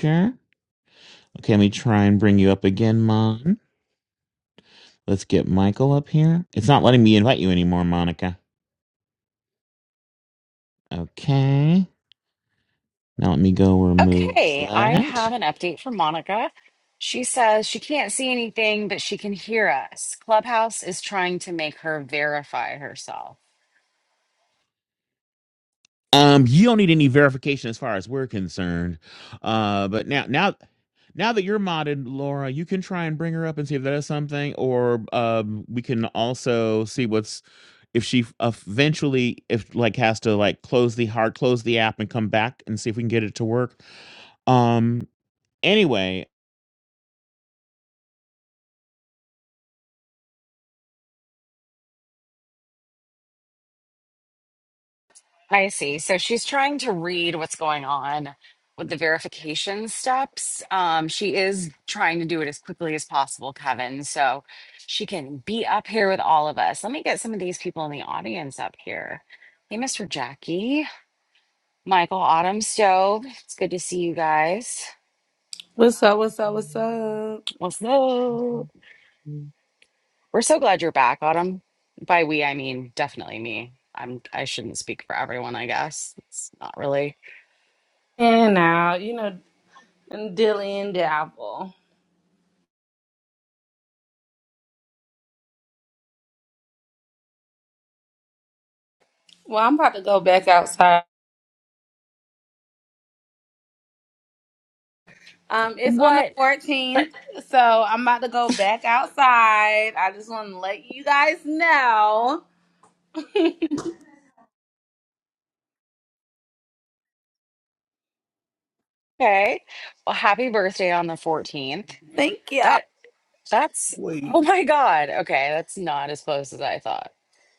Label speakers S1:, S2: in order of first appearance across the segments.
S1: Sure. Okay, let me try and bring you up again, Mon. Let's get Michael up here. It's not letting me invite you anymore, Monica. Okay. Now let me go remove
S2: Okay, I
S1: that.
S2: have an update from Monica. She says she can't see anything, but she can hear us. Clubhouse is trying to make her verify herself.
S1: Um, you don't need any verification as far as we're concerned. Uh, but now, now, now that you're modded, Laura, you can try and bring her up and see if that is something, or um, we can also see what's if she eventually if like has to like close the hard close the app and come back and see if we can get it to work. Um. Anyway,
S2: I see. So she's trying to read what's going on with the verification steps. Um, she is trying to do it as quickly as possible, Kevin, so she can be up here with all of us. Let me get some of these people in the audience up here. Hey, Mr. Jackie, Michael Autumn Stove. It's good to see you guys.
S3: What's up? What's up? What's up?
S2: What's up? We're so glad you're back, Autumn. By we, I mean definitely me. I'm I shouldn't speak for everyone, I guess. It's not really
S3: And now, you know, dilly and dabble. Well, I'm about to go back outside. Um, it's on the
S2: what
S3: 14th, so I'm about to go back outside. I just want to let you guys know.
S2: okay. Well, happy birthday on the 14th.
S3: Thank you.
S2: That that's oh
S4: Wait,
S2: my god. Okay, that's not as close as I thought.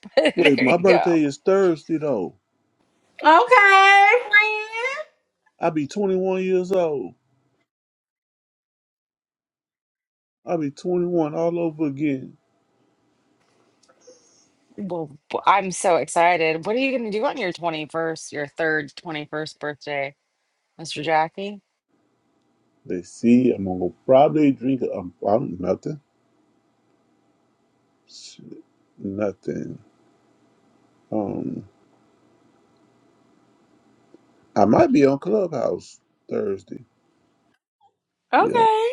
S4: wait,
S2: there
S4: my
S2: you go.
S4: birthday is Thursday though.
S3: Okay,
S4: I'll be 21 years old. I'll be 21 all over again.
S2: Well, b- I'm so excited. What are you gonna do on your 21st, your third 21st birthday, Mr. Jackie?
S4: Let's see, I'm gonna probably drink um, um, nothing. Shit, Nothing. Um, I might be on Clubhouse Thursday.
S3: friend.
S4: Yeah,
S3: Okay.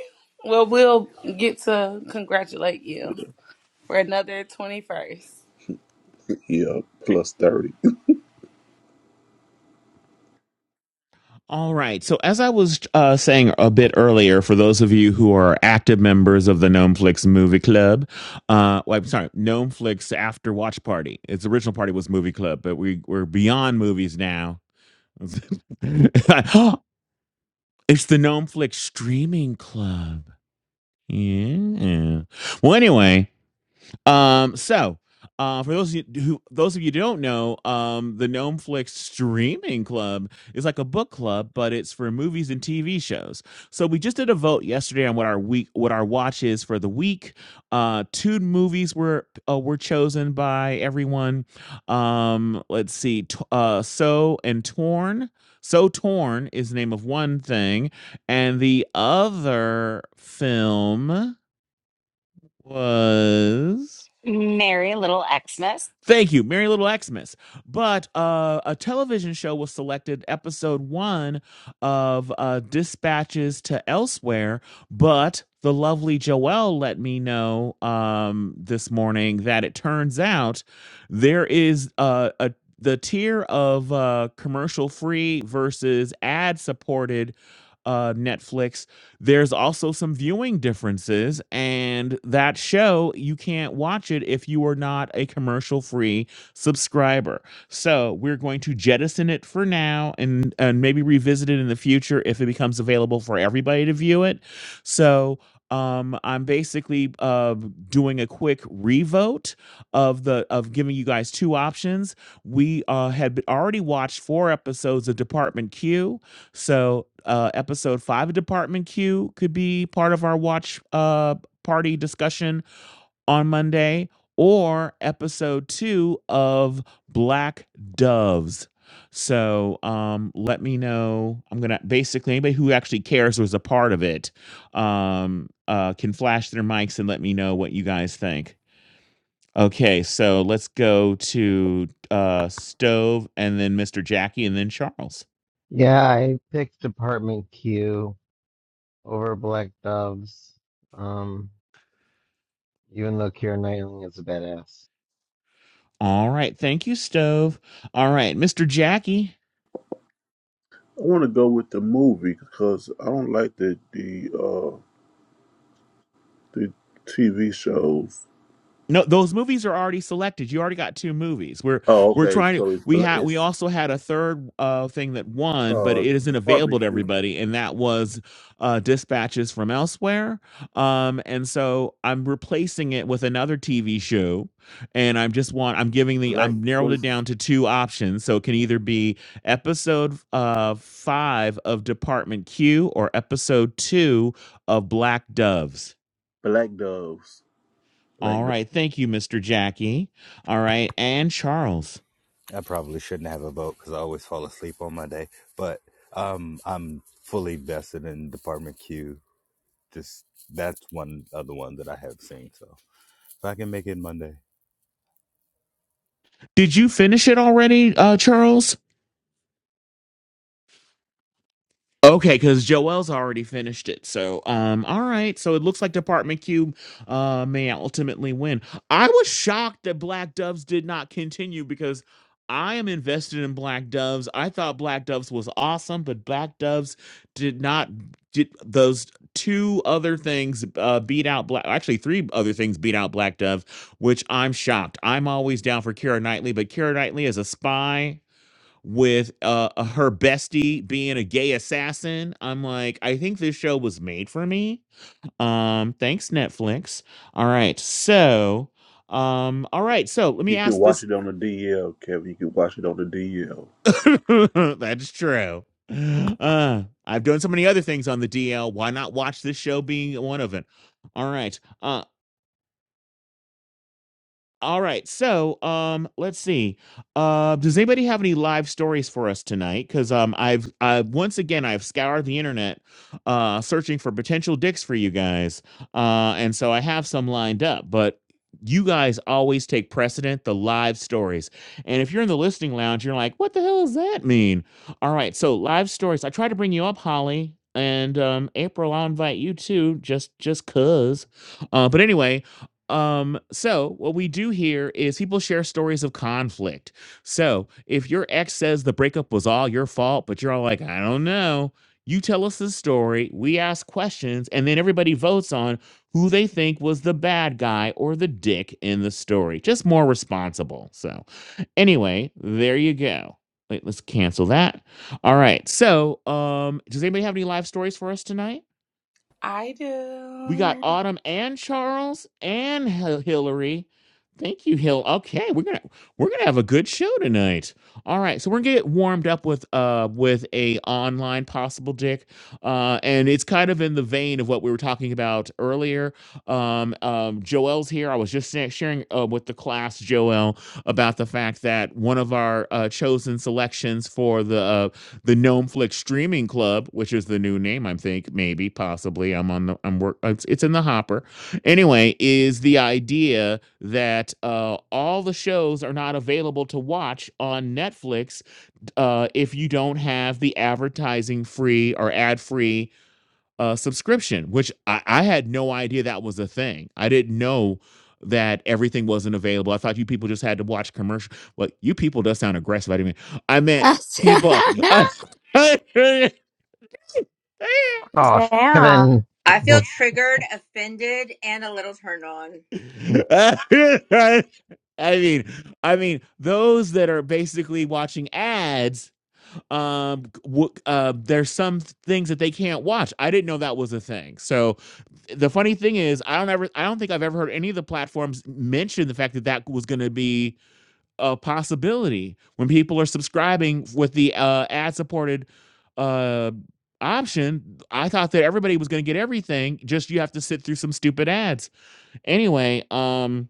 S3: Well, we'll get to congratulate you for another 21st.
S4: yeah, plus 30.
S1: all right. So as I was uh, saying a bit earlier, for those of you who are active members of the Gnomeflix Movie Club, uh, well, I'm sorry, Gnomeflix After Watch Party. Its original party was Movie Club, but we we're beyond movies now. it's the Gnomeflix Streaming Club. Yeah. Well, anyway, Um, so uh, for those of you who those of you who don't know, um, the Gnome Flix Streaming Club is like a book club, but it's for movies and TV shows. So we just did a vote yesterday on what our week, what our watch is for the week. Uh, two movies were uh, were chosen by everyone. Um, let's see, t- uh, so and torn. So torn is the name of one thing, and the other film was.
S2: Merry little Xmas.
S1: Thank you, Merry Little Xmas. But uh, a television show was selected, episode one of uh, Dispatches to Elsewhere. But the lovely Joelle let me know um, this morning that it turns out there is uh, a the tier of uh, commercial free versus ad supported uh, Netflix there's also some viewing differences, and that show, you can't watch it if you are not a commercial free subscriber. So we're going to jettison it for now and, and maybe revisit it in the future if it becomes available for everybody to view it. So um, I'm basically uh, doing a quick revote of the of giving you guys two options. We uh, had already watched four episodes of Department Q so, uh, episode five of Department Q could be part of our watch uh, party discussion on Monday, or episode two of Black Doves. So, um, let me know. I'm gonna basically anybody who actually cares or is a part of it um, uh, can flash their mics and let me know what you guys think. Okay, so let's go to uh, Stove and then Mr. Jackie and then Charles.
S5: Yeah, I picked Department Q over Black Doves. Um, even though Kira Knightley is a badass.
S1: All right. Thank you, Stove. All right, Mr. Jackie.
S4: I want to go with the movie because I don't like the the uh the TV shows.
S1: No, those movies are already selected. You already got two movies. We're
S4: Oh,
S1: we're
S4: okay,
S1: trying to
S4: so it's
S1: we
S4: bla-
S1: had we
S4: it's
S1: also had a third uh thing that won, but
S4: uh
S1: it isn't
S4: Department
S1: available to
S4: Q,
S1: everybody, and that was uh dispatches from elsewhere. Um and so I'm replacing it with another TV show and I'm just want I'm giving the
S4: Black
S1: I'm narrowed
S4: what
S1: it
S4: is
S1: down to two options. So it can either be episode uh five of Department Q or episode two of Black Doves
S4: Black Doves.
S1: all
S4: Like the,
S1: right. Thank you, Mr. Jackie. All right. And Charles.
S6: I probably shouldn't have a vote because I always fall asleep on my day. But um, I'm fully vested in Department Q. Just that's one other one that I have seen. So if I can make it Monday,
S1: Did you finish it already, uh, Charles? Okay, because Joel's already finished it. So, um, all right. So it looks like Department Q, uh, may ultimately win. I was shocked that Black Doves did not continue because I am invested in Black Doves. I thought Black Doves was awesome, but Black Doves did not did those two other things uh, beat out Black. Actually, three other things beat out Black Dove, which I'm shocked. I'm always down for Kira Knightley, but Kira Knightley is a spy with uh uh, her bestie being a gay assassin i'm like i think this show was made for me um thanks netflix all right so um all right so let me
S4: you can
S1: ask
S4: watch
S1: this
S4: it on the DL, Kevin. You can watch it on the DL.
S1: that's true uh i've done so many other things on the dl why not watch this show being one of it all right uh, All right. So, um, let's see. Uh, does anybody have any live stories for us tonight? Because um, I've I've once again I've scoured the internet, uh, searching for potential dicks for you guys, uh, and so I have some lined up, but. You guys always take precedent the live stories. And if you're in the listening lounge, you're like, what the hell does that mean? All right, so live stories. I try to bring you up, Holly. And um, April, I'll invite you too, just just cause. Uh, but anyway, um, so what we do here is people share stories of conflict. So if your ex says the breakup was all your fault, but you're all like, I don't know, you tell us the story, we ask questions, and then everybody votes on who they think was the bad guy or the dick in the story. Just more responsible. So anyway, there you go. Wait, let's cancel that. All right. So, um, does anybody have any live stories for us tonight?
S3: I
S1: We got
S3: do.
S1: Autumn and Charles and Hil- Hillary. Thank you, Hill. Okay, we're gonna we're gonna have a good show tonight. All right, so we're gonna get warmed up with uh with a online possible dick, uh, and it's kind of in the vein of what we were talking about earlier. Um, um, Joel's here. I was just sa- sharing uh, with the class, Joel, about the fact that one of our uh, chosen selections for the uh, the Gnomeflix Streaming Club, which is the new name, I think, maybe, possibly. I'm on the, I'm work, it's, it's in the hopper. Anyway, is the idea that uh, all the shows are not available to watch on Netflix uh, if you don't have the advertising free or ad free uh, subscription, which I, I had no idea that was a thing. I didn't know that everything wasn't available. I thought you people just had to watch commercial. Well, you people does sound aggressive. I didn't mean. I meant
S7: yeah,
S1: people. I,
S5: Oh, Kevin.
S8: I feel triggered, offended, and a little turned on.
S1: mean, I mean those that are basically watching ads. Um, w- uh, there's some things that they can't watch. I didn't know that was a thing. So the funny thing is, I don't ever, I don't think I've ever heard any of the platforms mention the fact that that was going to be a possibility when people are subscribing with the uh, ad-supported uh, option. I thought that everybody was going to get everything. Just you have to sit through some stupid ads. Anyway, um,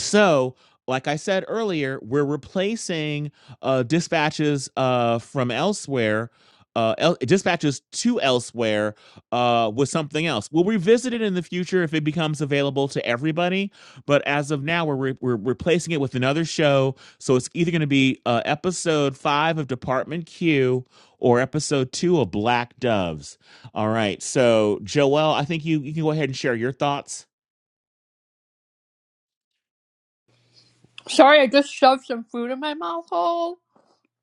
S1: so, like I said earlier, we're replacing, uh, dispatches, uh, from elsewhere, uh, el dispatches to elsewhere, uh, with something else. We'll revisit it in the future if it becomes available to everybody, but as of now, we're re we're replacing it with another show, so it's either gonna be, uh, episode 5 of Department Q or episode 2 of Black Doves. All right, so, Joelle, I think you you can go ahead and share your thoughts.
S9: Sorry, I just shoved some food in my mouth hole.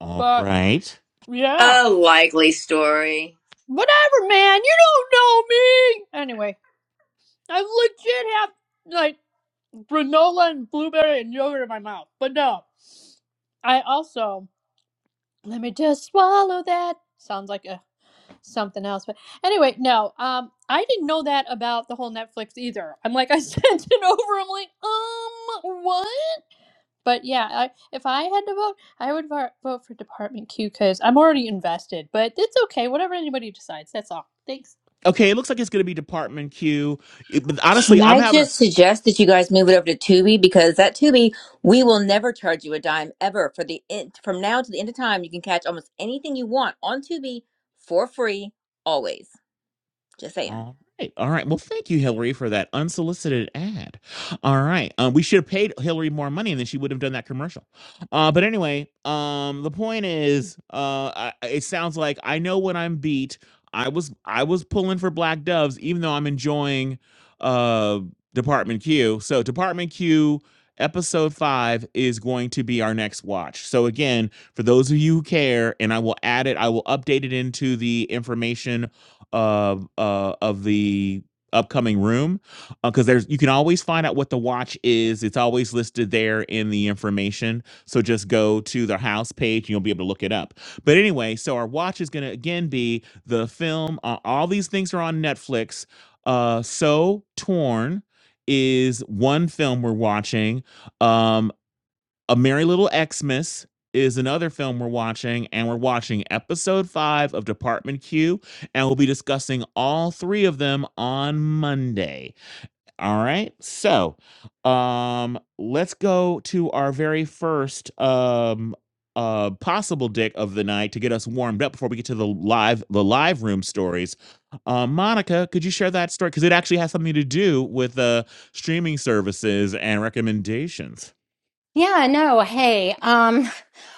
S1: All
S9: But
S1: right.
S9: yeah,
S8: A likely story.
S9: whatever, man. You don't know me. Anyway, I legit have like granola and blueberry and yogurt in my mouth. But no, I also let me just swallow that. Sounds like a something else. But anyway, no. Um, I didn't know that about the whole Netflix either. I'm like, I sent it over. I'm like, um, what? But yeah, I, if I had to vote, I would vo- vote for Department Q because I'm already invested. But it's okay, whatever anybody decides. That's all. Thanks.
S1: Okay, it looks like it's going to be Department Q. It- but honestly,
S8: Can
S1: I'm
S8: I
S1: having
S8: just suggest that you guys move it over to Tubi because that Tubi we will never charge you a dime ever for the in- from now to the end of time you can catch almost anything you want on Tubi for free always. Just saying.
S1: All right. All right. Well, thank you, Hillary, for that unsolicited ad. All right. Um, we should have paid Hillary more money and then she would have done that commercial. Uh, but anyway, um, the point is, uh, I, it sounds like I know when I'm beat. I was I was pulling for Black Doves, even though I'm enjoying uh, Department Q. So Department Q episode five is going to be our next watch. So again, for those of you who care, and I will add it, I will update it into the information of uh, of the upcoming room because there's you can always find out what the watch is it's always listed there in the information so just go to the house page and you'll be able to look it up but anyway so our watch is going to again be the film uh, all these things are on netflix uh so torn is one film we're watching um a Merry Little Xmas is another film we're watching, and we're watching episode five of Department Q, and we'll be discussing all three of them on Monday. All right, so um, let's go to our very first um uh possible dick of the night to get us warmed up before we get to the live the live room stories. Uh, Monica, could you share that story because it actually has something to do with uh streaming services and recommendations?
S7: no, hey, um,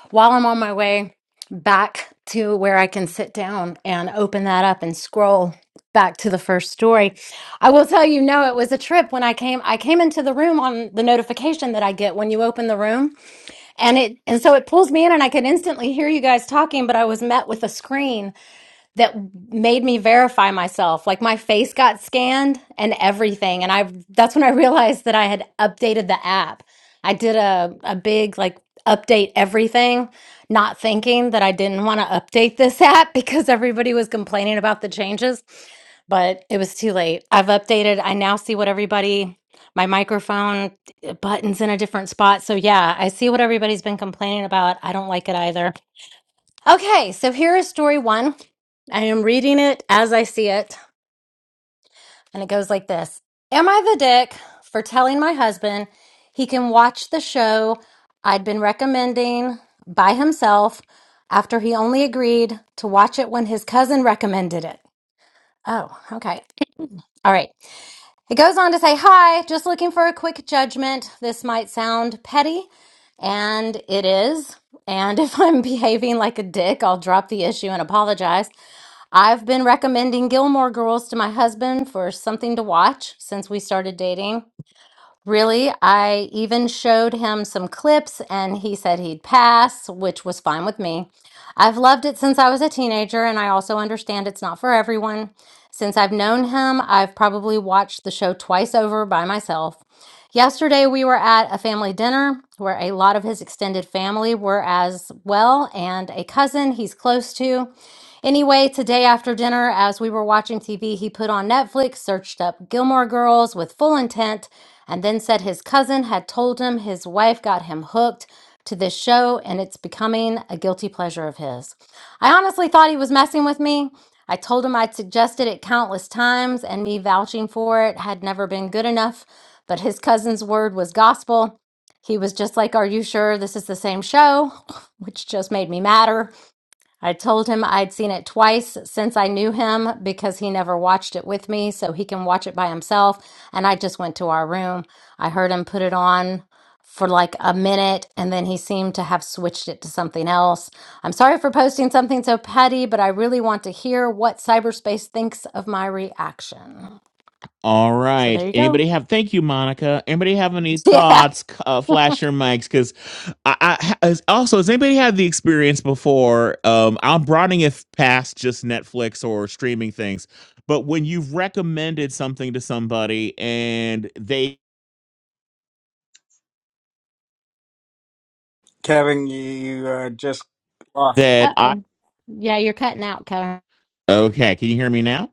S7: while I'm on my way back to where I can sit down and open that up and scroll back to the first story, I will tell you, no, it was a trip when I came. I came into the room on the notification that I get when you open the room, and it and so it pulls me in, and I could instantly hear you guys talking, but I was met with a screen that made me verify myself. Like my face got scanned and everything. And I that's when I realized that I had updated the app. I did a, a big like update everything, not thinking that I didn't want to update this app because everybody was complaining about the changes. But it was too late. I've updated. I now see what everybody my microphone uh, buttons in a different spot. So yeah, I see what everybody's been complaining about. I don't like it either. Okay, so here is story one. I am reading it as I see it, and it goes like this Am I the dick for telling my husband he can watch the show I'd been recommending by himself after he only agreed to watch it when his cousin recommended it? Oh, okay. All right. It goes on to say, Hi, just looking for a quick judgment. This might sound petty, and it is. And if I'm behaving like a dick, I'll drop the issue and apologize. I've been recommending Gilmore Girls to my husband for something to watch since we started dating. Really, I even showed him some clips and he said he'd pass, which was fine with me. I've loved it since I was a teenager and I also understand it's not for everyone. Since I've known him, I've probably watched the show twice over by myself. Yesterday, we were at a family dinner where a lot of his extended family were as well and a cousin he's close to. Anyway, today after dinner, as we were watching TV, he put on Netflix, searched up Gilmore Girls with full intent, and then said his cousin had told him his wife got him hooked to this show and it's becoming a guilty pleasure of his. I honestly thought he was messing with me. I told him I'd suggested it countless times and me vouching for it had never been good enough, but his cousin's word was gospel. He was just like, Are you sure this is the same show? Which just made me madder. I told him I'd seen it twice since I knew him because he never watched it with me, so he can watch it by himself. And I just went to our room. I heard him put it on for like a minute, and then he seemed to have switched it to something else. I'm sorry for posting something so petty, but I really want to hear what cyberspace thinks of my reaction.
S1: All
S7: So
S1: right.
S7: there you go.
S1: Anybody have? Thank you, Monica. Anybody have any
S7: Yeah.
S1: thoughts? C- Uh, flash your mics, because I, I ha- as- also has anybody had the experience before? Um, I'm broadening it past just Netflix or streaming things, but when you've recommended something to somebody and they
S10: Kevin, you uh, just off.
S1: that
S7: Uh
S1: I
S7: oh. Yeah, you're cutting out, Kevin.
S1: okay, can you hear me now?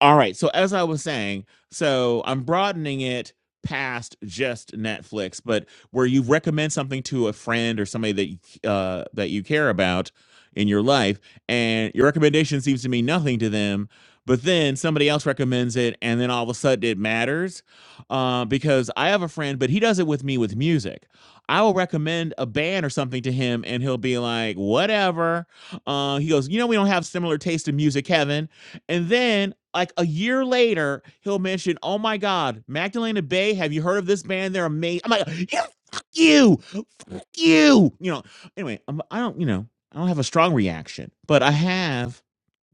S1: All right. So as I was saying, so I'm broadening it past just Netflix, but where you recommend something to a friend or somebody that you, uh, that you care about in your life, and your recommendation seems to mean nothing to them, but then somebody else recommends it, and then all of a sudden it matters, uh, because I have a friend, but he does it with me with music. I will recommend a band or something to him, and he'll be like, "Whatever." Uh, he goes, "You know, we don't have similar taste in music, Kevin." And then, like a year later, he'll mention, "Oh my God, Magdalena Bay. Have you heard of this band? They're amazing." I'm like, "Yeah, fuck you, fuck you." You know. Anyway, I'm, I don't. You know, I don't have a strong reaction, but I have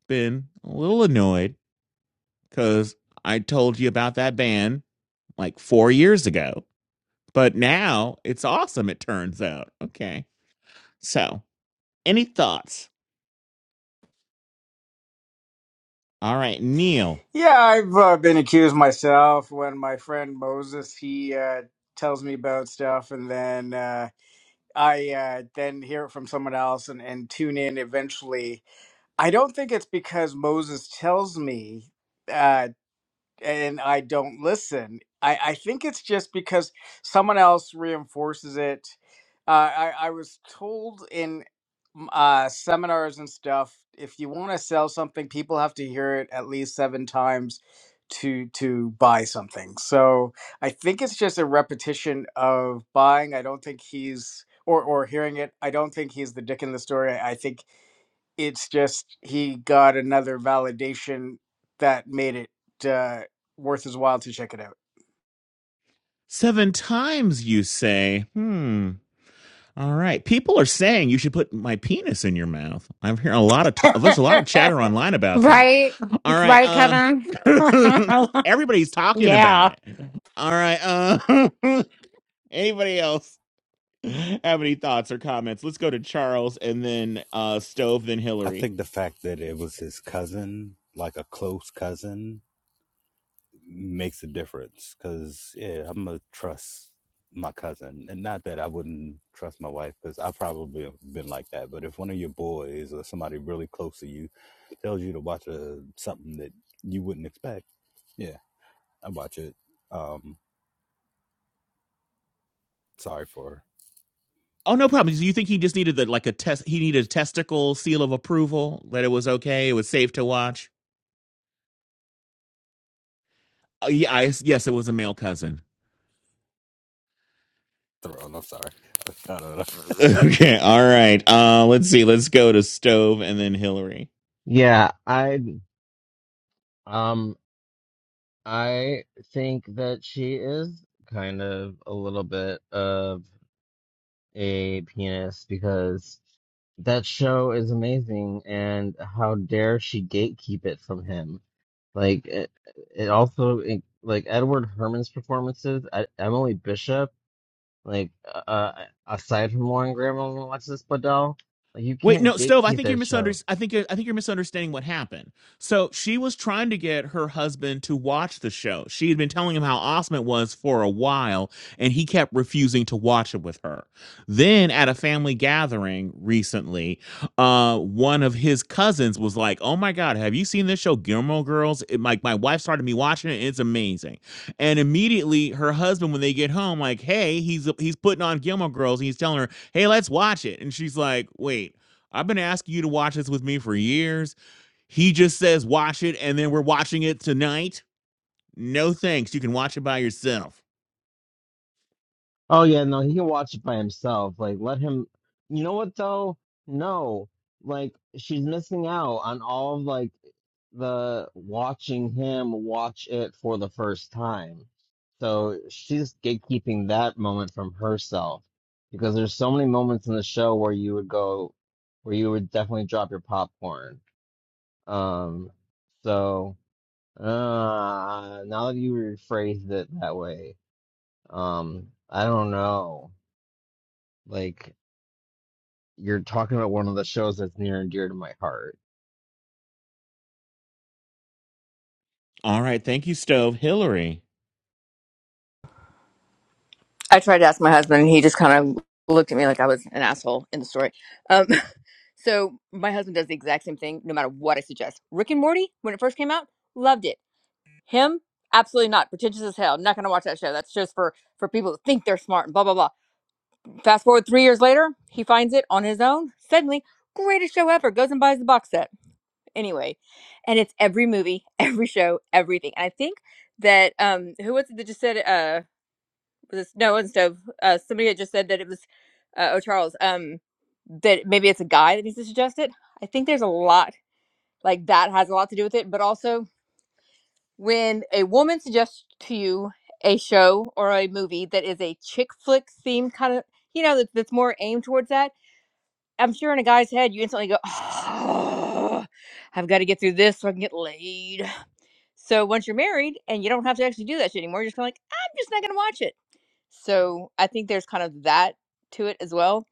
S1: been a little annoyed because I told you about that band like four years ago, but now it's awesome. It turns out. Okay. So, any thoughts? All right, Neil.
S10: Yeah, I've uh, been accused myself when my friend Moses he uh, tells me about stuff, and then uh, I uh, then hear it from someone else and, and tune in. Eventually, I don't think it's because Moses tells me. Uh, and I don't listen. I, I think it's just because someone else reinforces it. Uh, I, I was told in mm, uh, seminars and stuff, if you want to sell something, people have to hear it at least seven times to to buy something. So I think it's just a repetition of buying. I don't think he's or or hearing it. I don't think he's the dick in the story. I think it's just he got another validation that made it uh, worth his while to check it out.
S1: Seven times you say, hmm. All right. People are saying you should put my penis in your mouth. I'm hearing a lot of talk. There's a lot of chatter online about that.
S7: Right?
S1: All right.
S7: Right,
S1: Uh,
S7: Kevin?
S1: everybody's talking
S7: yeah.
S1: about it. All right. Uh, anybody else have any thoughts or comments? Let's go to Charles and then uh, Stove, then
S6: I
S1: Hillary.
S6: think the fact that it was his cousin, like a close cousin, makes a difference. Because yeah, I'm gonna trust my cousin, and not that I wouldn't trust my wife because I I've probably been like that. But if one of your boys or somebody really close to you tells you to watch a, something that you wouldn't expect. Yeah, I watch it. Um, sorry for
S1: Oh, no problem. You think he just needed the, like a test? He needed a testicle seal of approval that it was okay. It was safe to watch. Uh, yeah, I, yes, it was a male cousin.
S6: throwing. I'm sorry. I don't know.
S1: okay, all right. Uh, let's see. Let's go to Stove and then Hillary.
S5: Yeah, I um I think that she is kind of a little bit of a penis because that show is amazing and how dare she gatekeep it from him. Like it, it also it, like Edward Herman's performances, E- Emily Bishop Like, uh, uh, aside from Lauren Graham and Alexis Bledel, like you
S1: Wait,
S5: can't
S1: no, Stove. I
S5: gatekeep
S1: think you're
S5: that show.
S1: misunderstanding. I think you're, I think you're misunderstanding what happened. So she was trying to get her husband to watch the show. She had been telling him how awesome it was for a while, and he kept refusing to watch it with her. Then, at a family gathering recently, uh, one of his cousins was like, "Oh my God, have you seen this show, Gilmore Girls? It, my my wife started me watching it. It's amazing." And immediately, her husband, when they get home, like, "Hey, he's he's putting on Gilmore Girls, and he's telling her." hey, let's watch it. And she's like, wait, I've been asking you to watch this with me for years. He just says watch it, and then we're watching it tonight. No thanks. You can watch it by yourself.
S5: Oh yeah, no, he can watch it by himself. Like, let him. You know what though? No, like she's missing out on all of like the watching him watch it for the first time. So she's gatekeeping that moment from herself because there's so many moments in the show where you would go, where you would definitely drop your popcorn. Um, so. Uh, now that you rephrased it that way, um, I don't know. Like, you're talking about one of the shows that's near and dear to my heart.
S1: All right. Thank you, Stove. Hillary.
S8: I tried to ask my husband, and he just kind of looked at me like I was an asshole in the story. Um, so my husband does the exact same thing, no matter what I suggest. Rick and Morty, when it first came out, loved it. Him, absolutely not. Pretentious as hell. I'm not gonna watch that show. That's just for for people who think they're smart and blah blah blah. Fast forward three years later, he finds it on his own. Suddenly, greatest show ever. Goes and buys the box set. Anyway, and it's every movie, every show, everything. And I think that um, who was it that just said uh was this no it wasn't Stove uh somebody had just said that it was uh, oh Charles um that maybe it's a guy that needs to suggest it. I think there's a lot like that has a lot to do with it, but also When a woman suggests to you a show or a movie that is a chick flick themed kind of, you know, that, that's more aimed towards that, I'm sure in a guy's head you instantly go, oh, I've got to get through this so I can get laid. So once you're married and you don't have to actually do that shit anymore, you're just kind of like, I'm just not going to watch it. So I think there's kind of that to it as well.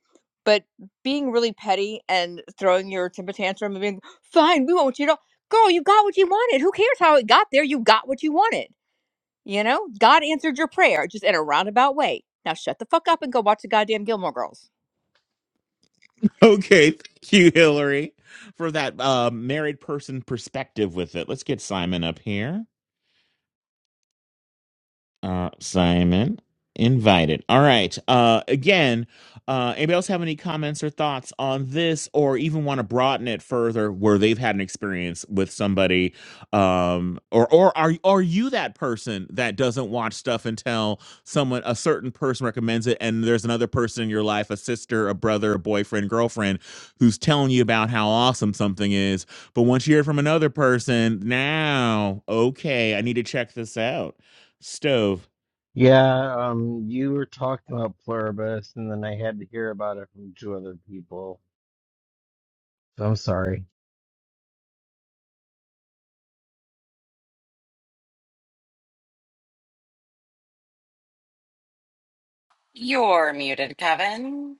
S8: But being really petty and throwing your temper tantrum and being, fine, we won't, you know, girl, you got what you wanted. Who cares how it got there? You got what you wanted you know, God answered your prayer just in a roundabout way. Now shut the fuck up and go watch the goddamn Gilmore Girls.
S1: Okay. Thank you, Hillary, for that uh, married person perspective with it. Let's get Simon up here. uh, Simon invited. All right. Uh, again, uh, anybody else have any comments or thoughts on this, or even want to broaden it further, where they've had an experience with somebody, um, or or are are you that person that doesn't watch stuff until someone a certain person recommends it, and there's another person in your life, a sister, a brother, a boyfriend, girlfriend, who's telling you about how awesome something is, but once you hear it from another person, now okay, I need to check this out stove.
S5: Yeah, um, you were talking about Pluribus, and then I had to hear about it from two other people. So I'm sorry.
S2: You're muted, Kevin.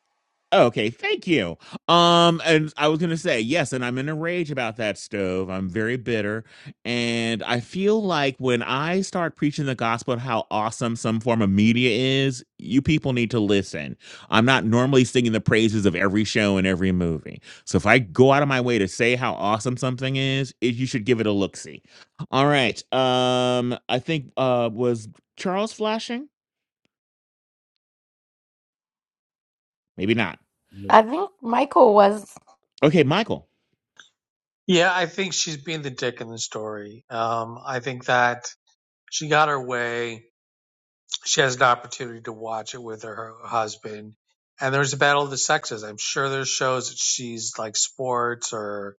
S1: Oh, okay, thank you. Um, and I was gonna say yes, and I'm in a rage about that stove. I'm very bitter, and I feel like when I start preaching the gospel, of how awesome some form of media is, you people need to listen. I'm not normally singing the praises of every show and every movie, so if I go out of my way to say how awesome something is, it, you should give it a look. See, all right. Um, I think uh was Charles flashing? Maybe not.
S6: No,
S7: I think Michael was.
S1: Okay, Michael.
S11: Yeah, I think she's being the dick in the story. Um, I think that she got her way. She has an opportunity to watch it with her, her husband. And there's a battle of the sexes. I'm sure there's shows that she's like sports or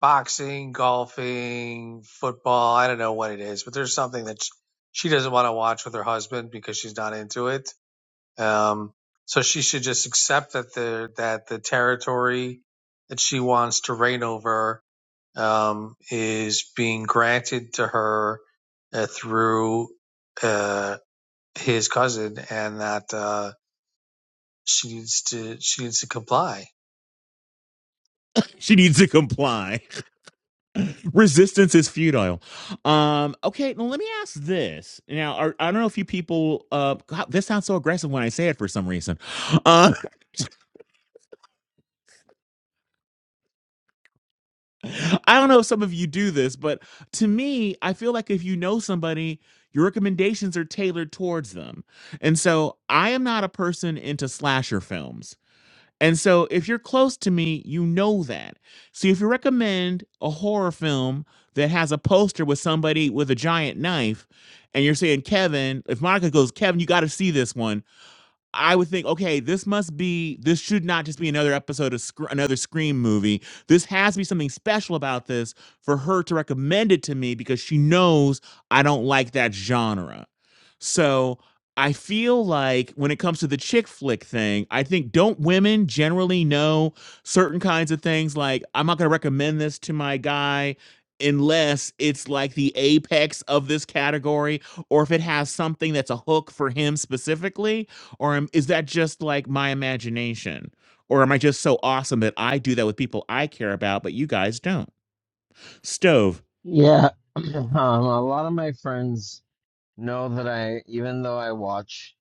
S11: boxing, golfing, football. I don't know what it is, but there's something that she doesn't want to watch with her husband because she's not into it. Um, so she should just accept that the that the territory that she wants to reign over um, is being granted to her uh, through uh, his cousin, and that uh, she needs to she needs to comply.
S1: She needs to comply. Resistance is futile. Um, okay, now let me ask this. Now, are, I don't know if you people, uh, God, this sounds so aggressive when I say it for some reason. Uh, I don't know if some of you do this, but to me, I feel like if you know somebody, your recommendations are tailored towards them. And so I am not a person into slasher films. And so if you're close to me, you know that. So if you recommend a horror film that has a poster with somebody with a giant knife, and you're saying, Kevin, if Monica goes, Kevin, you got to see this one I would think, okay, this must be, this should not just be another episode of Sc- another Scream movie. This has to be something special about this for her to recommend it to me because she knows I don't like that genre. So I feel like when it comes to the chick flick thing, I think don't women generally know certain kinds of things? Like, I'm not going to recommend this to my guy unless it's like the apex of this category or if it has something that's a hook for him specifically or am, is that just like my imagination? Or am I just so awesome that I do that with people I care about, but you guys don't? Stove.
S5: Yeah, um, a lot of my friends know that I, even though I watch,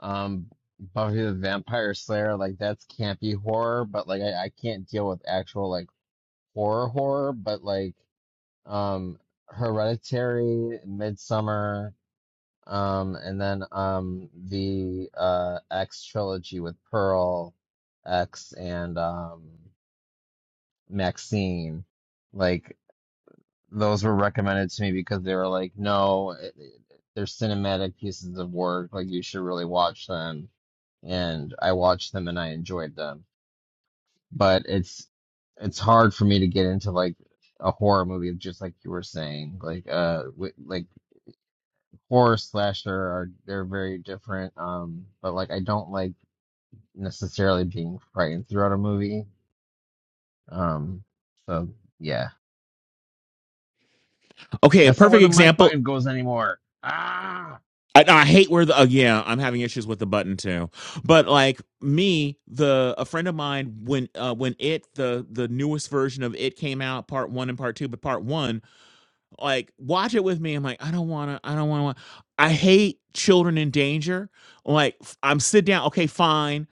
S5: um, Buffy the Vampire Slayer, like that's campy horror, but like I, I can't deal with actual like horror horror, but like. um, Hereditary, Midsummer, um, and then um, the uh, X trilogy with Pearl, X, and um, Maxine. Like those were recommended to me because they were like, no, it, it- they're cinematic pieces of work. Like you should really watch them. And I watched them and I enjoyed them. But it's it's hard for me to get into like a horror movie, just like you were saying. Like uh, wi- like horror slasher are they're very different. Um, but like I don't like necessarily being frightened throughout a movie. Um, so yeah,
S1: Okay, a
S5: that's not where
S1: perfect
S5: the mic
S1: example.
S5: button goes anymore. Ah,
S1: I, I hate where the, uh, yeah, I'm having issues with the button too. But like me, the, a friend of mine, when, uh, when it, the, the newest version of it came out, part one and part two, but part one, like watch it with me. I'm like, I don't wanna, I don't wanna, wa- I hate children in danger. Like f- I'm sit down. Okay, fine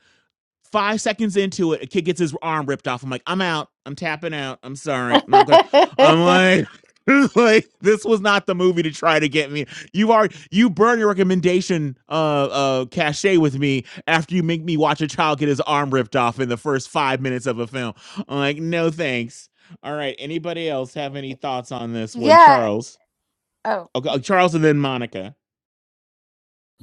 S1: Five seconds into it, a kid gets his arm ripped off. I'm like, I'm out. I'm tapping out. I'm sorry. I'm not gonna. I'm like, like this was not the movie to try to get me. You are you burn your recommendation uh uh cachet with me after you make me watch a child get his arm ripped off in the first five minutes of a film. I'm like, no thanks. All right. Anybody else have any thoughts on this one?
S7: yeah.
S1: Charles.
S7: Oh.
S1: Okay, uh, Charles and then Monica.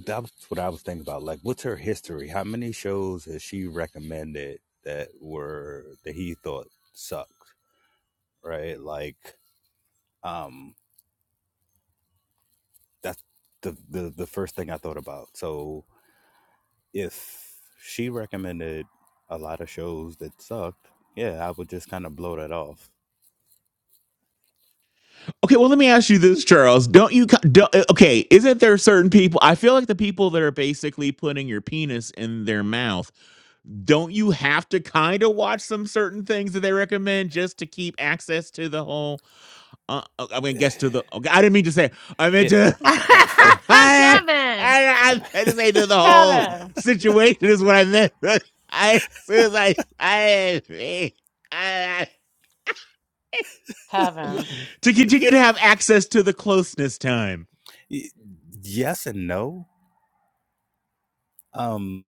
S6: that was what I was thinking about. Like, what's her history? How many shows has she recommended that were that he thought sucked? Right? Like, um, that's the the the first thing I thought about. So if she recommended a lot of shows that sucked, yeah, I would just kind of blow that off.
S1: Okay, well, let me ask you this, Charles. Don't you? Don't, uh, okay, isn't there certain people? I feel like the people that are basically putting your penis in their mouth. Don't you have to kind of watch some certain things that they recommend just to keep access to the whole? Uh, uh, I mean, guess to the. Okay, I didn't mean to say. I meant
S6: It
S1: to. I,
S7: Kevin.
S1: I, I just to say to the whole
S7: Kevin.
S1: situation is what I meant. I as soon as I I. I, I
S7: Kevin.
S1: to continue to have access to the closeness time.
S6: Y- yes and no um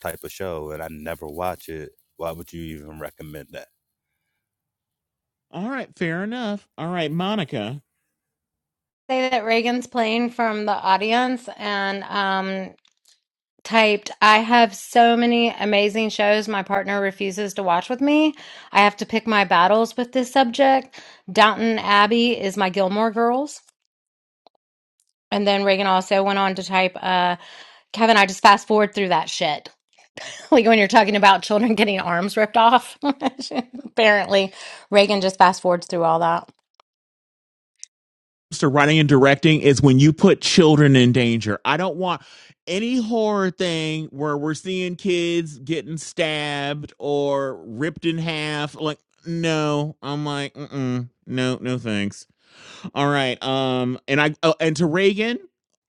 S6: type of show and i never watch it why would you even recommend that
S1: All right, fair enough. All right, Monica.
S7: Say that Reagan's playing from the audience and um typed, I have so many amazing shows my partner refuses to watch with me. I have to pick my battles with this subject. Downton Abbey is my Gilmore Girls. And then Reagan also went on to type, uh, Kevin, I just fast forward through that shit. Like when you're talking about children getting arms ripped off. Apparently, Reagan just fast forwards through all that.
S1: So writing and directing is when you put children in danger. I don't want any horror thing where we're seeing kids getting stabbed or ripped in half. Like, no. I'm like, mm-mm, no, no thanks. All right. Um, and I oh, and to Reagan,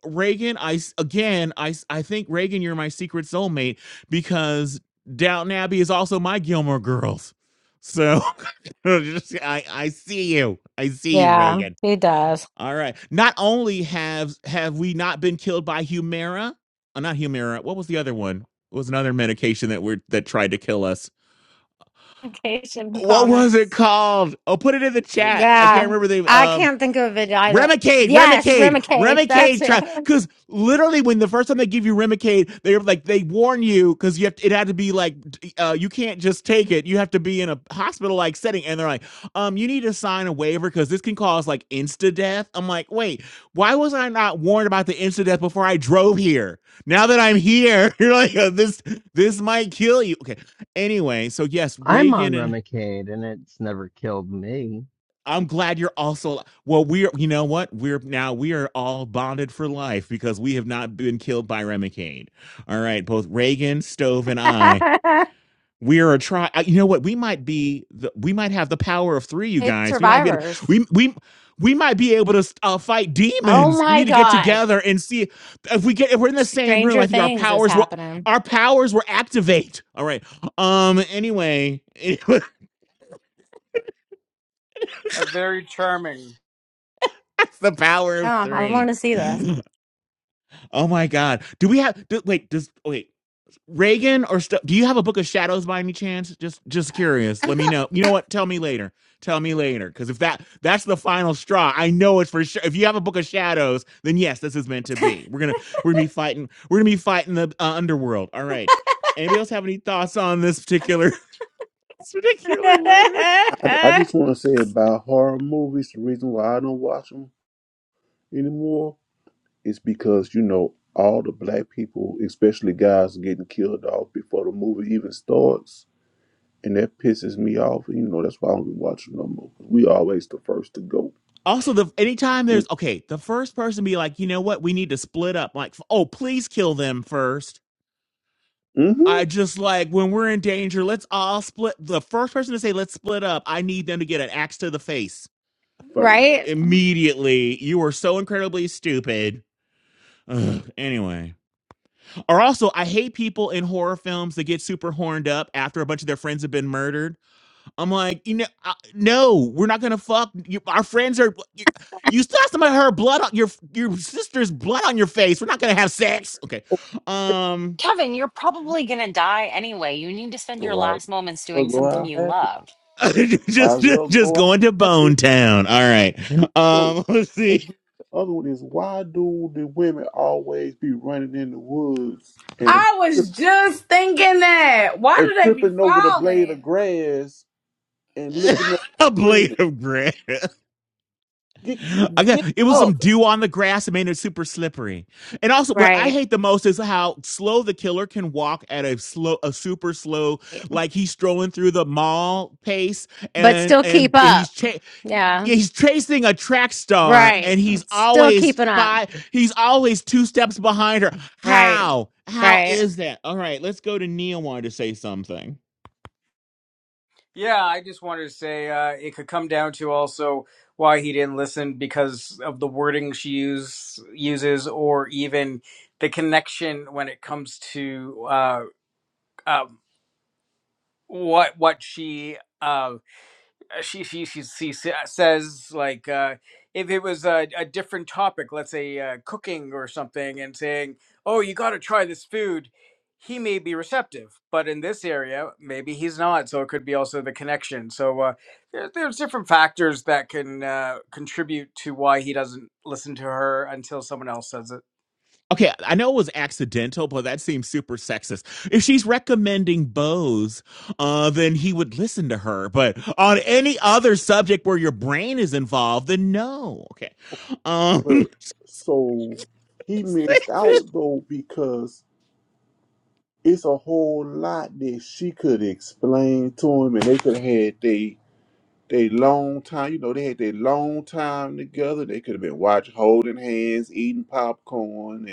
S1: Reagan, I s- again, I s- I think Reagan, you're my secret soulmate because Downton Abbey is also my Gilmore Girls. So just, I I see you, I see you,
S7: Yeah,
S1: Reagan.
S7: he does.
S1: All right. Not only have have we not been killed by Humira, uh, not Humira. What was the other one? It was another medication that we're that tried to kill us.
S7: Ramification
S1: What was
S7: comments.
S1: it called? Oh, put it in the chat. I can't
S7: Yeah,
S1: remember the
S7: I
S1: um
S7: can't think of it either.
S1: Remicade,
S7: Yes,
S1: Remicade,
S7: Remicade. That's
S1: Remicade. Try
S7: it.
S1: because literally when the first time they give you Remicade, they're like they warn you because you have to, it had to be like uh, you can't just take it. You have to be in a hospital like setting, and they're like, um, you need to sign a waiver because this can cause like insta death. I'm like, wait, why was I not warned about the insta death before I drove here? Now that I'm here, you're like uh, this this might kill you. Okay, anyway, so yes,
S5: I'm
S1: Reagan
S5: on
S1: and
S5: Remicade, and it's never killed me.
S1: I'm glad you're also well. We're you know what we're now we are all bonded for life because we have not been killed by Remicade. All right, both Reagan, Stove, and I. We are a try. You know what? We might be. The, we might have the power of three. You
S7: It's
S1: guys. We might be. Able, to,
S7: survivors.
S1: we we we might be able to uh, fight
S7: oh
S1: demons. We
S7: my
S1: need to get
S7: God.
S1: together and see if we get. If we're in the same room, I
S7: Stranger
S1: think our
S7: Things is
S1: powers will.
S7: happening.
S1: Our powers will activate. All right. Um. Anyway, that's
S10: very charming.
S1: the power of
S7: Yeah, I
S1: three.
S7: want to see this.
S1: Oh my God. Do we have, do, wait, does, wait, Reagan or stuff? Do you have a book of shadows by any chance? Just, just curious. Let me know. You know what? Tell me later. Tell me later. Cause if that, that's the final straw, I know it's for sure. If you have a book of shadows, then yes, this is meant to be. We're going to, we're going to be fighting, we're going to be fighting the uh, underworld. All right. Anybody else have any thoughts on this particular, this particular letter?
S4: I, I just want to say about horror movies. The reason why I don't watch them anymore is because you know all the black people, especially guys, are getting killed off before the movie even starts, and that pisses me off. You know that's why I don't be watching no more. We always the first to go.
S1: Also, the anytime there's okay, the first person be like, you know what, we need to split up. Like, oh, please kill them first
S4: Mm-hmm.
S1: I just like when we're in danger, let's all split. The first person to say, let's split up, I need them to get an axe to the face
S4: First,
S7: right?
S1: immediately. You are so incredibly stupid. Ugh, anyway. Or also, I hate people in horror films that get super horned up after a bunch of their friends have been murdered. I'm like, you know, uh, no, we're not gonna fuck. You, our friends are. You, you still have some of her blood on your your sister's blood on your face. We're not gonna have sex. Okay.
S4: Okay.
S1: Um.
S2: Kevin, you're probably going to die anyway. You need to spend your
S4: Right.
S2: last moments
S4: Well,
S2: doing
S4: go
S2: something
S4: out
S2: you
S4: happy.
S2: love.
S4: Might
S1: just
S4: as well
S1: just
S4: go out
S1: going to
S4: happy.
S1: Bone Town. All right.
S4: So,
S1: Um, let's
S4: and
S1: see.
S4: then the other one is why do the women always be running in the woods and
S3: I
S4: trip-
S3: was just thinking that. Why
S4: and
S3: do they be
S4: tripping over the blade of
S3: falling?
S4: grass and looking up
S1: a
S4: and
S1: blade
S4: screaming,
S1: of grass.
S4: get
S1: I got
S4: get
S1: it was
S4: up!
S1: some dew on the grass and made it super slippery. And also, what I
S7: Right.
S1: hate the most is how slow the killer can walk at a slow, a super slow, like he's strolling through the mall pace,
S7: But
S1: and
S7: still
S1: and,
S7: keep
S1: and he's
S7: up.
S1: cha-
S7: Yeah.
S1: yeah, he's chasing a track star
S7: Right.
S1: and he's
S7: Still
S1: always
S7: keeping up.
S1: five he's always two steps behind her.
S7: Right.
S1: How? How
S7: Right.
S1: is that? All right, let's go to Neil wanted to say something.
S10: Yeah, I just wanted to say uh, it could come down to also why he didn't listen because of the wording she use, uses, or even the connection when it comes to uh, um, what what she uh, uh, she she she, she says like uh, if it was a, a different topic, let's say uh, cooking or something, and saying, "Oh, you got to try this food," he may be receptive, but in this area, maybe he's not. So it could be also the connection. So uh, there, there's different factors that can uh, contribute to why he doesn't listen to her until someone else says it.
S1: Okay, I know it was accidental, but that seems super sexist. If she's recommending Bose, uh, then he would listen to her. But on any other subject where your brain is involved, then no. Okay. Um
S4: But so he missed out though because it's a whole lot that she could explain to him, and they could have had they. They long time, you know, they had their long time together. They could have been watching, holding hands, eating popcorn,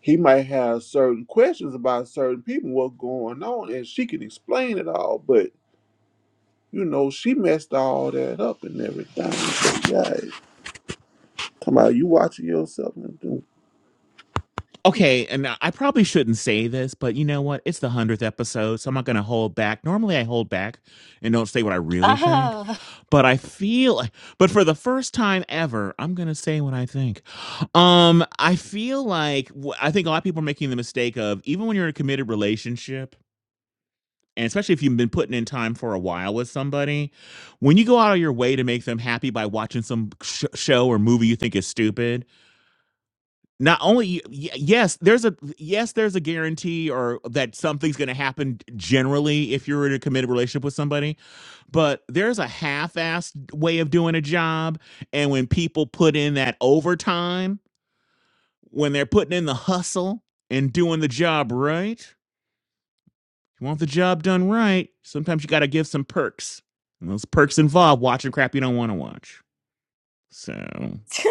S4: He might have certain questions about certain people, what's going on, and she can explain it all, but you know, she messed all that up and everything. So yeah, come out, you watching yourself and do
S1: Okay, and I probably shouldn't say this, but you know what? It's the hundredth episode, so I'm not going to hold back. Normally, I hold back and don't say what I really think,
S2: Ah.
S1: but I feel, like- but for the first time ever, I'm going to say what I think. Um, I feel like wh- I think a lot of people are making the mistake of even when you're in a committed relationship, and especially if you've been putting in time for a while with somebody, when you go out of your way to make them happy by watching some sh- show or movie you think is stupid not only y- yes, there's a yes, there's a guarantee or that something's going to happen generally if you're in a committed relationship with somebody, but there's a half-assed way of doing a job, and when people put in that overtime, when they're putting in the hustle and doing the job right, you want the job done right, sometimes you got to give some perks. And those perks involve watching crap you don't want to watch. So,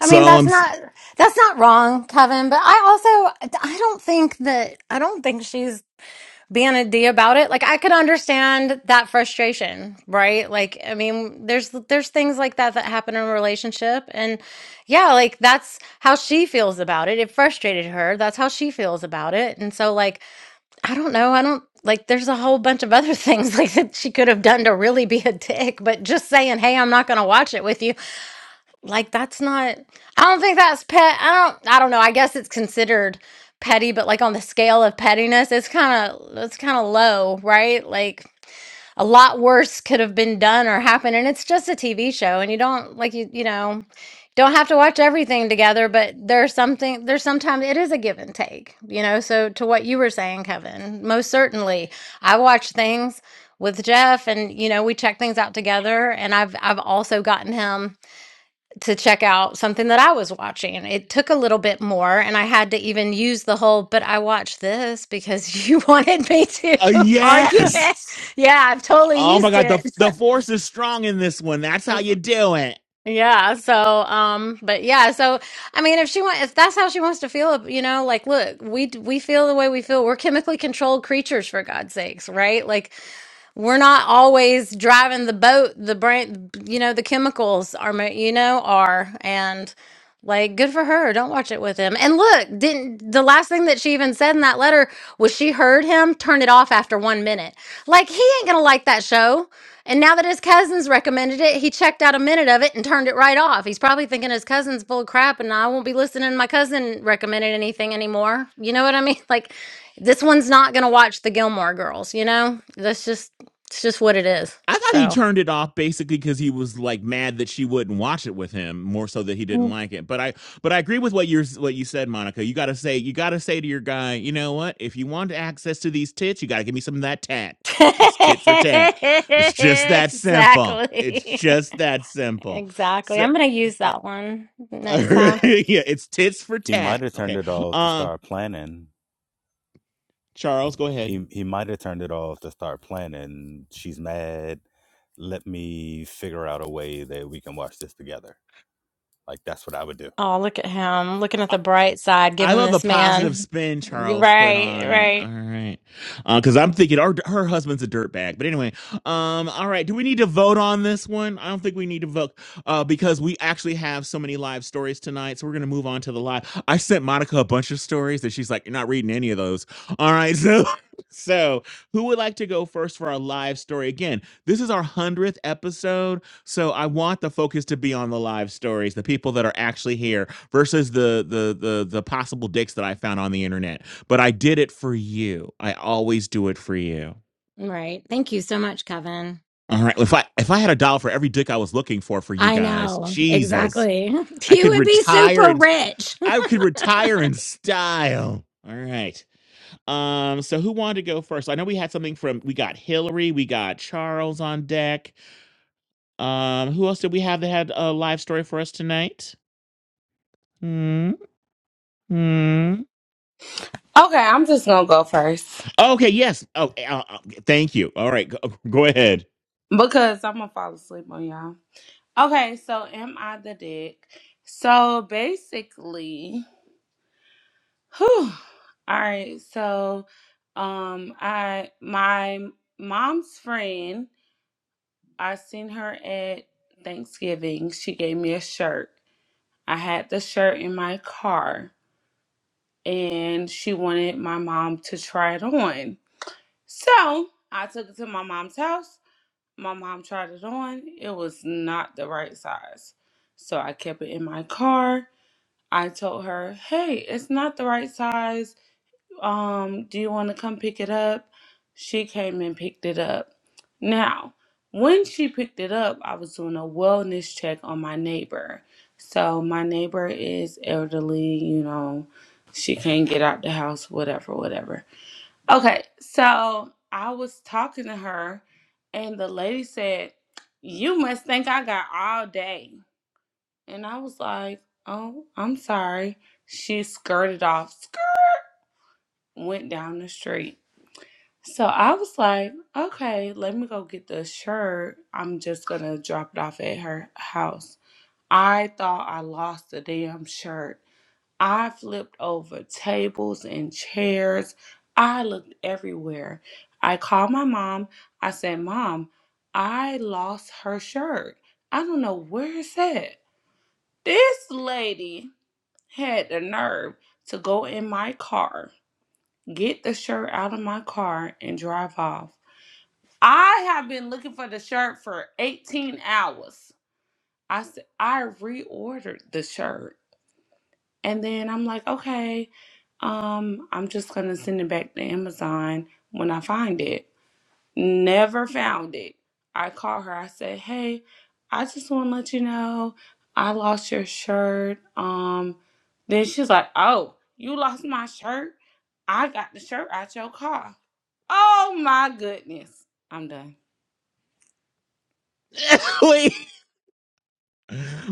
S7: I mean,
S1: all
S7: that's
S1: I'm s-
S7: not that's not wrong, Kevin, but I also I don't think that I don't think she's being a D about it. Like I could understand that frustration, right? Like I mean, there's there's things like that that happen in a relationship and yeah, like that's how she feels about it. It frustrated her. That's how she feels about it. And so like I don't know. I don't like there's a whole bunch of other things like that she could have done to really be a dick, but just saying, "Hey, I'm not going to watch it with you." Like that's not I don't think that's pet. I don't I don't know. I guess it's considered petty, but like on the scale of pettiness, it's kind of it's kind of low, right? Like a lot worse could have been done or happened and it's just a tv show and you don't like you you know don't have to watch everything together but there's something there's sometimes it is a give and take you know so to what you were saying kevin most certainly i watch things with jeff and you know we check things out together and i've i've also gotten him to check out something that I was watching. It took a little bit more, and I had to even use the whole, but I watched this because you wanted me to
S1: uh,
S7: argue
S1: yes.
S7: it. Yeah, I've totally
S1: Oh my
S7: used
S1: god, the
S7: it.
S1: the force is strong in this one. That's how
S7: Uh,
S1: you do it.
S7: Yeah, so um but yeah, so I mean if she wants if that's how she wants to feel, you know, like look, we d- we feel the way we feel. We're chemically controlled creatures for God's sakes, right? Like we're not always driving the boat the brain you know the chemicals are ma- you know are and like good for her don't watch it with him and look didn't the last thing that she even said in that letter was she heard him turn it off after one minute like he ain't gonna like that show and now that his cousins recommended it he checked out a minute of it and turned it right off he's probably thinking his cousin's full of crap and i won't be listening to my cousin recommended anything anymore you know what i mean like this one's not gonna watch the gilmore girls you know that's just it's just what it is.
S1: I thought he
S7: So
S1: turned it off basically because he was like mad that she wouldn't watch it with him, more so that he didn't
S7: Mm.
S1: like it. But I but I agree with what you're what you said, Monica. You gotta say you gotta say to your guy, you know what? If you want access to these tits, you gotta give me some of that tat. It's tit for tat. It's just that simple. It's
S7: exactly.
S1: just that simple.
S7: Exactly.
S1: So,
S7: I'm going to use
S1: uh,
S7: that one next
S1: yeah,
S7: time.
S1: it's tits for
S6: he might
S1: tat.
S6: have turned
S1: Okay.
S6: it off to
S1: Um,
S6: start planning
S1: Charles, go ahead.
S6: he he might have turned it off to start planning she's mad let me figure out a way that we can watch this together like that's what i would do
S7: Oh, look at him looking at the bright side,
S1: I
S7: giving
S1: love the
S7: this
S1: positive
S7: man.
S1: spin Charles put
S7: Right,
S1: on it.
S7: right,
S1: All right, because uh, I'm thinking our her husband's a dirtbag. But anyway, um, all right. Do we need to vote on this one? I don't think we need to vote uh, because we actually have so many live stories tonight. So we're gonna move on to the live. I sent Monica a bunch of stories that she's like, "You're not reading any of those." All right, so so who would like to go first for our live story? Again, this is our hundredth episode, so I want the focus to be on the live stories, the people that are actually here versus the the the the possible dicks that I found on the internet. But I did it for you. I always do it for you.
S7: right. Thank you so much, Kevin.
S1: All right. If I if I had a dollar for every dick I was looking for for you
S7: I
S1: guys,
S7: know
S1: Jesus,
S7: exactly.
S1: I
S7: You
S1: could
S7: would be
S1: retire
S7: super
S1: and
S7: rich.
S1: I could retire in style. All right. Um. So who wanted to go first? I know we had something from we got Hillary, we got Charles on deck. Um. Who else did we have that had a live story for us tonight? Hmm. hmm.
S3: Okay, I'm just gonna go first
S1: Okay, yes. Oh, uh, uh, thank you. All right, go, go ahead.
S3: because I'm gonna fall asleep on y'all. Okay, so am I the dick? So basically, whew, all right. So, um, I my mom's friend, I seen her at Thanksgiving. She gave me a shirt. I had the shirt in my car, and she wanted my mom to try it on. So I took it to my mom's house. my mom tried it on. It was not the right size. So I kept it in my car. I told her, "Hey, it's not the right size. Um, do you want to come pick it up?" She came and picked it up. Now, when she picked it up, I was doing a wellness check on my neighbor. So my neighbor is elderly, you know, she can't get out the house, whatever, whatever. Okay, so I was talking to her, and the lady said, You must think I got all day. And I was like, Oh, I'm sorry. She skirted off, skirt, went down the street. So I was like, Okay, let me go get the shirt. I'm just gonna drop it off at her house. I thought I lost the damn shirt. I flipped over tables and chairs. I looked everywhere. I called my mom. I said, Mom, I lost her shirt. I don't know where it's at. This lady had the nerve to go in my car, get the shirt out of my car, and drive off. I have been looking for the shirt for 18 hours. I said, I reordered the shirt. And then I'm like, okay, um, I'm just gonna send it back to Amazon when I find it. Never found it. I call her, I said, Hey, I just wanna let you know I lost your shirt. Um then she's like, Oh, you lost my shirt? I got the shirt out your car. Oh my goodness. I'm done.
S1: Wait,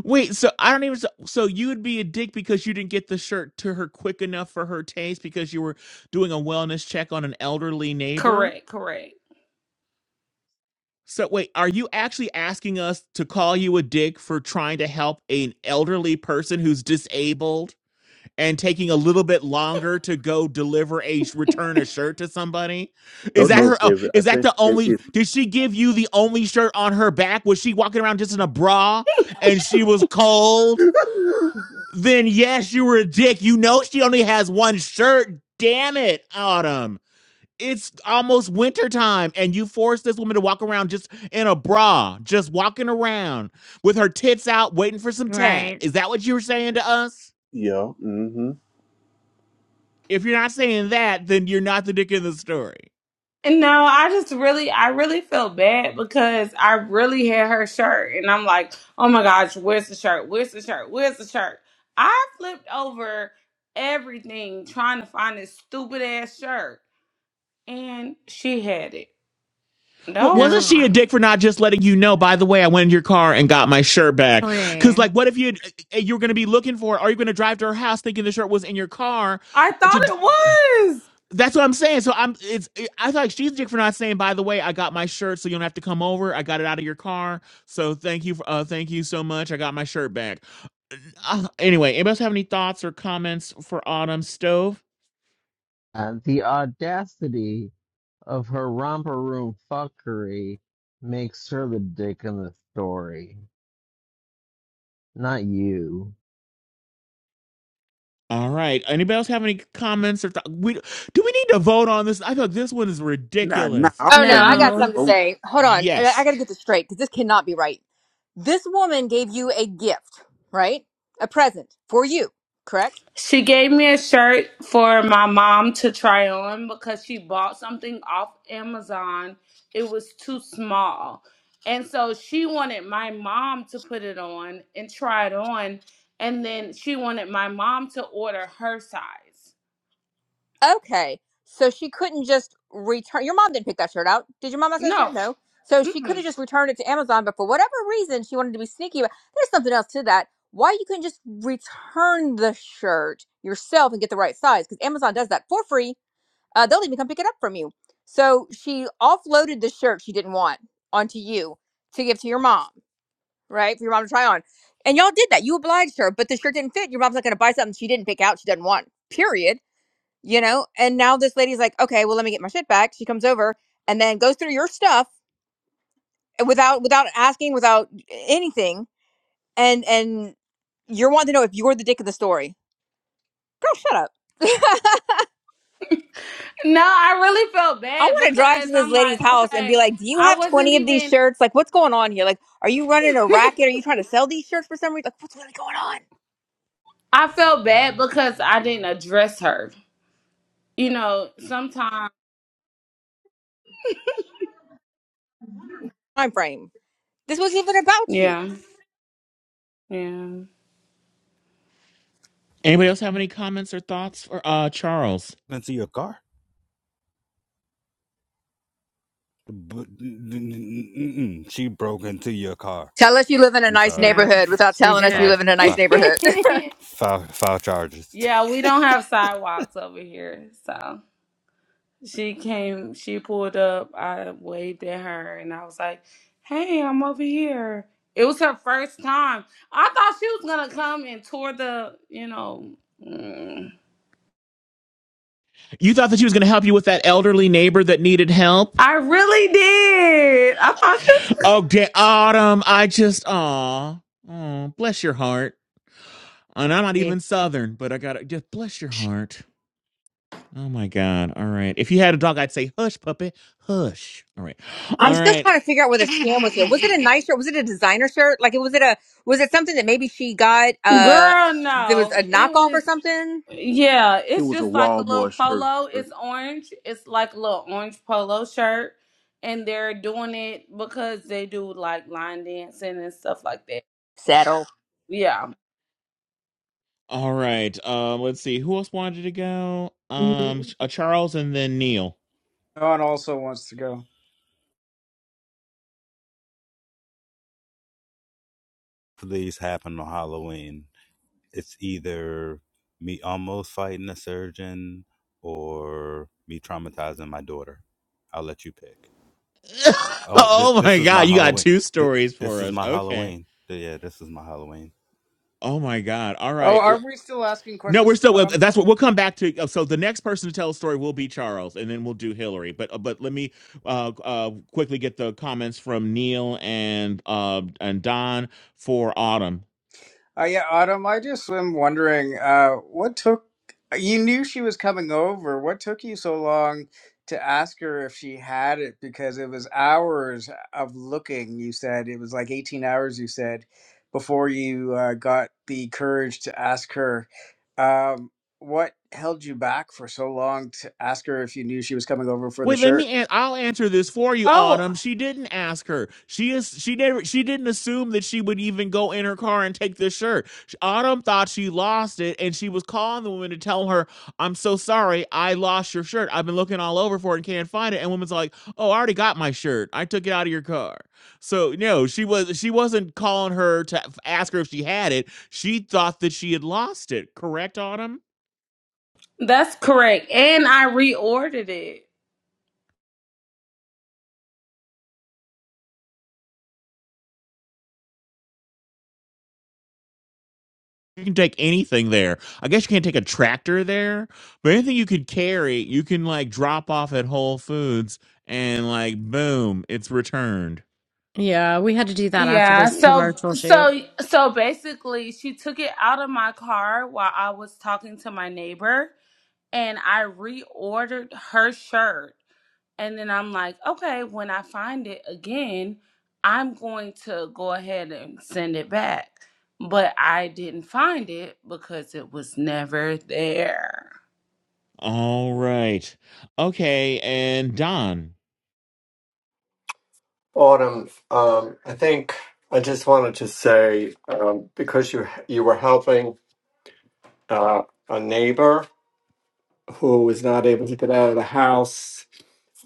S1: wait. So I don't even. So, so you would be a dick because you didn't get the shirt to her quick enough for her taste because you were doing a wellness check on an elderly neighbor.
S3: Correct, correct.
S1: So wait, are you actually asking us to call you a dick for trying to help an elderly person who's disabled? and taking a little bit longer to go deliver a return a shirt to somebody?
S4: No,
S1: Is that
S4: no,
S1: her? Oh,
S4: Kevin. I
S1: is that
S4: think
S1: the
S4: it,
S1: only?
S4: it
S1: Did she give you the only shirt on her back? Was she walking around just in a bra and she was cold? Then yes, you were a dick. You know she only has one shirt. Damn it, Autumn. It's almost wintertime, and you forced this woman to walk around just in a bra, just walking around with her tits out, waiting for some tat.
S7: Right.
S1: Is that what you were saying to us?
S4: Yeah, mm-hmm.
S1: If you're not saying that, then you're not the dick in the story.
S3: And No, I just really, I really feel bad because I really had her shirt, and I'm like, oh my gosh, where's the shirt? Where's the shirt? Where's the shirt? I flipped over everything trying to find this stupid ass shirt, and she had it the
S1: Well,
S3: whole
S1: wasn't she a
S3: time.
S7: No.
S1: dick for not just letting you know? By the way, I went in your car and got my shirt back. Because,
S7: Really.
S1: like, what if you you were going to be looking for? it? Are you going to drive to her house thinking the shirt was in your car?
S3: I thought
S1: To
S3: it
S1: d-
S3: was.
S1: that's what I'm saying. So I'm it's eh, I feel like she's a dick for not saying. By the way, I got my shirt, so you don't have to come over. I got it out of your car, so thank you. For, uh, thank you so much. I got my shirt back. Uh, anyway, anybody else have any thoughts or comments for Autumn Stove?
S5: Uh, the audacity of her romper room fuckery makes her the dick in the story, not you.
S1: All right. Anybody else have any comments or th- we do we need to vote on this? I thought this one is
S4: Nah, nah,
S1: ridiculous.
S4: I don't
S8: Oh no,
S4: think
S8: I
S4: we need
S8: got
S4: to
S7: No.
S8: something to
S4: vote.
S8: say. Hold on, I, I
S1: Yes.
S8: gotta get this straight because this cannot be right. This woman gave you a gift, right? A present for you, correct?
S3: She gave me a shirt for my mom to try on because she bought something off Amazon. It was too small. And so she wanted my mom to put it on and try it on. And then she wanted my mom to order her size.
S8: Okay. So she couldn't just return. Your mom didn't pick that shirt out. Did your mom, my sister?
S3: No.
S8: No. So she could
S3: Mm-mm.
S8: have just returned it to Amazon, but for whatever reason, she wanted to be sneaky. But there's something else to that. Why you couldn't just return the shirt yourself and get the right size? Because Amazon does that for free. Uh, they'll even come pick it up from you. So she offloaded the shirt she didn't want onto you to give to your mom, right? For your mom to try on. And y'all did that. You obliged her, but the shirt didn't fit. Your mom's not going to buy something she didn't pick out, she doesn't want, period you know and now this lady's like okay well let me get my shit back she comes over and then goes through your stuff eh, without without asking without eh, anything and and you're wanting to know if you're the dick of the story girl shut up
S3: No, I really felt
S8: i
S3: bad
S8: want to drive
S3: because
S8: to this
S3: I'm
S8: lady's
S3: like,
S8: house and be
S3: okay,
S8: like do you
S3: I
S8: have
S3: wasn't
S8: 20 of these
S3: even,
S8: shirts like what's going on here like are you running a racket are you trying to sell these shirts for some reason like what's really going on
S3: I felt bad because I didn't address her. You know, sometimes,
S8: time frame this was even about you
S3: yeah, yeah.
S1: Anybody else have any comments or thoughts for uh Charles?
S6: into your car but, mm-mm, she broke into your car
S8: tell us you live in a
S6: i'm
S8: nice
S6: sorry
S7: Yeah.
S8: neighborhood without
S7: She
S8: telling us you
S6: file
S8: live in
S7: did.
S8: a nice
S6: file
S8: neighborhood
S6: file, file charges
S3: yeah, we don't have sidewalks over here. So she came, she pulled up. I waved at her and I was like, hey, I'm over here. It was her first time. I thought she was going to come and tour the, you know, mm.
S1: You thought that she was going to help you with that elderly neighbor that needed help?
S3: I really did. I thought she was.
S1: Oh, da- Autumn, I just aw. Oh, bless your heart. And I'm not even southern, but I got to just bless your heart. Oh my god. All right. If you had a dog, I'd say hush puppy, hush. All right. All
S8: I'm still
S1: right.
S8: trying to figure out what whether scam was here. Was it a nice shirt? Was it a designer shirt? Like, it was it a was it something that maybe she got? Uh,
S3: Girl,
S8: there was
S3: no.
S8: a
S3: It
S8: knockoff or
S3: was.
S8: something.
S3: Yeah,
S4: it
S3: it's
S4: was a
S3: just like a little
S4: Walmart shirt.
S3: polo. It's orange. It's like a little orange polo shirt. And they're doing it because they do like line dancing and stuff like that.
S8: Settle.
S3: Yeah.
S1: All right. Um, let's see. Who else wanted to go? Um, uh, Charles and then Neil.
S10: John also wants to go.
S6: These happen on halloween it's either me almost fighting a surgeon or me traumatizing my daughter. I'll let you pick. Oh, this
S1: oh
S6: this
S1: my
S6: is my
S1: God, you got
S6: Halloween.
S1: two
S6: This,
S1: stories
S6: this
S1: for
S6: is
S1: us.
S6: my
S1: Okay.
S6: Halloween. Yeah, this is my Halloween.
S1: Oh my God. All
S10: Oh,
S1: right.
S10: are
S1: Well,
S10: we still asking
S1: no,
S10: questions
S1: we're
S10: to
S1: still. well,
S10: Autumn? though?
S1: That's what we'll come back to. uh, So the next person to tell a story will be Charles, and then we'll do Hillary. But uh, but let me uh, uh quickly get the comments from Neil and uh and Don for Autumn.
S10: Uh, yeah, Autumn, I just am wondering, uh, what took you knew she was coming over. What took you so long to ask her if she had it? Because it was hours of looking, you said. It was like 18 hours, you said, before you uh, got the courage to ask her. Um, what held you back for so long to ask her if you knew she was coming over for the
S1: Wait, let
S10: shirt?
S1: me. An- I'll answer this for you,
S3: Oh,
S1: Autumn. She didn't ask her. She is. She never. She didn't assume that she would even go in her car and take the shirt. Sh- Autumn thought she lost it, and she was calling the woman to tell her, "I'm so sorry, I lost your shirt. I've been looking all over for it and can't find it." And woman's like, "Oh, I already got my shirt. I took it out of your car." So no, she was. She wasn't calling her to ask her if she had it. She thought that she had lost it. Correct, Autumn?
S3: that's correct. And I reordered it.
S1: you can take anything there. I guess you can't take a tractor there, but anything you could carry, you can like drop off at Whole Foods and like boom, it's returned.
S7: Yeah, we had to do that after
S3: Yeah,
S7: this
S3: so
S7: commercial shoot.
S3: so so basically she took it out of my car while I was talking to my neighbor and I reordered her shirt. And then I'm like, okay, when I find it again, I'm going to go ahead and send it back. But I didn't find it because it was never there.
S1: All right. Okay, and Don.
S12: Autumn, um, I think I just wanted to say um, because you you were helping uh, a neighbor who was not able to get out of the house,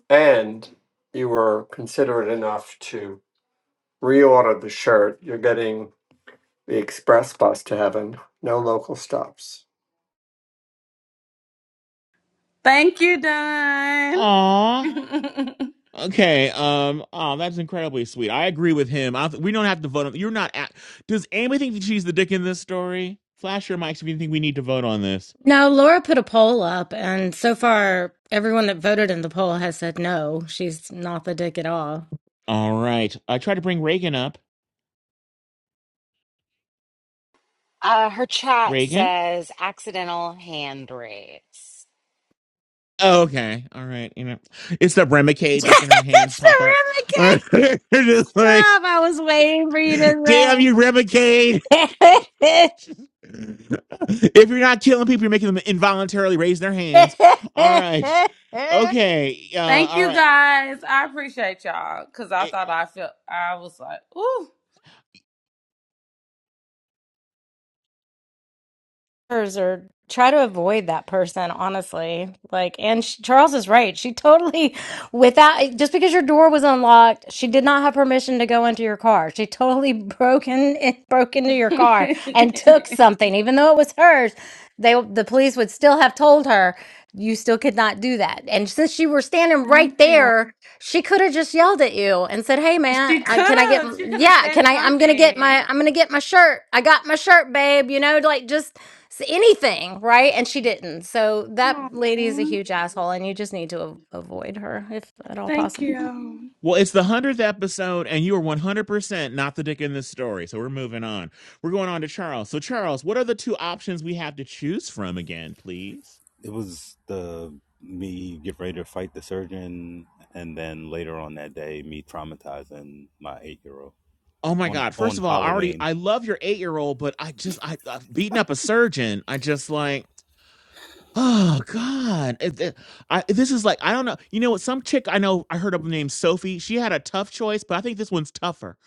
S12: and you were considerate enough to reorder the shirt. You're getting the express bus to heaven, no local stops.
S3: Thank you, Don.
S1: Aw. Okay. Um. Oh, that's incredibly sweet. I agree with him. I, we don't have to vote on. You're not. At, does anybody think that she's the dick in this story? Flash your mics if you think we need to vote on this.
S7: Now, Laura put a poll up, and so far, everyone that voted in the poll has said no, she's not the dick at all.
S1: All right. I tried to bring Reagan up.
S2: Uh, her chat
S1: Reagan.
S2: says accidental hand raise.
S1: Oh, okay. All right. You know, it's the Remicade making her hand
S7: it's the
S1: pop up.
S7: Remy K
S1: All right. They're Just like,
S7: stuff. I was waiting for you
S1: damn you, Remicade.
S7: to
S1: if you're not killing people, you're making them involuntarily raise their hands. All right.
S7: say.
S1: Okay. Uh,
S3: Thank
S1: all
S3: you
S1: right.
S3: guys. I appreciate y'all because I
S1: It,
S3: thought I felt I was like, ooh.
S7: hers or try to avoid that person honestly like and sh charles is right she totally without just because your door was unlocked she did not have permission to go into your car she totally broke in, broke into your car and took something even though it was hers they the police would still have told her you still could not do that and since you were standing right
S3: Thank you.
S7: there she could have just yelled at you and said hey man
S3: She
S7: I,
S3: could
S7: can i get
S3: have. She
S7: m-
S3: could have
S7: yeah
S3: said
S7: can i i'm gonna get
S3: something.
S7: my i'm gonna get my shirt i got my shirt babe you know like just s- anything, right? And she didn't. So
S3: Aw.
S7: that lady is a huge asshole, and you just need to av- avoid her if at all
S3: Thank
S7: possible.
S3: you.
S1: well, it's the 100th episode, and you are 100% not the dick in this story. So we're moving on. We're going on to Charles. So, Charles, what are the two options we have to choose from again, please?
S6: It was the me get ready to fight the surgeon, and then later on that day, me traumatizing my eight year old
S1: Oh my
S6: on
S1: God.
S6: on
S1: First of all, I already,
S6: Halloween.
S1: I love your eight year old, but I just, I, I beating up a surgeon. I just like, oh God. It- it- I, this is like, I don't know. You know what? Some chick I know, I heard of named Sophie. She had a tough choice, but I think this one's tougher.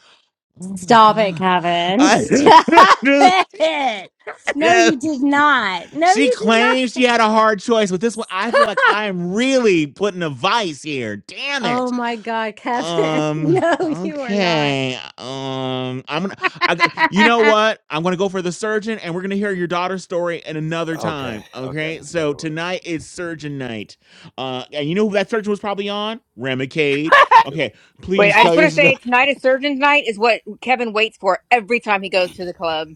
S1: Oh my
S7: Stop it,
S1: God.
S7: Kevin.
S1: I,
S7: Stop it. No, you did not. No,
S1: she
S7: you did not.
S1: claims she had a hard choice, but this one, I feel like I'm really putting a vice here. Damn it.
S7: oh my God, Kevin.
S1: Um,
S7: No, you are not.
S1: okay. Um, I'm gonna, I, got- you know what? I'm gonna go for the surgeon, and we're gonna hear your daughter's story at another
S6: Okay,
S1: time.
S6: okay,
S1: Okay. So
S6: that'll work.
S1: tonight is surgeon night. Uh, and you know who that surgeon was probably on? Remicade.
S6: Good.
S1: Okay.
S8: Wait,
S1: Please
S8: I
S1: tell
S8: just
S1: your
S8: want to
S1: story.
S8: say tonight is Surgeon's Night is what Kevin waits for every time he goes to the club.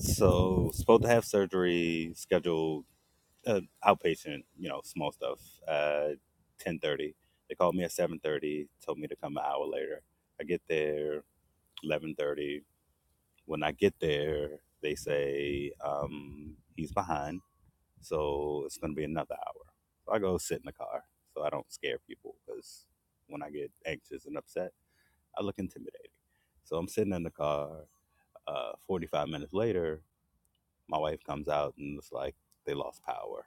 S6: So supposed to have surgery scheduled uh, outpatient, you know, small stuff. Uh, ten thirty. They called me at seven thirty. Told me to come an hour later. I get there eleven thirty. When I get there, they say um, he's behind, so it's going to be another hour. So I go sit in the car, so I don't scare people because when I get anxious and upset, I look intimidating. So I'm sitting in the car. Uh, Forty-five minutes later, my wife comes out and it's like they lost power.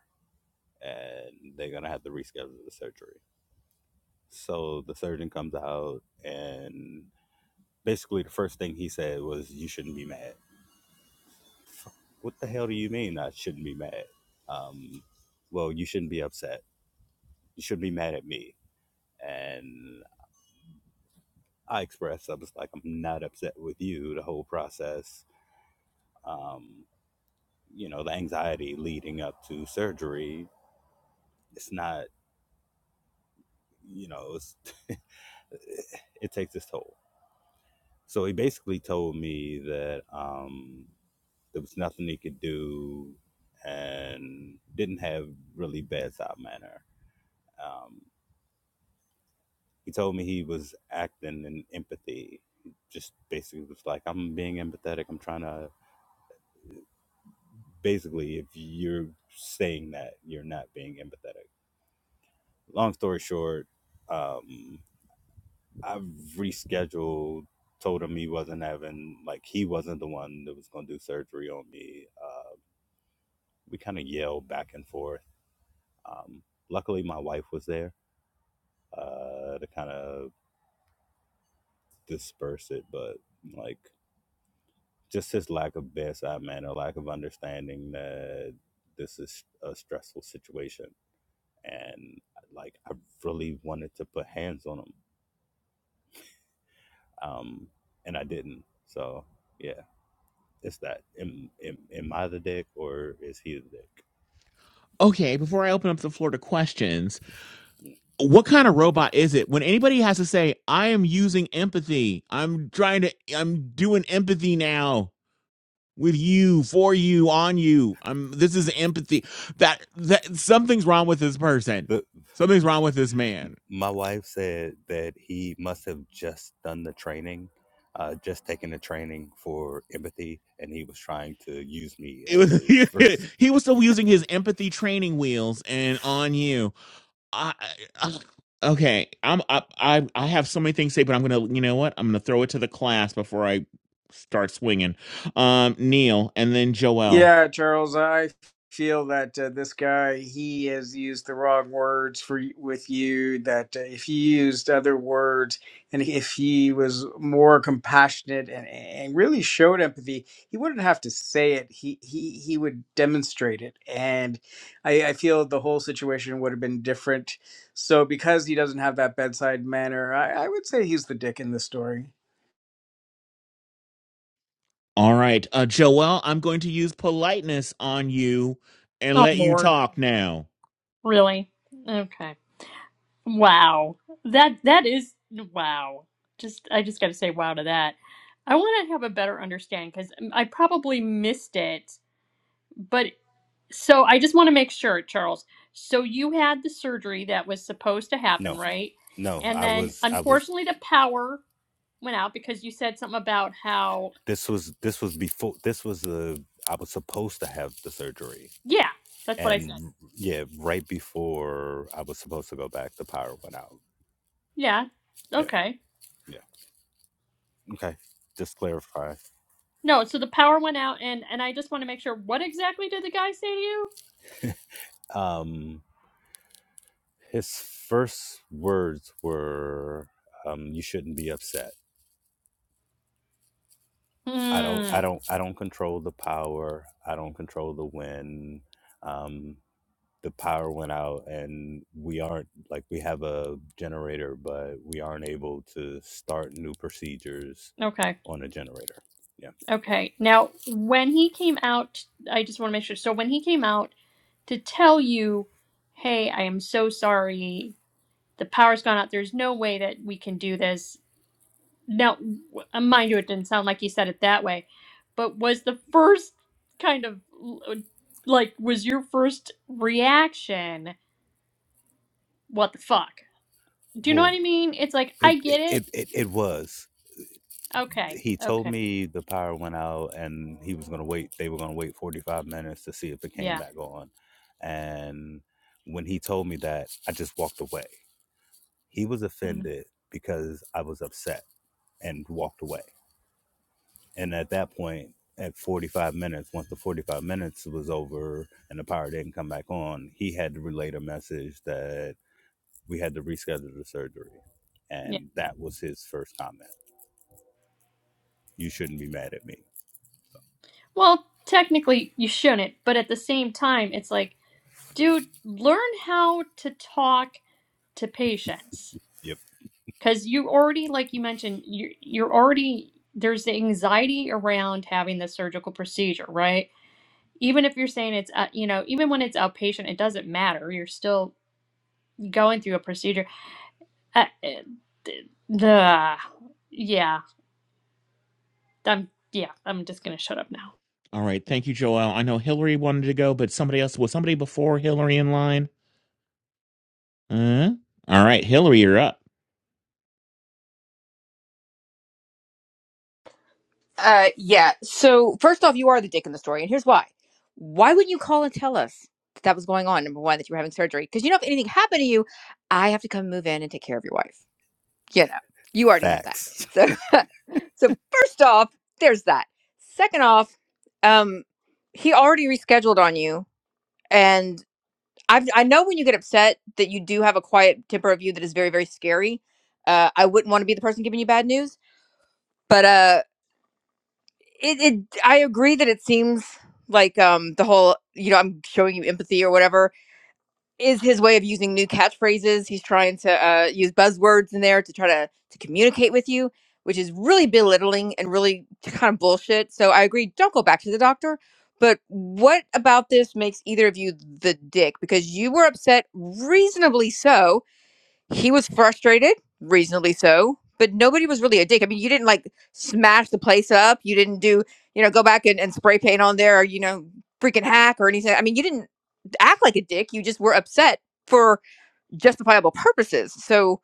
S6: and they're gonna have to reschedule the surgery. So the surgeon comes out, and basically the first thing he said was, "You shouldn't be mad." What the hell do you mean I shouldn't be mad? Um, well, you shouldn't be upset. You shouldn't be mad at me. And I expressed, I was like, I'm not upset with you. The whole process, um, you know, the anxiety leading up to surgery, it's not, you know, it's, it takes its toll So he basically told me that um, there was nothing he could do and didn't have really bedside manner. Um, he told me he was acting in empathy. Just basically was like, I'm being empathetic. I'm trying to. Basically, if you're saying that, you're not being empathetic. Long story short, um, I've rescheduled, told him he wasn't having, like, he wasn't the one that was going to do surgery on me. Uh, we kind of yelled back and forth. Um, luckily, my wife was there uh, to kind of disperse it, but like just his lack of bedside manner, lack of understanding that this is a stressful situation, and like I really wanted to put hands on him, um, and I didn't. So yeah, it's that. Am, am, am I the dick or is he the dick?
S1: Okay. Before I open up the floor to questions, what kind of robot is it? When anybody has to say, "I am using empathy. I'm trying to. I'm doing empathy now." with you, for you, on you. I'm this is empathy. That that something's wrong with this person.
S6: The
S1: Something's wrong with this man.
S6: My wife said that he must have just done the training, uh, just taken the training for empathy, and he was trying to use me
S1: It
S6: as
S1: was
S6: his first.
S1: he, was still using his empathy training wheels and on you. I, I okay, I'm I, I I have so many things to say, but I'm gonna you know what? I'm gonna throw it to the class before I start swinging. Um, Neil and then Joel.
S10: Yeah, Charles, I feel that uh, this guy he has used the wrong words for with you. That uh, if he used other words and if he was more compassionate and, and really showed empathy, he wouldn't have to say it. He he he would demonstrate it, and I, I feel the whole situation would have been different. So because he doesn't have that bedside manner, I, I would say he's the dick in this story.
S1: All right, uh, Joel, I'm going to use politeness on you and
S9: Oh
S1: let you
S9: Lord,
S1: talk now.
S9: really? Okay. Wow. That that is wow. Just I just got to say wow to that. I want to have a better understanding because I probably missed it. But so I just want to make sure, Charles. So you had the surgery that was supposed to
S6: No,
S9: happen, right?
S6: no,
S9: And
S6: I
S9: then
S6: was, I was.
S9: unfortunately, the power went out because you said something about how
S6: This was, this was before. This was the. I was supposed to have the surgery.
S9: yeah that's what i said
S6: and yeah, right before I was supposed to go back, the power went out.
S9: yeah
S6: Yeah,
S9: okay
S6: yeah. Okay, just clarify.
S9: no so the power went out and and i just want to make sure what exactly did the guy say to you
S6: Um, his first words were, um, "You shouldn't be upset. I don't, I
S9: hmm
S6: don't, I don't control the power. I don't control the wind. Um, the power went out, and we aren't like we have a generator, but we aren't able to start new procedures
S9: okay
S6: on a generator." Yeah.
S9: okay now when he came out i just want to make sure so when he came out to tell you hey i am so sorry the power's gone out there's no way that we can do this Now, w- uh, mind you, it didn't sound like he said it that way, but was the first kind of l- uh, like, was your first reaction, what the fuck? Do you know
S6: well."
S9: what I mean? It's like,
S6: It
S9: I get
S6: it,
S9: it.
S6: it it it was.
S9: Okay.
S6: He told
S9: Okay.
S6: me the power went out and he was gonna wait. They were gonna wait forty five minutes to see if it came
S9: Yeah.
S6: back on. And when he told me that, I just walked away. He was
S9: mhm,
S6: offended because I was upset and walked away. And at that point, at forty five minutes, once the forty five minutes was over and the power didn't come back on, he had to relay a message that we had to reschedule the surgery.
S9: Yeah.
S6: And that was his first comment. You shouldn't be mad at me
S9: Well, technically, you shouldn't, but at the same time, it's like, dude, learn how to talk to patients.
S6: Yep.
S9: Because you already, like you mentioned, you you're already, there's the anxiety around having the surgical procedure, right? even if you're saying it's uh, you know even when it's outpatient it doesn't matter you're still going through a procedure uh, uh, d- the yeah i'm yeah i'm just gonna shut up now
S1: All right. Thank you, Joel. I know Hillary wanted to go, but somebody else was somebody before Hillary in line. Uh, all right, Hillary, you're up.
S8: Uh, yeah. So first off, you are the dick in the story, and here's why. Why wouldn't you call and tell us that that was going on? Number one, that you were having surgery, because you know if anything happened to you, I have to come move in and take care of your wife. you know, you already know that.
S6: Facts
S8: So, so first off, there's that. Second off, um, he already rescheduled on you, and I've, I know when you get upset that you do have a quiet temper of you that is very, very scary. Uh, I wouldn't want to be the person giving you bad news, but uh, it, it, I agree that it seems like um the whole, you know, I'm showing you empathy or whatever is his way of using new catchphrases. He's trying to uh, use buzzwords in there to try to to communicate with you, which is really belittling and really kind of bullshit. So I agree. Don't go back to the doctor. But what about this makes either of you the dick? Because you were upset, reasonably so, he was frustrated, reasonably so, but nobody was really a dick. I mean, you didn't like smash the place up. You didn't do, you know, go back and, and spray paint on there or, you know, freaking hack or anything. I mean, you didn't act like a dick. You just were upset for justifiable purposes. So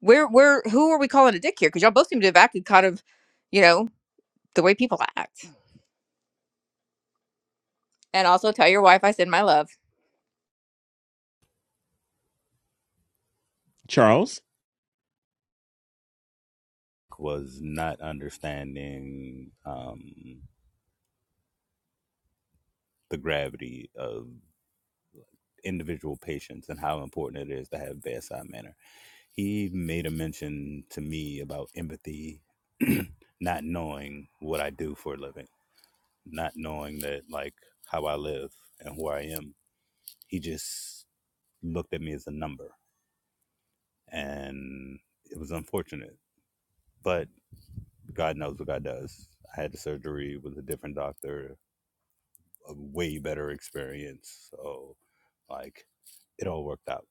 S8: where where who are we calling a dick here? Because y'all both seem to have acted kind of, you know, the way people act. And also tell your wife I send my love.
S1: Charles.
S6: was not understanding um, the gravity of individual patients and how important it is to have bedside manner. He made a mention to me about empathy, not knowing what I do for a living, not knowing that like how I live and who I am. He just looked at me as a number, and it was unfortunate. But God knows what God does. I had the surgery with a different doctor a way better experience. So like it all worked out.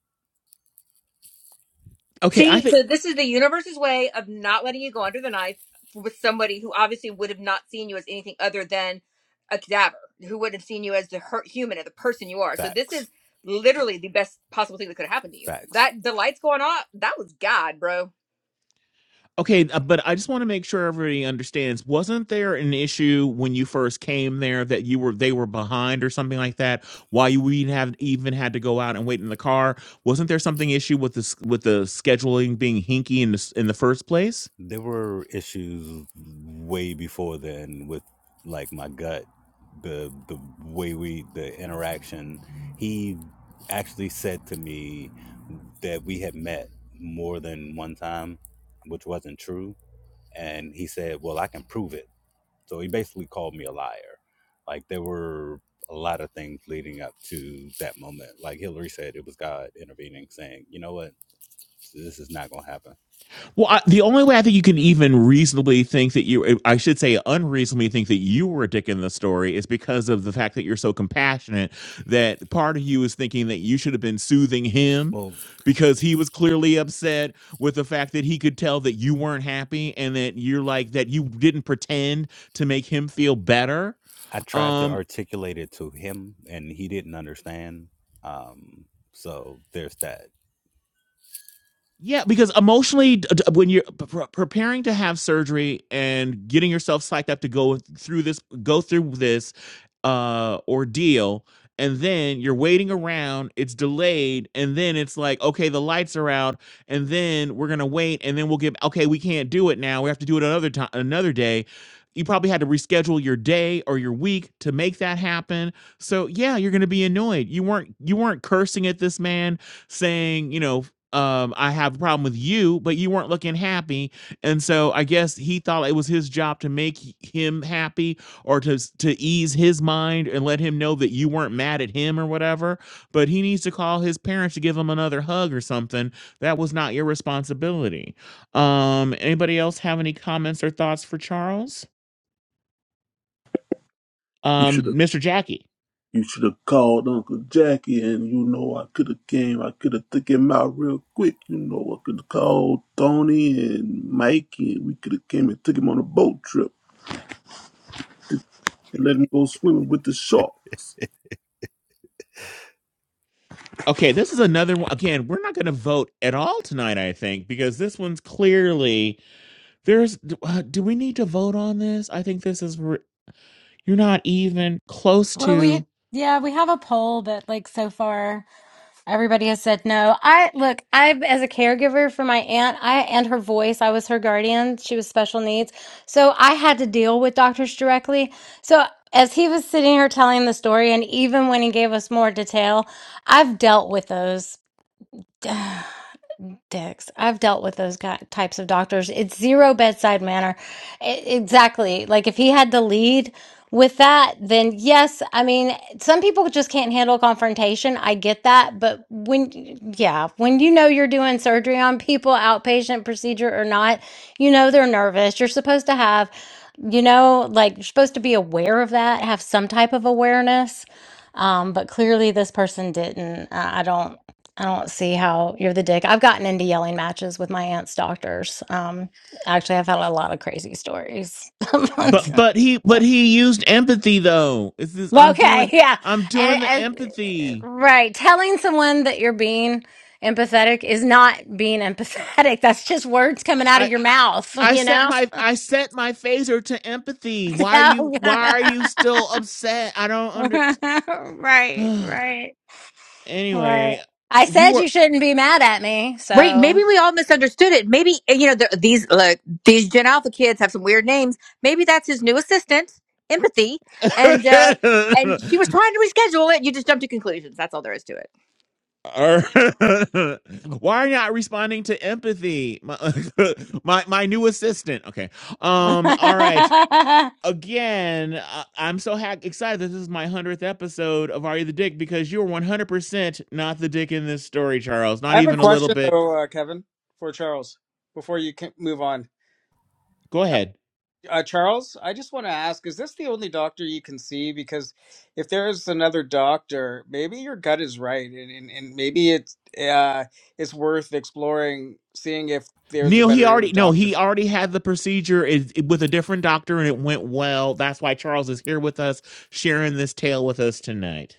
S1: Okay, I
S8: See,
S1: think.
S8: so this is the universe's way of not letting you go under the knife with somebody who obviously would have not seen you as anything other than a cadaver, who would have seen you as the hurt human and the person you are. So this
S6: Facts.
S8: is literally the best possible thing that could have happened to you.
S6: Facts.
S8: That the lights going off, that was God, bro.
S1: Okay, uh, but I just want to make sure everybody understands. Wasn't there an issue when you first came there that you were they were behind or something like that? Why you even have even had to go out and wait in the car? Wasn't there something issue with this with the scheduling being hinky in the s- in the first place?
S6: There were issues way before then with like my gut, the the way we the interaction. He actually said to me that we had met more than one time, which wasn't true. And he said, Well I can prove it So he basically called me a liar. Like there were a lot of things leading up to that moment. Like Hillary said, it was God intervening, saying, you know what? This is not going to happen.
S1: Well, I, the only way I think you can even reasonably think that you, I should say, unreasonably think that you were a dick in the story is because of the fact that you're so compassionate that part of you is thinking that you should have been soothing him
S6: Well,
S1: because he was clearly upset with the fact that he could tell that you weren't happy and that you're like, that you didn't pretend to make him feel better.
S6: I tried to
S1: Um,
S6: articulate it to him and he didn't understand. Um, so there's that.
S1: yeah, because emotionally, d- d- when you're p- pr- preparing to have surgery and getting yourself psyched up to go through this, go through this uh ordeal and then you're waiting around it's delayed and then it's like okay the lights are out and then we're gonna wait and then we'll give okay we can't do it now we have to do it another time another day you probably had to reschedule your day or your week to make that happen so yeah you're gonna be annoyed you weren't you weren't cursing at this man saying you know um, I have a problem with you, but you weren't looking happy. And so I guess he thought it was his job to make him happy or to to ease his mind and let him know that you weren't mad at him or whatever but he needs to call his parents to give him another hug or something that was not your responsibility um anybody else have any comments or thoughts for charles
S4: You
S1: um
S4: should have.
S1: mr jackie
S4: You should have called Uncle Jackie, and you know I could have came. I could have took him out real quick. You know I could have called Tony and Mikey, and we could have came and took him on a boat trip and let him go swimming with the sharks.
S1: okay this is another one again we're not going to vote at all tonight i think because this one's clearly there's uh, do we need to vote on this i think this is re- you're not even close
S7: well,
S1: to
S7: we, yeah, we have a poll, but like so far. Everybody has said no. I look, I as a caregiver for my aunt, I and her voice, I was her guardian. She was special needs. So I had to deal with doctors directly. So as he was sitting here telling the story and even when he gave us more detail, I've dealt with those dicks. I've dealt with those guy- types of doctors. It's zero bedside manner. E- exactly. Like if he had to lead with that, then yes, I mean, some people just can't handle confrontation. I get that, but when yeah, when you know you're doing surgery on people, outpatient procedure or not, you know they're nervous. You're supposed to have you know, like you're supposed to be aware of that, have some type of awareness. Um, but clearly this person didn't. I I don't. I don't see how you're the dick. I've gotten into yelling matches with my aunt's doctors. Um, actually, I've had a lot of crazy stories.
S1: But but he but he used empathy though. It's This is I'm
S7: okay,
S1: doing
S7: yeah,
S1: I'm doing the
S7: and, and
S1: empathy.
S7: right, telling someone that you're being empathetic is not being empathetic. That's
S1: I,
S7: just words coming out of
S1: I
S7: your mouth,
S1: I
S7: you
S1: set
S7: know.
S1: my I set my phaser to empathy.
S7: So-
S1: Why are you why are you still upset? I don't under
S7: right, right, right.
S1: Anyway,
S7: I
S1: you
S7: said
S1: were
S7: you shouldn't be mad at me,
S8: Right. Maybe
S7: so
S8: we all misunderstood it. Maybe, eh, you know, the, these, like, these Gen Alpha kids have some weird names. Maybe that's his new assistant, Empathy. And, uh, and she was trying to reschedule it. You just jumped to conclusions. That's all there is to it.
S1: Ar- Why are you not responding to empathy? My, my my new assistant. Okay. Um all right. again, I, I'm so ha- excited that this is my 100th episode of Are You the Dick because you're 100% not the dick in this story, Charles.
S10: I
S1: Not
S10: have a
S1: even a little
S10: question
S1: bit.
S10: though, uh, Kevin, for Charles before you can move on.
S1: Go ahead.
S10: Uh, Charles, I just want to ask, is this the only doctor you can see? Because if there is another doctor, maybe your gut is right, and, and, and maybe it's uh, it's worth exploring, seeing if there's a
S1: Neil, he
S10: better
S1: already no,
S10: doctor
S1: he
S10: for
S1: already had the procedure it, it- with a different doctor and it went well. That's why Charles is here with us, sharing this tale with us tonight.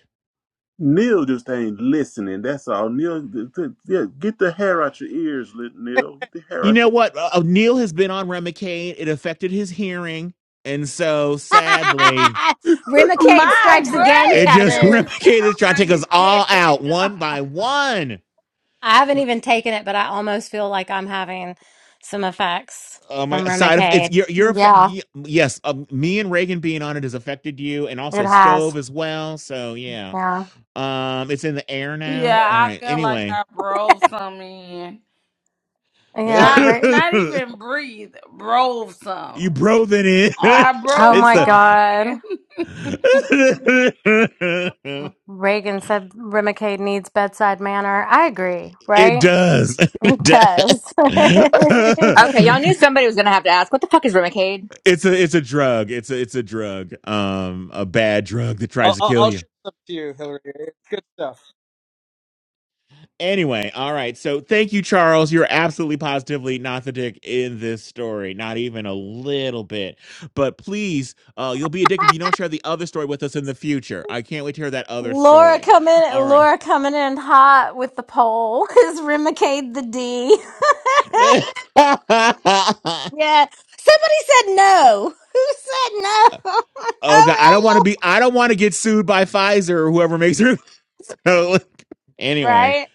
S4: Neil just ain't listening. That's all. Neil, th- th- yeah, get the hair out your ears, lit Neil. Get the hair
S1: You
S4: out
S1: know
S4: your.
S1: what? Uh, uh, Neil has been on Remicade. It affected his hearing, and so sadly,
S7: Rimacade
S3: My
S7: strikes
S1: er,
S7: again,
S1: it just
S7: Kevin.
S3: gracious!
S1: Remicade
S3: Oh
S1: is trying
S3: my
S1: to take us all
S3: goodness!
S1: out one by one.
S7: I haven't even taken it, but I almost feel like I'm having some effects
S1: Oh my
S7: from
S1: side of it's
S7: Rimacade.
S1: you're you're affect,
S7: Yeah,
S1: y- yes um, me and Reagan being on it has affected you and also
S7: it has.
S1: stove as well so yeah
S7: Yeah.
S1: um it's in the air now
S3: yeah,
S1: all
S3: I
S1: right
S3: feel like
S1: anyway
S3: I brove some in.
S7: Yeah.
S3: Not
S1: you
S7: Re-
S3: not even breathe. Brove some.
S1: broke it in
S3: I
S7: oh
S3: brove
S1: it's
S7: my
S1: the
S3: some
S7: God.
S3: in.
S7: Reagan said Rimacade needs bedside manner. I agree,
S1: it
S7: right?
S1: does
S7: It
S1: it does
S7: does.
S8: Okay. Y'all knew somebody was going to have to ask, what the fuck is Remicade?
S1: it's a it's a drug it's a it's a drug um a bad drug that tries
S10: I'll,
S1: to
S10: I'll,
S1: kill
S10: I'll
S1: you
S10: ship some to you, Hillary. It's good stuff.
S1: Anyway, all right. So thank you, Charles. You're absolutely positively not the dick in this story, not even a little bit. But please, uh, you'll be a dick if you don't share the other story with us in the future. I can't wait to hear that other
S7: Laura
S1: story.
S7: coming
S1: All right.
S7: Laura coming in hot with the poll. Is Rimacade the D?
S1: oh
S7: Yeah. Somebody said no. Who said no?
S1: God, I don't want to
S7: Oh,
S1: be. I don't want to get sued by Pfizer or whoever makes her. anyway,
S7: right.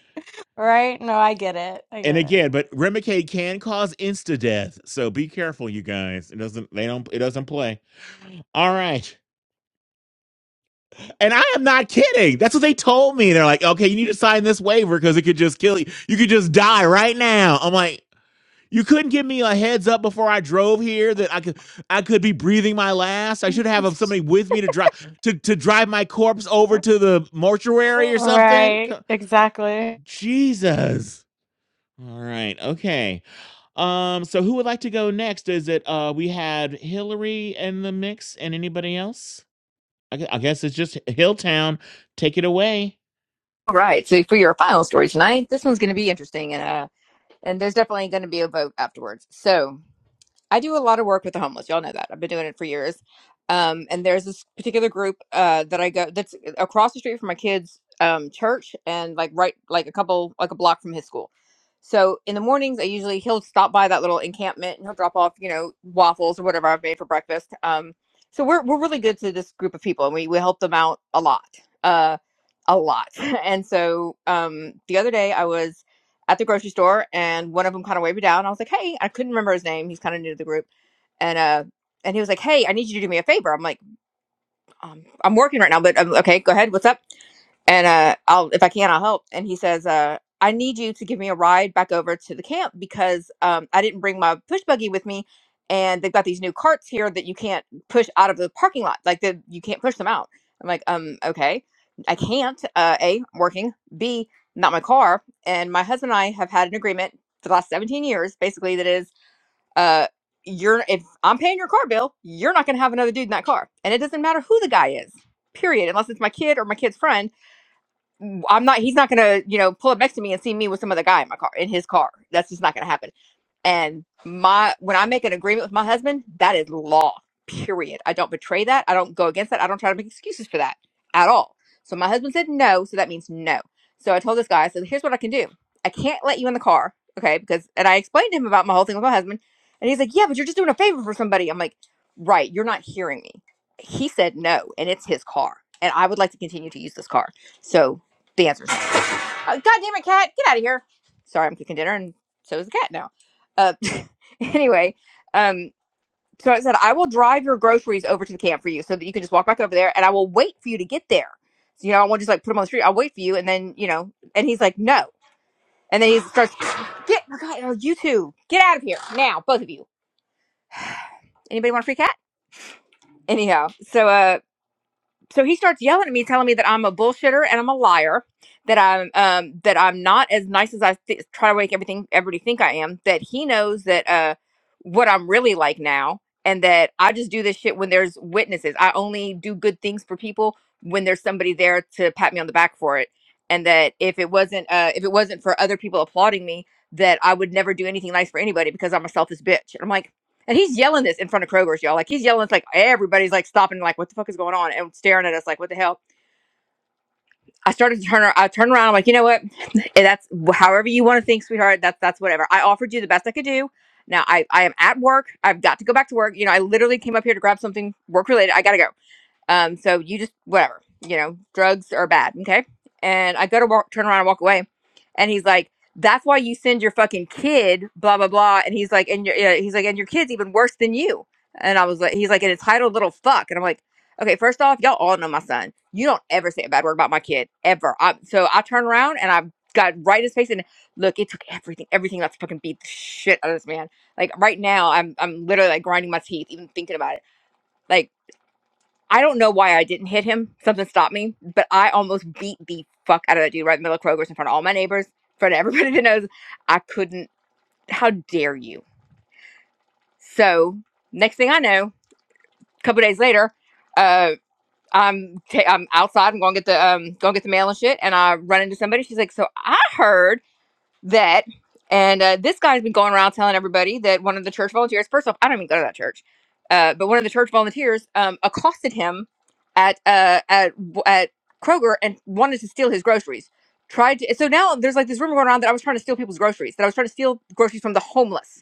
S7: Right. No, I get it. I
S1: and
S7: get
S1: again, but Remicade can cause insta death, so be careful, you guys. It doesn't. They don't. It doesn't play. All right. And I am not kidding. That's what they told me. They're like, okay, you need to sign this waiver because it could just kill you. You could just die right now. I'm like, you couldn't give me a heads up before I drove here that I could I could be breathing my last. I should have
S7: it.
S1: somebody with me to drive to, to drive my corpse over to the mortuary or something.
S7: Right. Exactly.
S1: Jesus. All right. Okay. Um, so who would like to go next? Is it uh we had Hillary in the mix and anybody else? I, gu- I guess it's just Hilltown. Take it away.
S8: All right. So for your final story tonight, this one's going to be interesting. And, uh, and there's definitely going to be a vote afterwards. So I do a lot of work with the homeless. Y'all know that. I've been doing it for years. Um, and there's this particular group uh, that I go that's across the street from my kid's um, church and like right like a couple like a block from his school. So in the mornings, I usually he'll stop by that little encampment and he'll drop off you know waffles or whatever I've made for breakfast. Um, so we're we're really good to this group of people and we we help them out a lot, uh, a lot. And so um, the other day I was at the grocery store, and one of them kind of waved me down. I was like, "Hey," I couldn't remember his name. He's kind of new to the group, and uh, and he was like, "Hey, I need you to do me a favor." I'm like, um, "I'm working right now, but um, okay, go ahead. What's up?" and uh i'll if i can i'll help and he says uh i need you to give me a ride back over to the camp because um i didn't bring my push buggy with me and they've got these new carts here that you can't push out of the parking lot like the, you can't push them out i'm like um okay i can't uh a I'm working b not my car and my husband and i have had an agreement for the last 17 years basically that is uh you're if i'm paying your car bill you're not going to have another dude in that car and it doesn't matter who the guy is period unless it's my kid or my kid's friend I'm not. He's not gonna, you know, pull up next to me and see me with some other guy in my car, in his car. That's just not gonna happen. And my when I make an agreement with my husband, that is law. Period. I don't betray that. I don't go against that. I don't try to make excuses for that at all. So my husband said no, so that means no. So I told this guy, I said, here's what I can do. I can't let you in the car. Okay, because and I explained to him about my whole thing with my husband. And he's like, Yeah, but you're just doing a favor for somebody. I'm like, Right, you're not hearing me. He said no, and it's his car. And I would like to continue to use this car. So the answer is no. Oh, God damn it, cat! Get out of here. Sorry, I'm cooking dinner, and so is the cat now. Uh, anyway, um, so I said I will drive your groceries over to the camp for you, so that you can just walk back over there, and I will wait for you to get there. So, you know, I won't just like put them on the street. I'll wait for you, and then you know. And he's like, no. And then he starts, get oh God, oh, you two, get out of here now, both of you. Anybody want a free cat? Anyhow, so uh, so he starts yelling at me, telling me that I'm a bullshitter and I'm a liar, that I'm um, that I'm not as nice as I th- try to make everything everybody think I am. That he knows that uh, what I'm really like now, and that I just do this shit when there's witnesses. I only do good things for people when there's somebody there to pat me on the back for it, and that if it wasn't uh, if it wasn't for other people applauding me, that I would never do anything nice for anybody because I'm a selfish bitch. And I'm like and he's yelling this in front of Kroger's, y'all. Like he's yelling, it's like everybody's like stopping, like, what the fuck is going on? And staring at us, like, what the hell? I started to turn around. I turned around. I'm like, you know what? That's however you want to think, sweetheart. That's that's whatever. I offered you the best I could do. Now I, I am at work. I've got to go back to work. You know, I literally came up here to grab something work related. I gotta go. Um, so you just whatever, you know, drugs are bad, okay? And I go to walk, turn around and walk away, and he's like, "That's why you send your fucking kid, blah blah blah." And he's like, "And your yeah, he's like, and your kid's even worse than you." And I was like, "He's like an entitled little fuck," and I'm like, "Okay, first off, y'all all know my son. You don't ever say a bad word about my kid ever." I, so I turn around and I got right in his face and look, it took everything, everything not to fucking beat the shit out of this man. Like right now, I'm I'm literally like grinding my teeth even thinking about it like. I don't know why I didn't hit him. Something stopped me, but I almost beat the fuck out of that dude right in the middle of Kroger's in front of all my neighbors, in front of everybody that knows. I couldn't. How dare you? So next thing I know, a couple days later, uh, I'm ta- I'm outside. I'm going to get the um going to get the mail and shit, and I run into somebody. She's like, "So I heard." that and uh, this guy's been going around telling everybody that one of the church volunteers first off i don't even go to that church uh, but one of the church volunteers um, accosted him at uh, at at kroger and wanted to steal his groceries tried to so now there's like this rumor going around that i was trying to steal people's groceries that i was trying to steal groceries from the homeless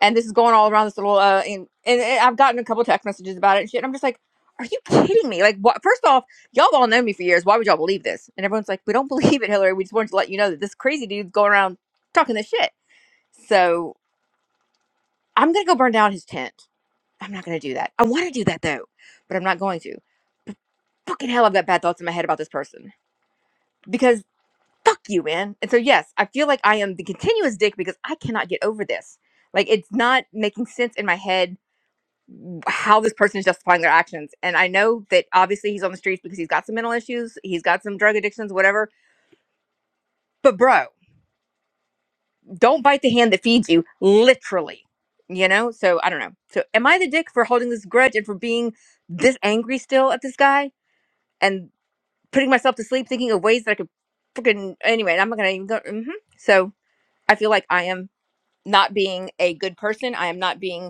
S8: and this is going all around this little uh and, and I've gotten a couple text messages about it and shit. And I'm just like, are you kidding me? Like, what? First off, y'all all known me for years. Why would y'all believe this? And everyone's like, we don't believe it, Hillary. We just wanted to let you know that this crazy dude's going around talking this shit. So I'm gonna go burn down his tent. I'm not gonna do that. I want to do that though, but I'm not going to. Fucking hell, I've got bad thoughts in my head about this person because fuck you, man. And so yes, I feel like I am the continuous dick because I cannot get over this. Like, it's not making sense in my head how this person is justifying their actions. And I know that obviously he's on the streets because he's got some mental issues, he's got some drug addictions, whatever. But bro, don't bite the hand that feeds you, literally. You know? So I don't know. So am I the dick for holding this grudge and for being this angry still at this guy and putting myself to sleep thinking of ways that I could freaking anyway, I'm not gonna even go. hmm So I feel like I am not being a good person. I am not being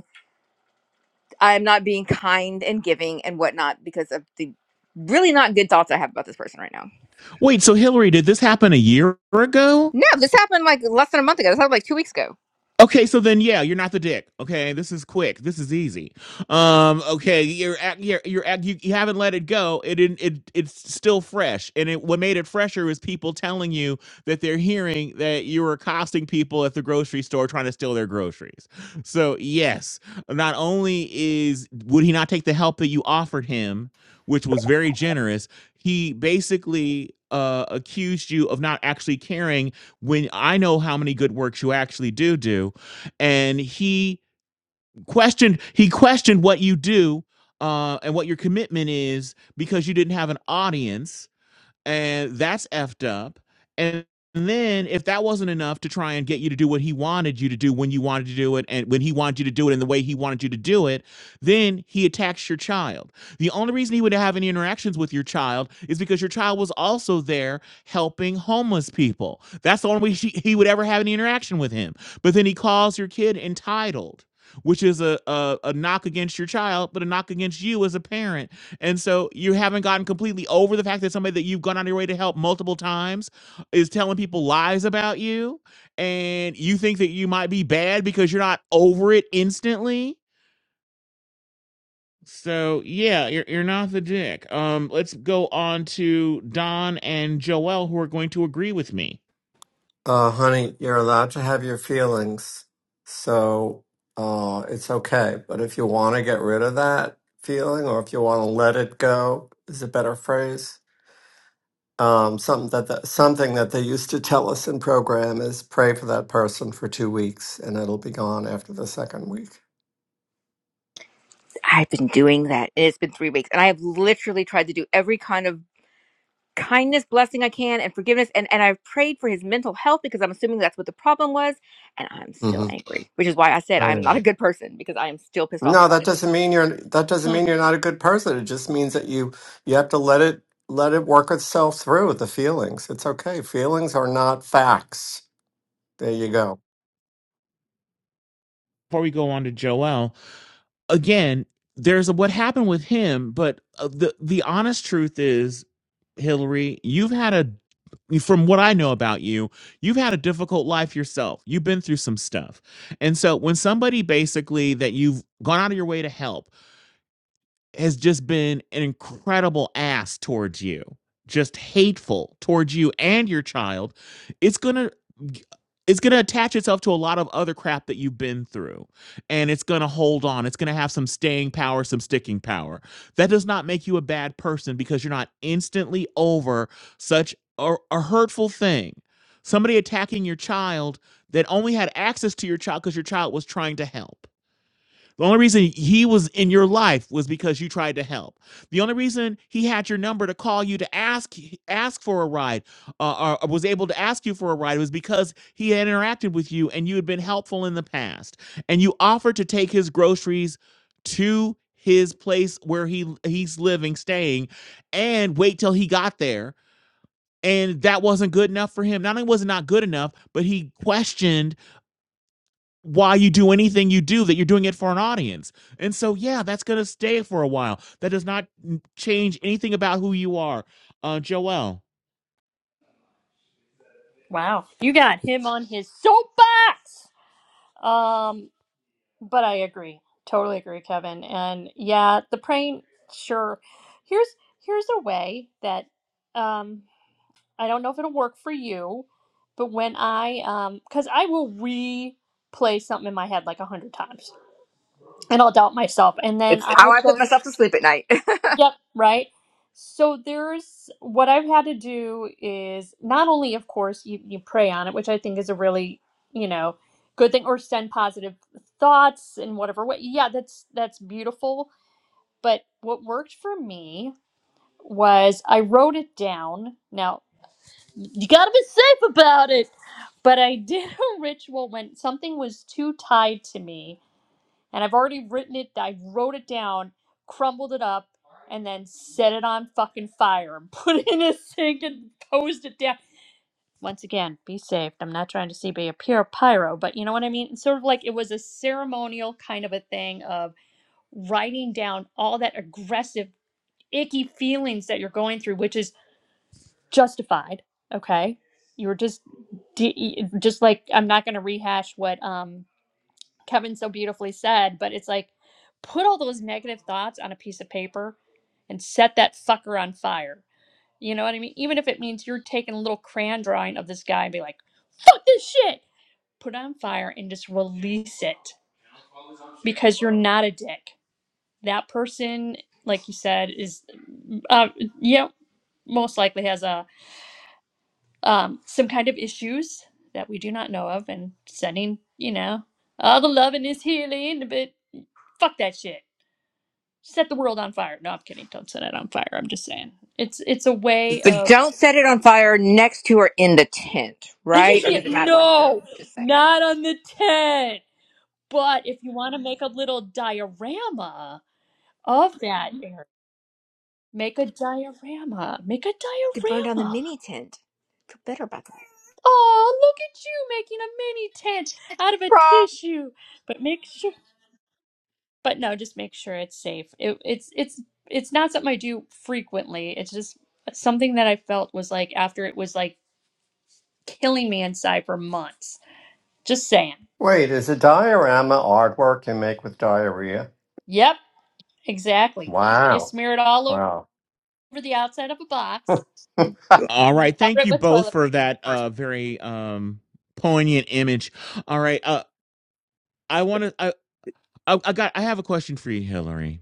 S8: I'm not being kind and giving and whatnot because of the really not good thoughts I have about this person right now.
S1: Wait, so Hillary, did this happen a year ago?
S8: No, this happened like less than a month ago. This happened like two weeks ago.
S1: Okay, so then yeah, you're not the dick. Okay, this is quick. This is easy. Um, okay, you're at, you're you're at, you, you haven't let it go. It didn't- it it's still fresh, and it what made it fresher was people telling you that they're hearing that you were accosting people at the grocery store trying to steal their groceries. So yes, not only is would he not take the help that you offered him, which was very generous, he basically uh accused you of not actually caring when I know how many good works you actually do do and he questioned he questioned what you do uh, and what your commitment is because you didn't have an audience and that's effed up. And then if that wasn't enough to try and get you to do what he wanted you to do when you wanted to do it and when he wanted you to do it in the way he wanted you to do it, then he attacks your child. The only reason he would have any interactions with your child is because your child was also there helping homeless people. That's the only way she, he would ever have any interaction with him. But then he calls your kid entitled. Which is a, a a knock against your child, but a knock against you as a parent and so you haven't gotten completely over the fact that somebody that you've gone on your way to help multiple times is telling people lies about you. And you think that you might be bad because you're not over it instantly. So yeah, you're you're not the dick. Um, let's go on to Don and Joel who are going to agree with me.
S12: Uh, honey, you're allowed to have your feelings, so uh, it's okay. But if you want to get rid of that feeling, or if you want to let it go, is a better phrase. Um, something that the, something that they used to tell us in program is pray for that person for two weeks, and it'll be gone after the second week
S8: I've been doing that and it's been three weeks and I have literally tried to do every kind of kindness, blessing I can and forgiveness. And, and I've prayed for his mental health because I'm assuming that's what the problem was. And I'm still
S12: hmm
S8: angry, which is why I said
S12: I
S8: I'm not a
S12: know.
S8: good person because I am still pissed off
S12: No,
S8: about
S12: that
S8: it.
S12: doesn't mean you're that doesn't
S9: Mm,
S12: mean you're not a good person. It just means that you you have to let it let it work itself through the feelings. It's okay. Feelings are not facts. There you go.
S1: Before we go on to Joel, again, there's a, what happened with him, but uh, the the honest truth is Hillary, you've had a, from what I know about you, you've had a difficult life yourself. You've been through some stuff. And so when somebody basically that you've gone out of your way to help has just been an incredible ass towards you, just hateful towards you and your child, it's going to it's going to attach itself to a lot of other crap that you've been through and it's going to hold on it's going to have some staying power some sticking power that does not make you a bad person because you're not instantly over such a, a hurtful thing somebody attacking your child that only had access to your child because your child was trying to help the only reason he was in your life was because you tried to help. The only reason he had your number to call you to ask ask for a ride, uh, or was able to ask you for a ride, was because he had interacted with you and you had been helpful in the past, and you offered to take his groceries to his place where he he's living, staying, and wait till he got there. And that wasn't good enough for him. Not only was it not good enough, but he questioned why you do anything you do that you're doing it for an audience. And so yeah, that's going to stay for a while. That does not mm, change anything about who you are. Uh Joelle.
S9: wow you got him on his soapbox um but i agree totally agree kevin and yeah the praying sure here's here's a way that um I don't know if it'll work for you, but when I um cuz I will replay something in my head like a 100 times and I'll doubt myself and then
S8: It's
S9: I
S8: how
S9: will
S8: I put
S9: go
S8: myself to sleep at night.
S9: yep, right? So there's what I've had to do is not only of course you you pray on it, which I think is a really, you know, good thing or send positive thoughts in whatever way. Yeah, that's that's beautiful, but what worked for me was I wrote it down. Now, you gotta be safe about it. But I did a ritual when something was too tied to me, and I've already written it. I wrote it down, crumbled it up, and then set it on fucking fire and put it in a sink and posed it down. Once again, be safe. I'm not trying to see be a pure pyro, but you know what I mean. It's sort of like it was a ceremonial kind of a thing of writing down all that aggressive, icky feelings that you're going through, which is justified okay you were just just like i'm not going to rehash what um kevin so beautifully said but it's like put all those negative thoughts on a piece of paper and set that fucker on fire you know what i mean even if it means you're taking a little crayon drawing of this guy and be like fuck this shit put it on fire and just release it because you're not a dick that person like you said is uh, you know most likely has a um, some kind of issues that we do not know of and sending, you know, all the loving is healing, but fuck that shit. Set the world on fire. No, I'm kidding. Don't set it on fire. I'm just saying. It's it's a way
S8: But
S9: of
S8: don't set it on fire next to or in the tent, right? It
S9: Yeah,
S8: doesn't matter where I threw them?
S9: no,
S8: Just saying it.
S9: not on the tent. But if you want to make a little diorama of that, Erin, make a diorama. Make a
S8: Could burn down the
S9: diorama.
S8: mini tent. Feel better about that.
S9: Oh, look at you making a mini tent out of a
S8: Right.
S9: tissue. But make sure. but no, just make sure it's safe. It, it's it's it's not something I do frequently. It's just something that I felt was like after it was like killing me inside for months. Just saying.
S12: Wait, is a diorama artwork you make with diarrhea?
S9: Yep, exactly. You
S12: Wow.
S9: smear it all over
S12: Wow.
S9: the outside of a box
S1: All
S9: and then
S1: right,
S9: cover
S1: thank
S9: it
S1: you
S9: with
S1: both
S9: toilet
S1: for
S9: paper.
S1: that uh very um poignant image. All right, uh I want to I, I I got I have a question for you, Hillary.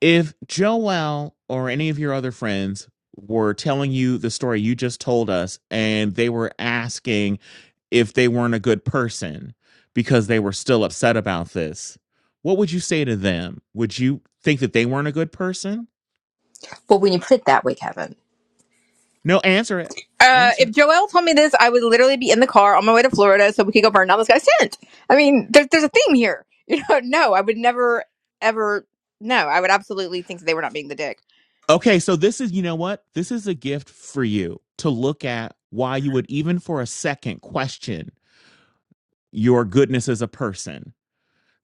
S1: if Joel or any of your other friends were telling you the story you just told us and they were asking if they weren't a good person because they were still upset about this, what would you say to them? Would you think that they weren't a good person?
S8: Well, when you put it that way, Kevin.
S1: No, answer it.
S8: Uh,
S1: Answer.
S8: if Joel told me this, I would literally be in the car on my way to Florida so we could go burn down this guy's tent. I mean, there, there's a theme here. You know, no, I would never, ever, no, I would absolutely think that they were not being the dick.
S1: Okay, so this is, you know what? This is a gift for you to look at why you would even for a second question your goodness as a person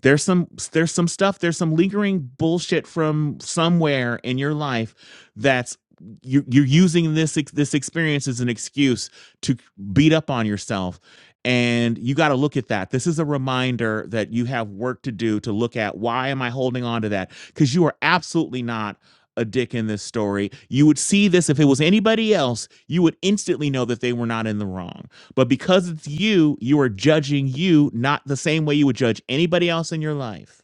S1: there's some there's some stuff there's some lingering bullshit from somewhere in your life that's you're, you're using this this experience as an excuse to beat up on yourself and you got to look at that this is a reminder that you have work to do to look at why am i holding on to that because you are absolutely not a dick in this story you would see this if it was anybody else you would instantly know that they were not in the wrong but because it's you, you are judging you not the same way you would judge anybody else in your life.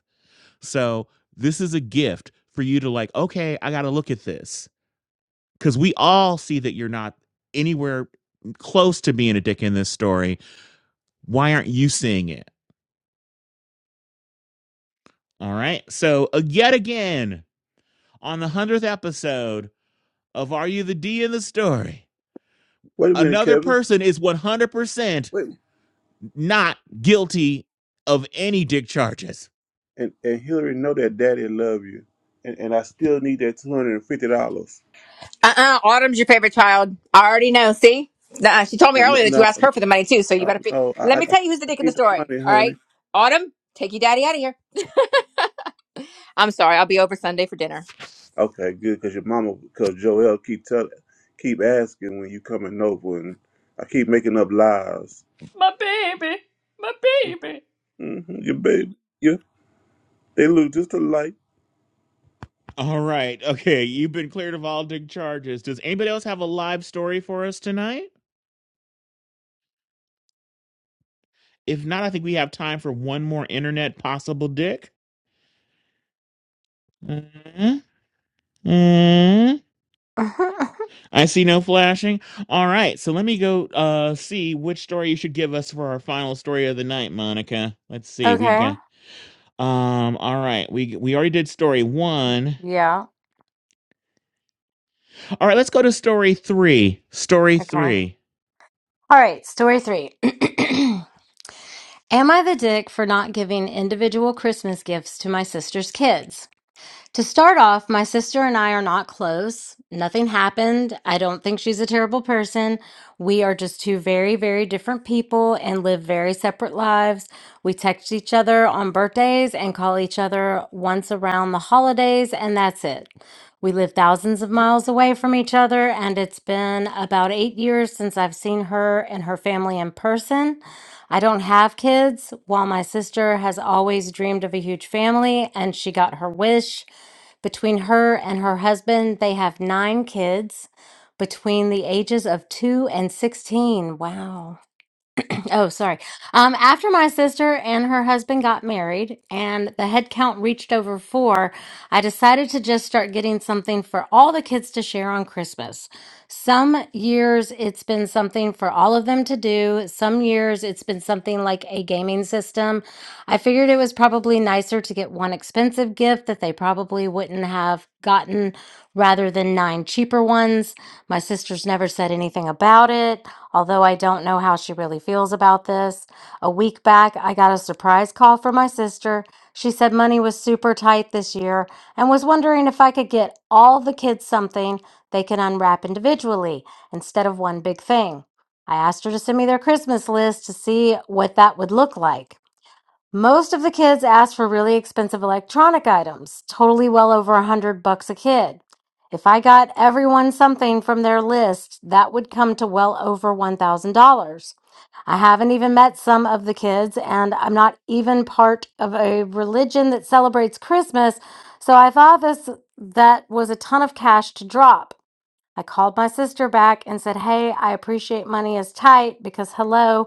S1: So this is a gift for you to like, okay, I got to look at this because we all see that you're not anywhere close to being a dick in this story. Why aren't you seeing it? All right. So uh, yet again on the hundredth episode of Are You the D in the Story?
S4: Wait a minute,
S1: Another
S4: Kevin.
S1: person is 100%
S4: Wait.
S1: not guilty of any dick charges
S4: And and Hillary know that Daddy love you, and and I still need that two hundred and fifty dollars.
S8: Uh-uh, Autumn's your favorite child. I already know. See, Nuh-uh. she told me
S4: No, no,
S8: earlier that you
S4: no,
S8: asked her for the money too. So you
S4: no.
S8: better. Fi-
S4: no. I, I
S8: Let
S4: I
S8: me tell you who's the dick in the
S4: need the
S8: story.
S4: money,
S8: All
S4: honey.
S8: right, Autumn, take your daddy out of here. I'm sorry, I'll be over Sunday for dinner.
S4: Okay, good, because your mama, because Joel keep tell, keep asking when you coming over, and I keep making up lies.
S9: My baby, my baby.
S4: hmm Your baby, yeah, they look just alike.
S1: All right. Okay. You've been cleared of all dig charges. Does anybody else have a live story for us tonight? If not, I think we have time for one more internet possible dick. Mhm. Mhm. I see no flashing. All right. So let me go uh see which story you should give us for our final story of the night, Monica. Let's see. We
S7: okay.
S1: got um all right. We we already did story 1.
S7: Yeah.
S1: All right, let's go to story 3. Story
S7: Okay. All
S1: 3.
S7: right. Story three. Am I the dick for not giving individual Christmas gifts to my sister's kids? To start off, my sister and I are not close. Nothing happened. I don't think she's a terrible person. We are just two very, very different people and live very separate lives. We text each other on birthdays and call each other once around the holidays, and that's it. We live thousands of miles away from each other, and it's been about eight years since I've seen her and her family in person. I don't have kids, while my sister has always dreamed of a huge family, and she got her wish. Between her and her husband, they have nine kids between the ages of two and 16. Wow. Oh, sorry. Um, after my sister and her husband got married and the head count reached over four, I decided to just start getting something for all the kids to share on Christmas. Some years it's been something for all of them to do, some years it's been something like a gaming system. I figured figured it was probably nicer to get one expensive gift that they probably wouldn't have gotten rather than nine cheaper ones. My sister's never said anything about it, although I don't know how she really feels about this. A week back, I got a surprise call from my sister. She said money was super tight this year and was wondering if I could get all the kids something they can unwrap individually instead of one big thing. I asked her to send me their Christmas list to see what that would look like. Most of the kids asked for really expensive electronic items, totally well over a hundred bucks a kid. If I got everyone something from their list, that would come to well over one thousand dollars. I haven't even met some of the kids, and I'm not even part of a religion that celebrates Christmas, so I thought this that was a ton of cash to drop. I called my sister back and said, Hey, I appreciate money is tight because hello,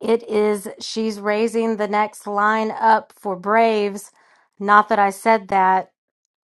S7: it is she's raising the next line up for Braves. Not that I said that.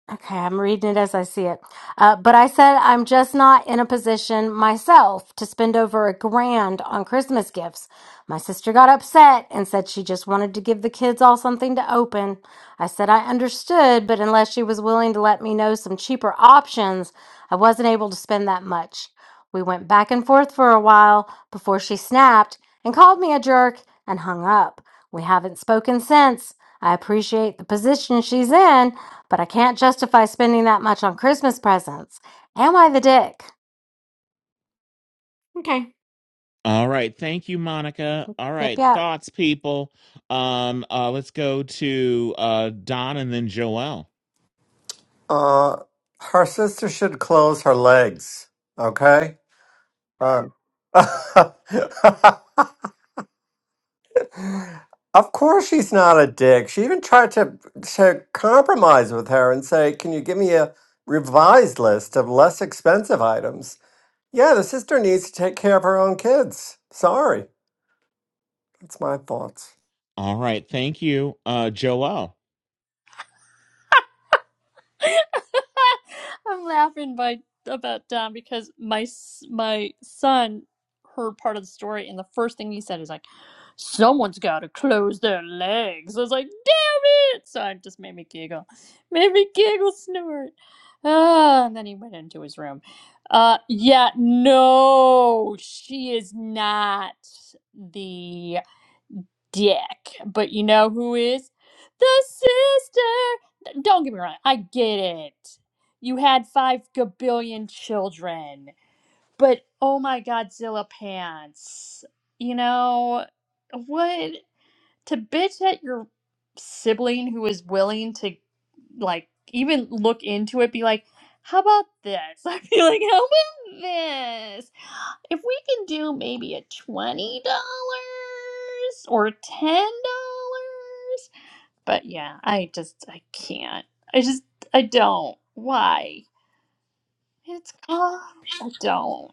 S7: Okay, I'm reading it as I see it. Uh, but I said I'm just not in a position myself to spend over a grand on Christmas gifts. My sister got upset and said she just wanted to give the kids all something to open. I said I understood, but unless she was willing to let me know some cheaper options, I wasn't able to spend that much. We went back and forth for a while before she snapped and called me a jerk and hung up. We haven't spoken since. I appreciate the position she's in but I can't justify spending that much on Christmas presents. Am I the dick? Okay.
S1: All right. Thank you, Monica. All
S7: Yep,
S1: right.
S7: yep.
S1: Thoughts, people. Um, uh, let's go to uh Don and then Joelle.
S12: uh her sister should close her legs. Okay? Uh, Of course she's not a dick. She even tried to to compromise with her and say, "Can you give me a revised list of less expensive items?" Yeah, the sister needs to take care of her own kids. Sorry. That's my thoughts.
S1: All right, thank you, uh Joelle.
S9: I'm laughing by about Dom because my s- my son heard part of the story and the first thing he said is like. someone's got to close their legs. I was like, damn it! So it just made me giggle. Made me giggle, snort. Ah, and then he went into his room. Uh, yeah, no, she is not the dick. But you know who is? The sister! Don't get me wrong, I get it. You had five gabillion children. But oh my god, Zilla Pants. You know, what? to bitch at your sibling who is willing to like even look into it be like how about this i feel like how about this if we can do maybe a $20 or $10 but yeah i just i can't i just i don't why it's called i don't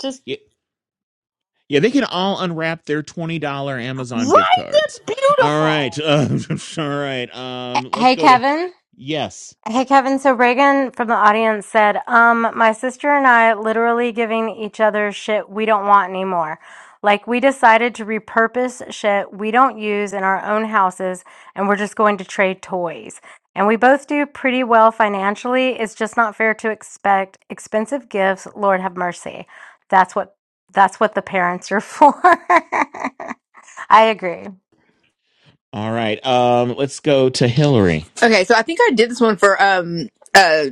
S9: just
S1: Yeah, yeah, they can all unwrap their twenty dollar
S9: right
S1: Amazon gift
S9: that's
S1: cards. All right.
S9: beautiful
S1: Uh, all right. Um, let's
S7: Hey,
S1: go to
S7: Kevin.
S1: yes.
S7: Hey Kevin, so Reagan from the audience said, um, my sister and I literally giving each other shit we don't want anymore. Like we decided to repurpose shit we don't use in our own houses and we're just going to trade toys. And we both do pretty well financially. It's just not fair to expect expensive gifts. Lord have mercy. That's what that's what the parents are for. I agree.
S1: All right. Um, let's go to Hillary.
S8: Okay, so I think I did this one for um uh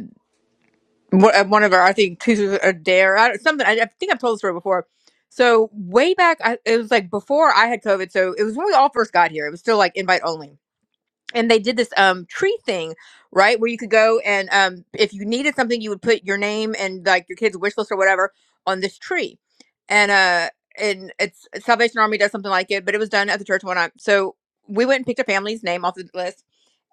S8: one uh, one of our I think two or dare I, don't- something I, I think I've told this story before. So way back, I, it was like before I had COVID. So it was when we all first got here. It was still like invite only. and they did this um tree thing right where you could go and um if you needed something you would put your name and like your kids wish list or whatever on this tree and uh and it's salvation army does something like it but it was done at the church one time so we went and picked a family's name off the list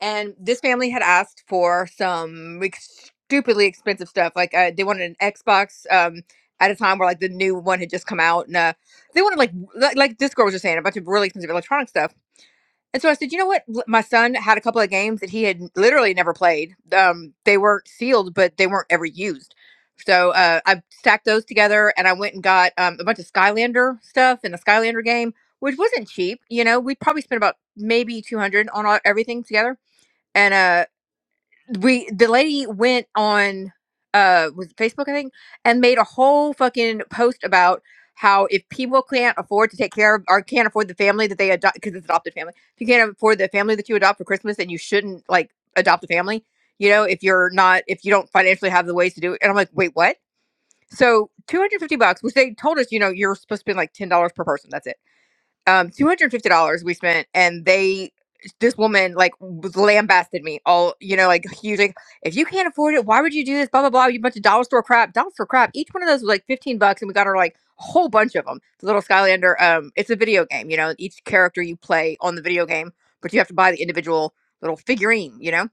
S8: and this family had asked for some ex- stupidly expensive stuff like uh, they wanted an xbox um at a time where like the new one had just come out and uh they wanted like like, like this girl was just saying a bunch of really expensive electronic stuff and so I said, you know what? L- My son had a couple of games that he had n- literally never played. Um, they weren't sealed, but they weren't ever used. So uh, I stacked those together and I went and got um, a bunch of Skylander stuff and a Skylander game, which wasn't cheap. You know, we probably spent about maybe 200 on all, everything together. and uh, we the lady went on uh was it Facebook I think and made a whole fucking post about how if people can't afford to take care of or can't afford the family that they adopt because it's adopted family if you can't afford the family that you adopt for Christmas then you shouldn't like adopt a family you know if you're not if you don't financially have the ways to do it and I'm like wait what so 250 bucks which they told us you know you're supposed to spend like ten dollars per person that's it um two hundred fifty dollars we spent, and they this woman like was lambasted me all you know like huge like if you can't afford it why would you do this blah blah blah you bunch of dollar store crap dollar store crap each one of those was like 15 bucks and we got her like a whole bunch of them the little skylander um it's a video game you know each character you play on the video game but you have to buy the individual little figurine you know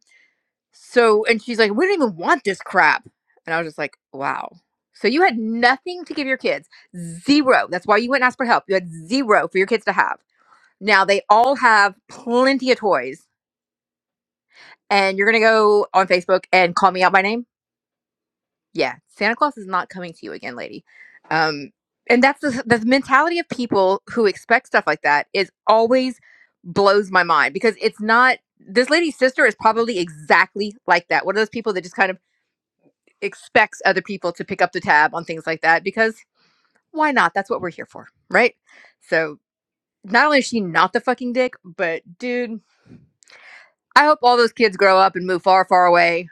S8: so and she's like we don't even want this crap and i was just like wow so you had nothing to give your kids zero that's why you went and asked for help you had zero for your kids to have now they all have plenty of toys, and you're gonna go on Facebook and call me out by name. Yeah, Santa Claus is not coming to you again, lady. Um, and that's the, the mentality of people who expect stuff like that is always blows my mind because it's not. This lady's sister is probably exactly like that. One of those people that just kind of expects other people to pick up the tab on things like that because why not? That's what we're here for, right? So not only is she not the fucking dick, but dude, I hope all those kids grow up and move far, far away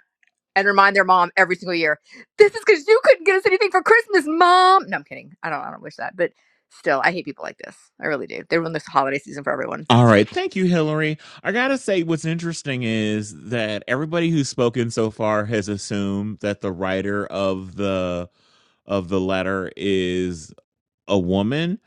S8: and remind their mom every single year, this is because you couldn't get us anything for Christmas, mom. No, I'm kidding. I don't, I don't wish that, but still, I hate people like this. I really do. They ruin this holiday season for everyone.
S1: All right. Thank you, Hillary. I got to say, what's interesting is that everybody who's spoken so far has assumed that the writer of the of the letter is a woman.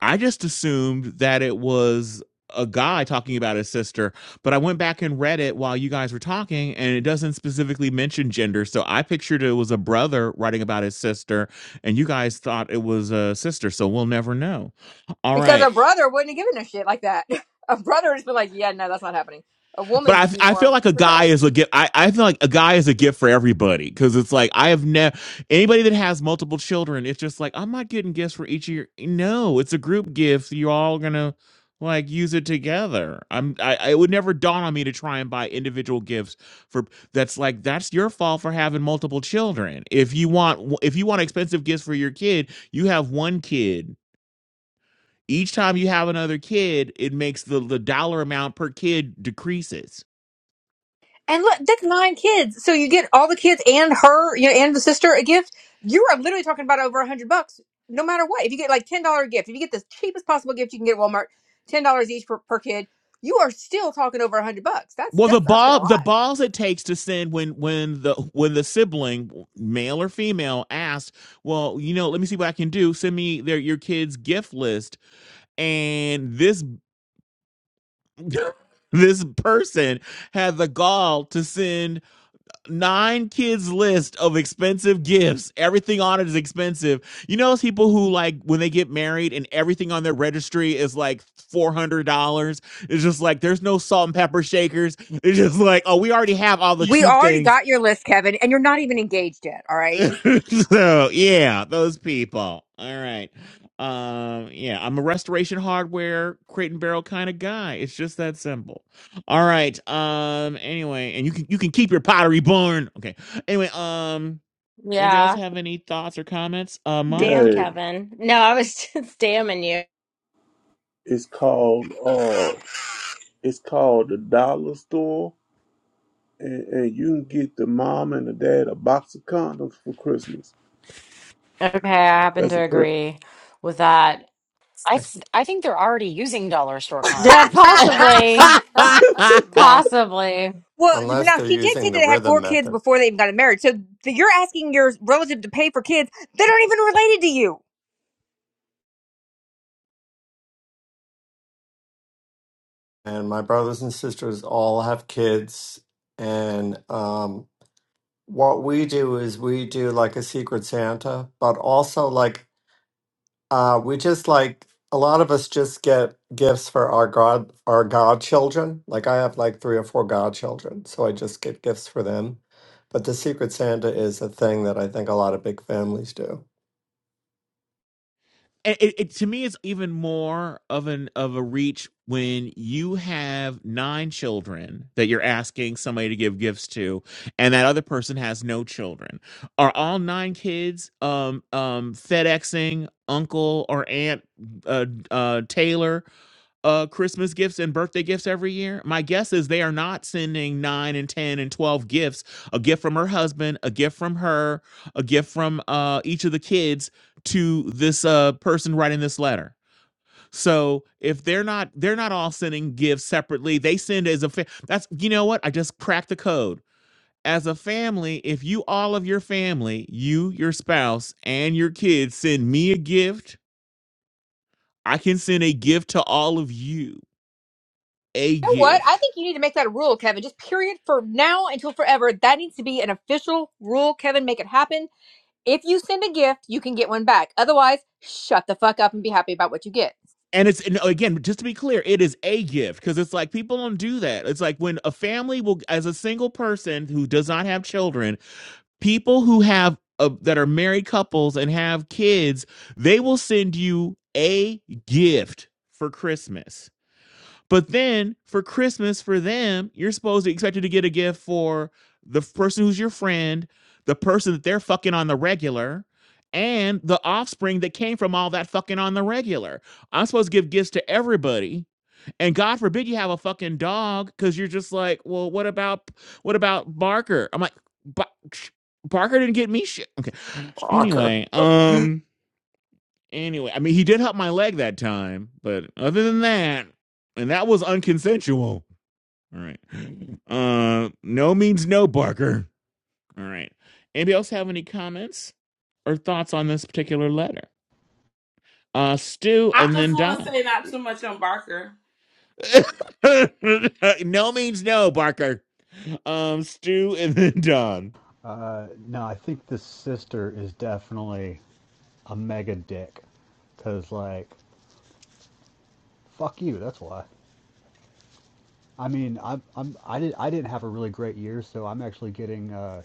S1: I just assumed that it was a guy talking about his sister, but I went back and read it while you guys were talking and it doesn't specifically mention gender. So I pictured it was a brother writing about his sister and you guys thought it was a sister, so we'll never know. All
S8: Because
S1: right.
S8: a brother wouldn't have given a shit like that. A brother would just be like, yeah, no, that's not happening. A
S1: But
S8: woman would be
S1: I, I feel
S8: more
S1: like a guy
S8: maternal.
S1: is a gift. I, I feel like a guy is a gift for everybody because it's like I have never anybody that has multiple children. It's just like I'm not getting gifts for each of your. No, it's a group gift. so You're all gonna like use it together. I'm. I, I- it would never dawn on me to try and buy individual gifts for. That's like that's your fault for having multiple children. If you want if you want expensive gifts for your kid, you have one kid. Each time you have another kid, it makes the the dollar amount per kid decreases
S8: And look, that's nine kids. So you get all the kids and her, you know, and the sister a gift. You are literally talking about over a hundred bucks, no matter what. If you get like ten dollar gift, if you get the cheapest possible gift you can get at Walmart, ten dollars each per, per kid, you are still talking over a hundred bucks. That's
S1: Well, the
S8: that's asking a
S1: ball, the
S8: lot.
S1: balls it takes to send when when the when the sibling, male or female, asked, well, you know, let me see what I can do. Send me their your kids' gift list, and this this person had the gall to send nine kids list of expensive gifts. Everything on it is expensive. You know those people who like when they get married and everything on their registry is like four hundred dollars. It's just like there's no salt and pepper shakers. It's just like oh, we already have all the
S8: We
S1: cheap
S8: already
S1: things.
S8: got your list, Kevin, and you're not even engaged yet. All right.
S1: so yeah, those people. All right. Um, yeah, I'm a restoration hardware crate and barrel kind of guy. It's just that simple. All right. Um, anyway, and you can you can keep your pottery barn. Okay. Anyway, um, Anybody else
S7: Yeah.
S1: have any thoughts or comments? Uh,
S7: Damn,
S1: Monica.
S4: Yay!
S7: Kevin. No, I was just damning you.
S4: It's called uh, it's called the dollar store, and, and you can get the mom and the dad a box of condoms for Christmas.
S7: Okay, I happen
S4: That's
S7: to
S4: a present.
S7: agree with that.
S2: I th- I think they're already using dollar store
S7: Yeah,
S2: condoms, to be honest.
S7: possibly. Possibly.
S8: Well,
S12: Unless
S8: now
S12: they're
S8: she did say
S12: using the
S8: that they had
S12: rhythm
S8: four kids
S12: method.
S8: before they even got married. So th- you're asking your relative to pay for kids that aren't even related to you.
S12: And my brothers and sisters all have kids and um what we do is we do like a secret santa, but also like Uh, we just like a lot of us just get gifts for our god our godchildren. Like I have like three or four godchildren, so I just get gifts for them. But the Secret Santa is a thing that I think a lot of big families do.
S1: it, it, it- to me it's even more of an of a reach when you have nine children that you're asking somebody to give gifts to and that other person has no children are all nine kids um um fedexing uncle or aunt uh, uh taylor uh christmas gifts and birthday gifts every year my guess is they are not sending 9 and 10 and 12 gifts a gift from her husband a gift from her a gift from uh each of the kids to this uh person writing this letter. So if they're not they're not all sending gifts separately, they send as a fa- that's you know what I just cracked the code. As a family, if you all of your family, you, your spouse, and your kids send me a gift, I can send a gift to all of you. A
S8: You know what? I
S1: gift.
S8: think you need to make that a rule, Kevin. Just period for now until forever. That needs to be an official rule, Kevin. Make it happen. If you send a gift, you can get one back. Otherwise, shut the fuck up and be happy about what you get.
S1: And it's and again, just to be clear, it is a gift because it's like people don't do that. It's like when a family will, as a single person who does not have children, people who have uh, that are married couples and have kids, they will send you a gift for Christmas. But then for Christmas for them, you're supposed to expected to get a gift for the person who's your friend, the person that they're fucking on the regular, and the offspring that came from all that fucking on the regular. I'm supposed to give gifts to everybody and God forbid you have a fucking dog because you're just like, well, what about what about Barker? I'm like, Barker didn't get me shit. Okay.
S12: Shocker.
S1: Anyway, um, anyway, I mean, he did help my leg that time, but other than that, and that was unconsensual. All right. Uh, no means no, Barker. All right. Anybody else have any comments or thoughts on this particular letter? Uh, Stu
S3: I
S1: and
S3: just
S1: then
S3: want to
S1: Don.
S3: say not too much on Barker.
S1: no means no, Barker. um Stu and then Don.
S13: Uh, no, I think the sister is definitely a mega dick, cause like, fuck you. That's why. I mean, I'm I'm I did I didn't have a really great year, so I'm actually getting uh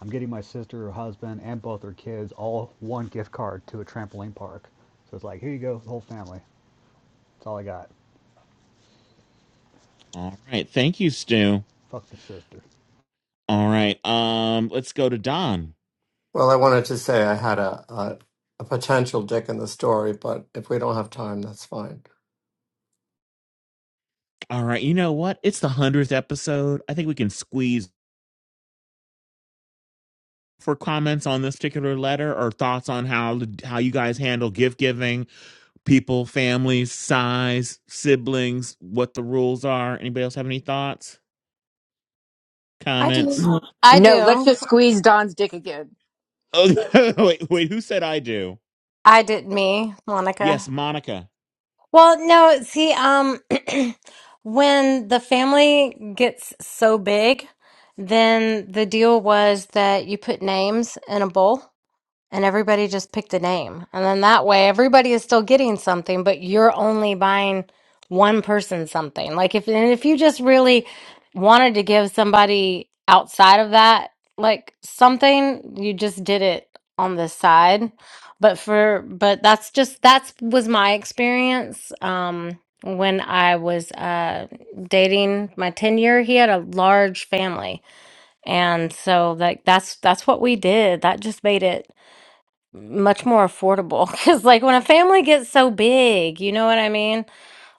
S13: I'm getting my sister, her husband, and both her kids all one gift card to a trampoline park. So it's like, here you go, the whole family. That's all I got.
S1: All right. Thank you, Stu.
S13: Fuck the sister.
S1: All right. Um let's go to Don.
S12: Well, I wanted to say I had a a, a potential dick in the story, but if we don't have time, that's fine.
S1: All right. You know what? It's the 100th episode. I think we can squeeze for comments on this particular letter or thoughts on how how you guys handle gift giving, people, families, size, siblings, what the rules are. Anybody else have any thoughts?
S7: I do.
S1: Comments?
S7: I
S8: No, let's
S7: do.
S8: just squeeze Don's dick again.
S1: Oh, wait, wait, who said I do?
S7: I did me,
S1: Yes,
S7: Monica.
S1: Monica.
S7: Well, no, see, um, when the family gets so big, then the deal was that you put names in a bowl. and everybody just picked a name. And then that way everybody is still getting something, but you're only buying one person something. Like if and if you just really wanted to give somebody outside of that like something, you just did it on the side. But for but that's just that's was my experience um when I was uh dating my 10 year, he had a large family. And so like that's that's what we did. That just made it much more affordable because like when a family gets so big you know what i mean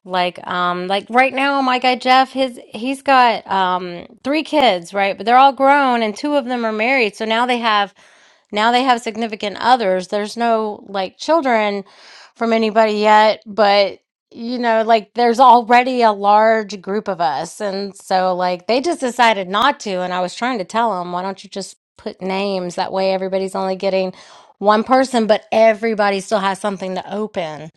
S7: like um like right now my guy jeff his he's got um three kids right but they're all grown and two of them are married so now they have now they have significant others. There's no like children from anybody yet, but you know, like there's already a large group of us. And so like they just decided not to. And I was trying to tell them, why don't you just put names? That way everybody's only getting one person, but everybody still has something to open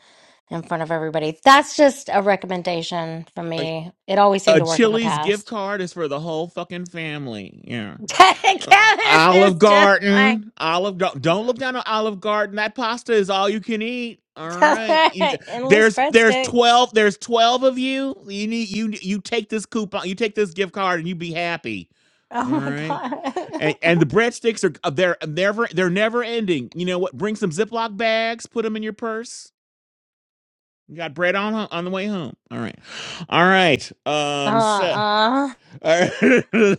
S7: in front of everybody. That's just a recommendation from
S1: A
S7: me. It always seemed
S1: a
S7: to work in the
S1: Chili's gift
S7: past.
S1: card is for the whole fucking family. Yeah.
S7: Kevin
S1: Uh,
S7: is
S1: Olive
S7: just like
S1: Garden, Olive Garden. Don't look down on Olive Garden. That pasta is all you can eat. All right, you,
S7: endless
S1: there's there's
S7: breadsticks.
S1: twelve there's twelve of you. You need you you take this coupon, you take this gift card, and you be happy. All
S7: Oh my
S1: right,
S7: god.
S1: and and the breadsticks are uh, they're uh, never they're never ending. You know what? Bring some Ziploc bags, put them in your purse. You got bread on on the way home. All right, all right. Um, so
S7: Uh-uh.
S1: all right.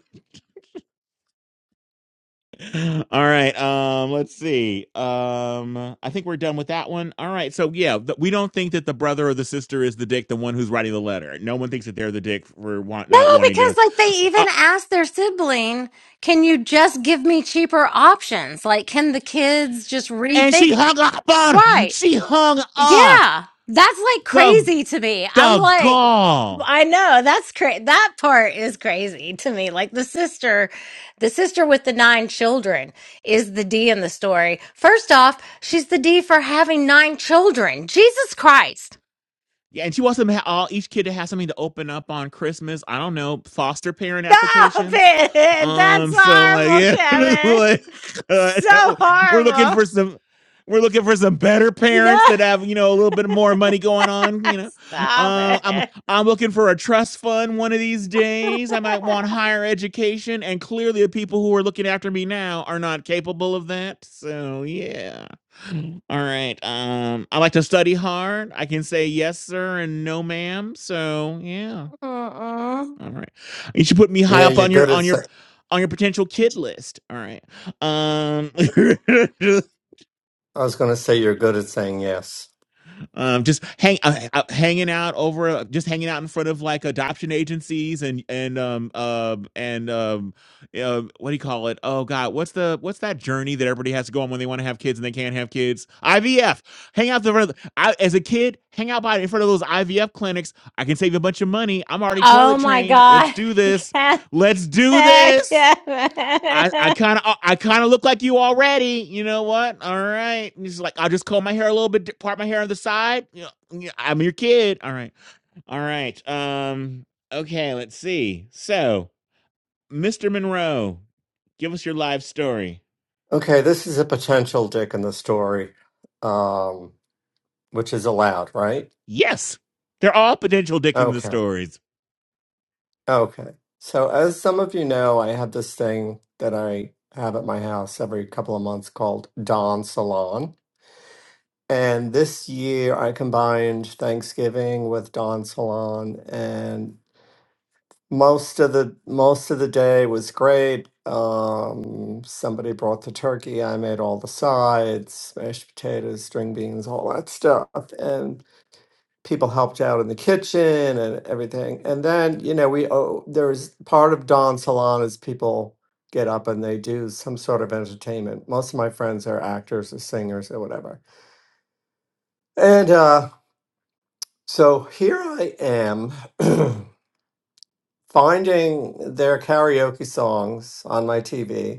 S1: All right. Um, let's see. Um, I think we're done with that one. All right. So yeah, th- we don't think that the brother or the sister is the dick, the one who's writing the letter. No one thinks that they're the dick for want- not
S7: No,
S1: wanting to.
S7: because like they
S1: Uh,
S7: even asked their sibling, can you just give me cheaper options? Like, can the kids just
S1: and she
S7: rethink? it?
S1: hung up on. her.
S7: Right.
S1: She hung up.
S7: Yeah. That's like
S1: The
S7: crazy to me. I'm
S1: the
S7: like,
S1: gall.
S7: I know that's crazy. That part is crazy to me. Like the sister, the sister with the nine children is the D in the story. First off, she's the D for having nine children. Jesus Christ.
S1: Yeah, and she wants them to ha- all each kid to have something to open up on Christmas. I don't know foster parent
S7: Stop
S1: applications.
S7: it! That's
S1: Um, so like
S7: horrible,
S1: yeah,
S7: Kevin.
S1: like, uh,
S7: So
S1: we're looking
S7: horrible.
S1: for some. We're looking for some better parents
S7: No,
S1: that have, you know, a little bit more money going on. You know,
S7: stop
S1: uh, I'm
S7: it.
S1: I'm looking for a trust fund one of these days. I might want higher education, and clearly the people who are looking after me now are not capable of that. So yeah. All right. Um, I like to study hard. I can say yes, sir, and no, ma'am. So yeah.
S7: Mm-mm.
S1: All right. You should put me high
S12: Yeah,
S1: up
S12: you're
S1: on your
S12: good at.
S1: on your
S12: Say-
S1: on your potential kid list. All right. Um.
S12: I was going to say you're good at saying yes.
S1: um, just hang uh, uh, hanging out over, uh, just hanging out in front of like adoption agencies and and um uh, and um uh, what do you call it? Oh God, what's the what's that journey that everybody has to go on when they want to have kids and they can't have kids? IVF. Hang out the front of the- I, as a kid, hang out by in front of those IVF clinics. I can save a bunch of money. I'm already
S7: Oh
S1: toilet
S7: my
S1: trained. Let's
S7: God,
S1: do this.
S7: Kevin.
S1: Let's do this. I, I
S7: Kevin.
S1: kind of I kind of look like you already. You know what? All right. And he's like, I'll just comb my hair a little bit, part my hair on the side. You know, yeah, I'm your kid. All right. All right. Um. Okay. Let's see. So, Mr. Monroe, give us your live story.
S12: Okay, this is a potential dick in the story, um, which is allowed, right?
S1: Yes, they're all potential Dick in the
S12: Okay.
S1: stories.
S12: Okay. So, as some of you know, I have this thing that I have at my house every couple of months called Dawn Salon. And this year I combined Thanksgiving with Dawn Salon and most of the most of the day was great. Um, somebody brought the turkey. I made all the sides, mashed potatoes, string beans, all that stuff. and people helped out in the kitchen and everything. And then, you know, we oh, there's part of dawn Salon is people get up and they do some sort of entertainment. Most of my friends are actors or singers or whatever. And uh, so here I am finding their karaoke songs on my TV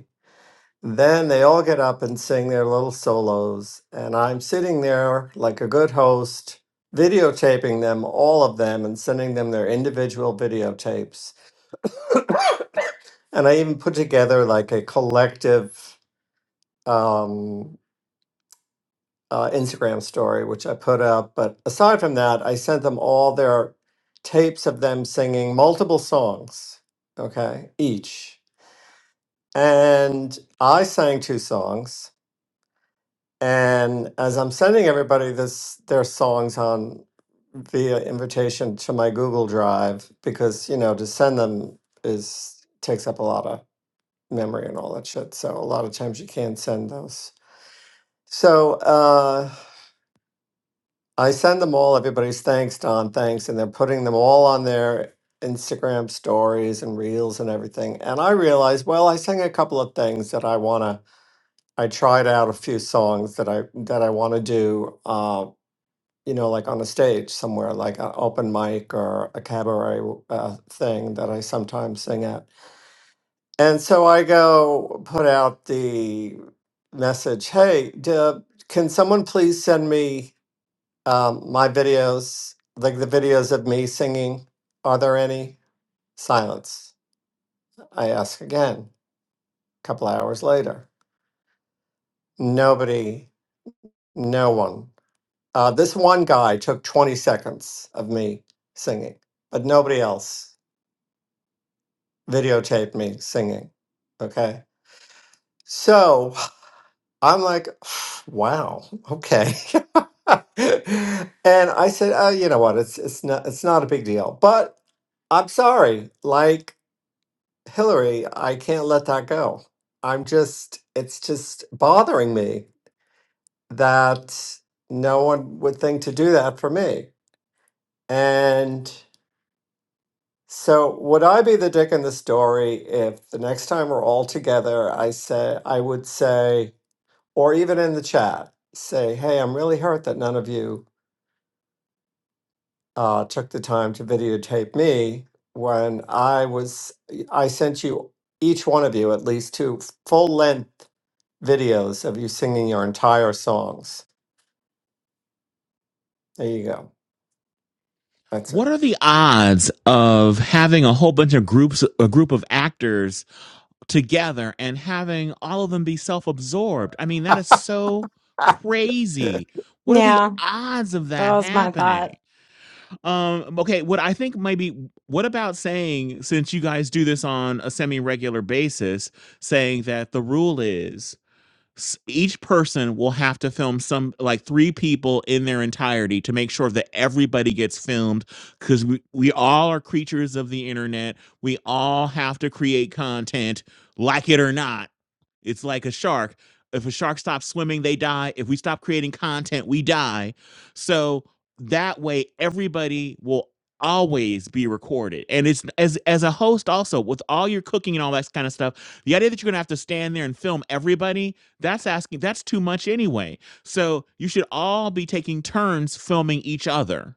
S12: Then they all get up and sing their little solos, and I'm sitting there like a good host, videotaping them, all of them, and sending them their individual videotapes. And I even put together like a collective um, uh, Instagram story, which I put up. But aside from that, I sent them all their tapes of them singing multiple songs, okay, each. And I sang two songs And as I'm sending everybody this their songs on via invitation to my Google Drive, because you know, to send them is takes up a lot of memory and all that shit. So a lot of times you can't send those. So uh I send them all everybody's thanks, Don, thanks, and they're putting them all on their Instagram stories and reels and everything. And I realized, well, I sang a couple of things that I wanna I tried out a few songs that I that I want to do. Uh, you know, like on a stage somewhere, like an open mic or a cabaret uh, thing that I sometimes sing at. And so I go put out the message hey, do, can someone please send me um, my videos, like the videos of me singing? Are there any? Silence. I ask again a couple hours later. Nobody, no one. Uh, this one guy took 20 seconds of me singing, but nobody else. videotape me singing. Okay. So I'm like, wow, okay. and I said, oh, you know what? It's it's not it's not a big deal. But I'm sorry, like Hillary, I can't let that go. I'm just it's just bothering me that no one would think to do that for me. And So would I be the dick in the story if the next time we're all together, I say I would say, or even in the chat, say, "Hey, I'm really hurt that none of you uh, took the time to videotape me when I was I sent you each one of you at least two full length videos of you singing your entire songs. There you go. That's it.
S1: What are the odds of having a whole bunch of groups, a group of actors together and having all of them be self absorbed. I mean, that is so crazy. What are the
S7: Yeah,
S1: odds of
S7: that
S1: that
S7: was my thought.
S1: happening? Um, okay, what I think maybe, what about saying, since you guys do this on a semi regular basis, saying that the rule is s- each person will have to film some like three people in their entirety to make sure that everybody gets filmed because we, we all are creatures of the internet we all have to create content like it or not it's like a shark if a shark stops swimming they die if we stop creating content we die so that way everybody will always be recorded and it's as as a host also with all your cooking and all that kind of stuff the idea that you're gonna have to stand there and film everybody that's asking, that's too much anyway. So you should all be taking turns filming each other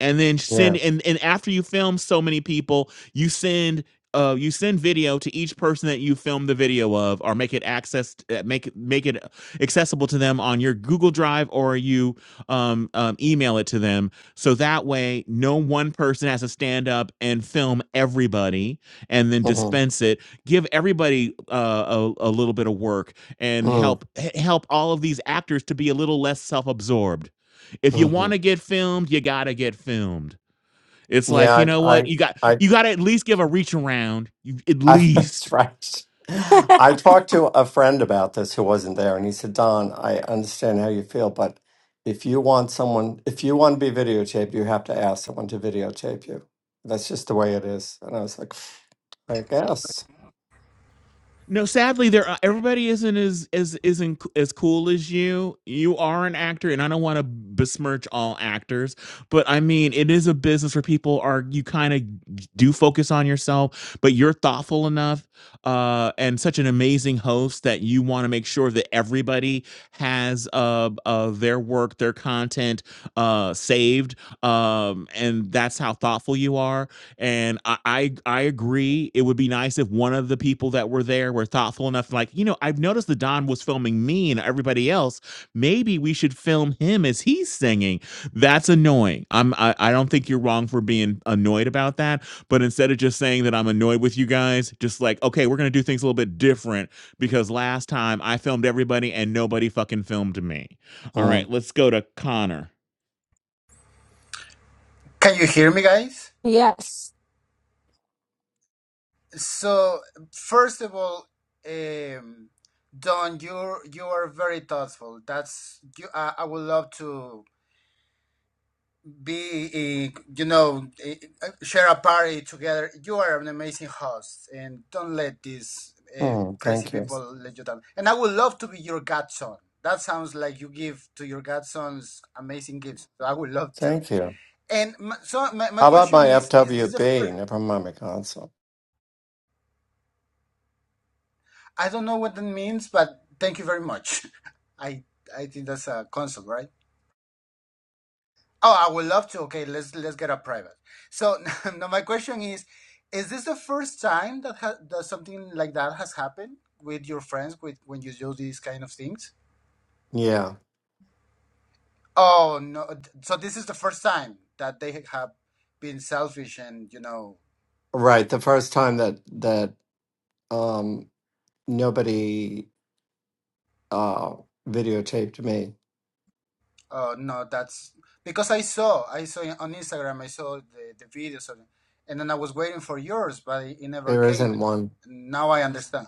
S1: and then
S12: yeah.
S1: send and and after you film so many people you send uh you send video to each person that you filmed the video of or make it access uh, make it make it accessible to them on your google drive or you um, um email it to them so that way no one person has to stand up and film everybody and then
S12: hmm
S1: dispense it give everybody uh, a, a little bit of work and help h- help all of these actors to be a little less self-absorbed if you
S12: Mm-hmm.
S1: want to get filmed, you got to get filmed. It's like, you
S12: Yeah.
S1: know
S12: I,
S1: what? You got
S12: I.
S1: you got to at least give a reach around. You at
S12: I,
S1: least
S12: that's right. I talked to a friend about this who wasn't there, and he said, Don, I understand how you feel, but if you want someone, if you want to be videotaped, you have to ask someone to videotape you. That's just the way it is. And I was like, I guess.
S1: No, sadly, there are, everybody isn't as as isn't as cool as you. You are an actor, and I don't want to besmirch all actors, but I mean, it is a business where people are. You kind of do focus on yourself, but you're thoughtful enough uh, and such an amazing host that you want to make sure that everybody has uh, uh, their work, their content uh, saved, um, and that's how thoughtful you are and I, I I agree. It would be nice if one of the people that were there were thoughtful enough, like, you know, I've noticed the Don was filming me and everybody else. Maybe we should film him as he's singing. That's annoying. I'm I, I don't think you're wrong for being annoyed about that. But instead of just saying that I'm annoyed with you guys, just like, okay, we're gonna do things a little bit different because last time I filmed everybody and nobody fucking filmed me. All right,
S12: Mm,
S1: let's go to Connor.
S14: Can you hear me, guys?
S7: Yes,
S14: So, first of all, um, Don, you you are very thoughtful. That's you. I, I would love to be, uh, you know, uh, share a party together. You are an amazing host, and don't let these uh,
S12: mm,
S14: crazy
S12: thank you.
S14: people let you down. And I would love to be your godson. That sounds like you give to your godsons amazing gifts. So I would love to.
S12: Thank you.
S14: And my, so my, my
S12: How about
S14: question
S12: my
S14: is: Is this the first?
S12: FWB? Never mind my console.
S14: I don't know what that means, but thank you very much. I I think that's a console, right? Oh, I would love to. Okay, let's let's get a private. So now my question is: Is this the first time that ha- that something like that has happened with your friends with when you do these kind of things?
S12: Yeah,
S14: Oh no! So this is the first time that they have been selfish and you know
S12: right. The first time that that um nobody uh videotaped me.
S14: Oh no, that's because I saw I saw on Instagram I saw the, the videos of it, and then I was waiting for yours, but it, it never
S12: There
S14: came,
S12: isn't
S14: and
S12: one.
S14: now I understand.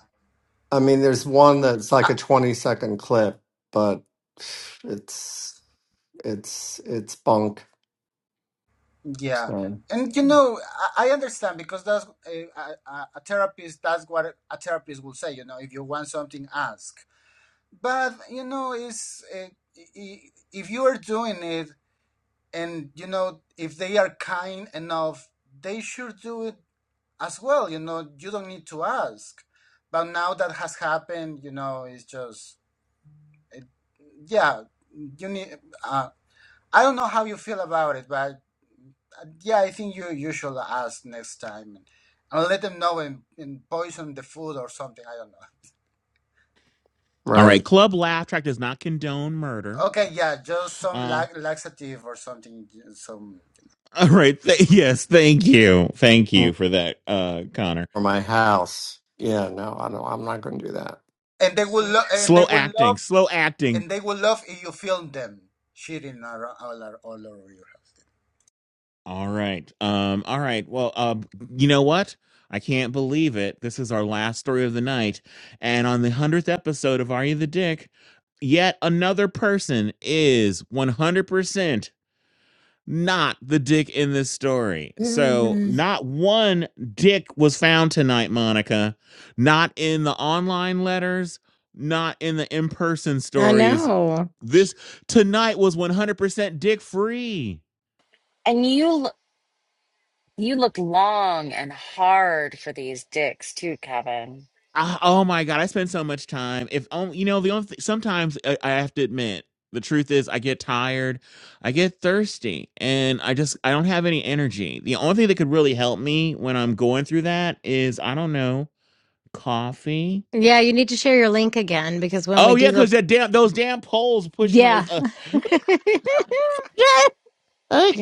S12: I mean, there's one that's
S14: Uh,
S12: like a 20 second clip, but it's it's it's bunk.
S14: yeah,
S12: So,
S14: and you know I, I understand because that's eh, a, a, a therapist. That's what a therapist will say. You know, if you want something, ask. But you know, it's uh, i- i- if you are doing it, and you know, if they are kind enough, they should do it as well you know you don't need to ask but now that has happened you know it's just it, yeah you need uh, i don't know how you feel about it but uh, yeah i think you you should ask next time and, let them know and, and poison the food or something i don't know
S1: All right,
S12: right.
S1: Club Laugh Track does not condone murder.
S14: okay yeah just some
S1: Uh,
S14: la- laxative or something some
S1: All right. Th- yes. Thank you. Thank
S12: For
S1: you for that, uh, Connor.
S12: my house. Yeah, no, I don't I'm not gonna do that.
S14: and they will lo- and they
S1: Slow
S14: will love
S1: acting. Slow acting.
S14: and they will love if you film them shitting ar- all, ar- all over your house
S1: All right. Um. All right. Well. Uh. You know what? I can't believe it. This is our last story of the night, and on the hundredth episode of Are You the Dick, yet another person is one hundred percent. not the dick in this story. So,
S12: Yay.
S1: not one dick was found tonight, Monica. Not in the online letters, not in the in person
S7: I
S1: stories.
S7: know.
S1: This tonight was 100% dick free.
S2: And you l- you look long and hard for these dicks too, Kevin.
S1: Ah, oh my God, I spend so much time. If only, you know, the only thing, sometimes I, I have to admit, the truth is I get tired, I get thirsty, and I just, I don't have any energy. The only thing that could really help me when I'm going through that is, I don't know, Coffee.
S7: Yeah, you need to share your link again because when we
S1: Oh yeah,
S7: do the
S1: because that damn those damn polls pushed my.
S7: yeah,
S1: Uh,
S7: you
S1: yeah,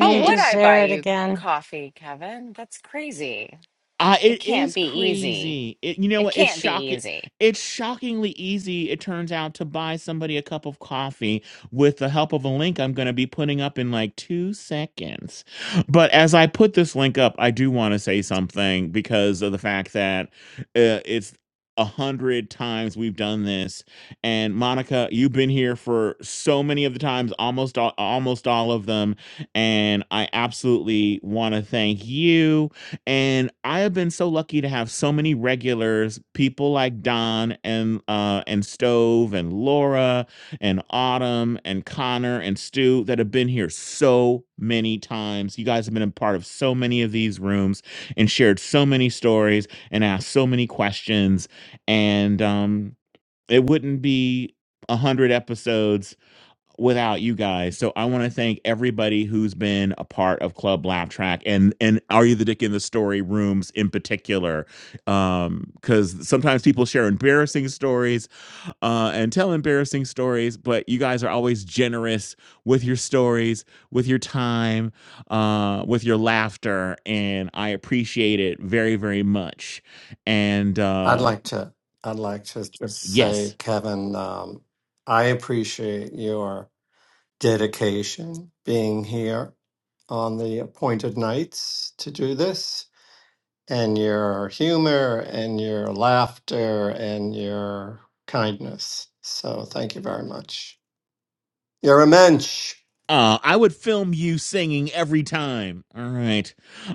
S2: How
S7: to
S2: would I buy
S7: share it
S2: you
S7: again.
S2: coffee, Kevin? That's crazy.
S1: I
S2: It
S1: it
S2: can't
S1: is
S2: be easy.
S1: crazy. It, you know
S2: It
S1: what? It's
S2: can't be
S1: shocking.
S2: easy.
S1: It's shockingly easy. It turns out to buy somebody a cup of coffee with the help of a link I'm going to be putting up in like two seconds. But as I put this link up, I do want to say something because of the fact that uh, it's a hundred times we've done this, and Monica, you've been here for so many of the times, almost all, almost all of them, and I absolutely want to thank you and I have been so lucky to have so many regulars, people like Don and uh, and Stove and Laura and Autumn and Connor and Stu that have been here so many times. You guys have been a part of so many of these rooms and shared so many stories and asked so many questions. And um, it wouldn't be a hundred episodes without you guys. So I want to thank everybody who's been a part of Club Laugh Track and and Are You the Dick in the Story rooms in particular, um, because sometimes people share embarrassing stories uh, and tell embarrassing stories, but you guys are always generous with your stories, with your time, uh, with your laughter, and I appreciate it very very much. And
S12: I'd
S1: uh,
S12: like to I'd like to just
S1: yes.
S12: say, Kevin, um, I appreciate your dedication being here on the appointed nights to do this. and your humor and your laughter and your kindness. So thank you very much. You're a mensch.
S1: Uh, I would film you singing every time. All right.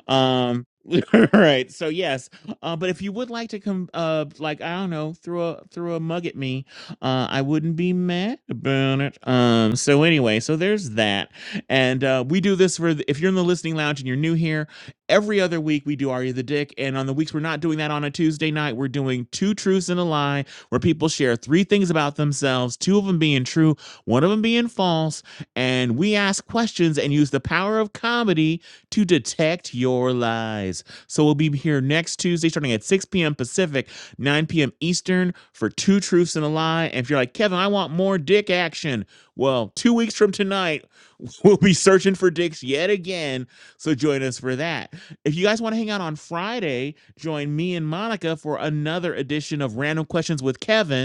S1: Um, all right. So yes. Uh, but if you would like to come, uh, like I don't know, throw a throw a mug at me, uh, I wouldn't be mad about it. Um. So anyway, so there's that, and uh, we do this for the, if you're in the listening lounge and you're new here. Every other week we do Are You the Dick, and on the weeks we're not doing that on a Tuesday night, we're doing two truths and a lie, where people share three things about themselves, two of them being true, one of them being false and we ask questions and use the power of comedy to detect your lies. So we'll be here next Tuesday starting at 6 p.m. Pacific, 9 p.m. Eastern for Two Truths and a Lie. And if you're like, Kevin, I want more dick action, well, two weeks from tonight, we'll be searching for dicks yet again. So join us for that. If you guys want to hang out on Friday, join me and Monica for another edition of Random Questions with Kevin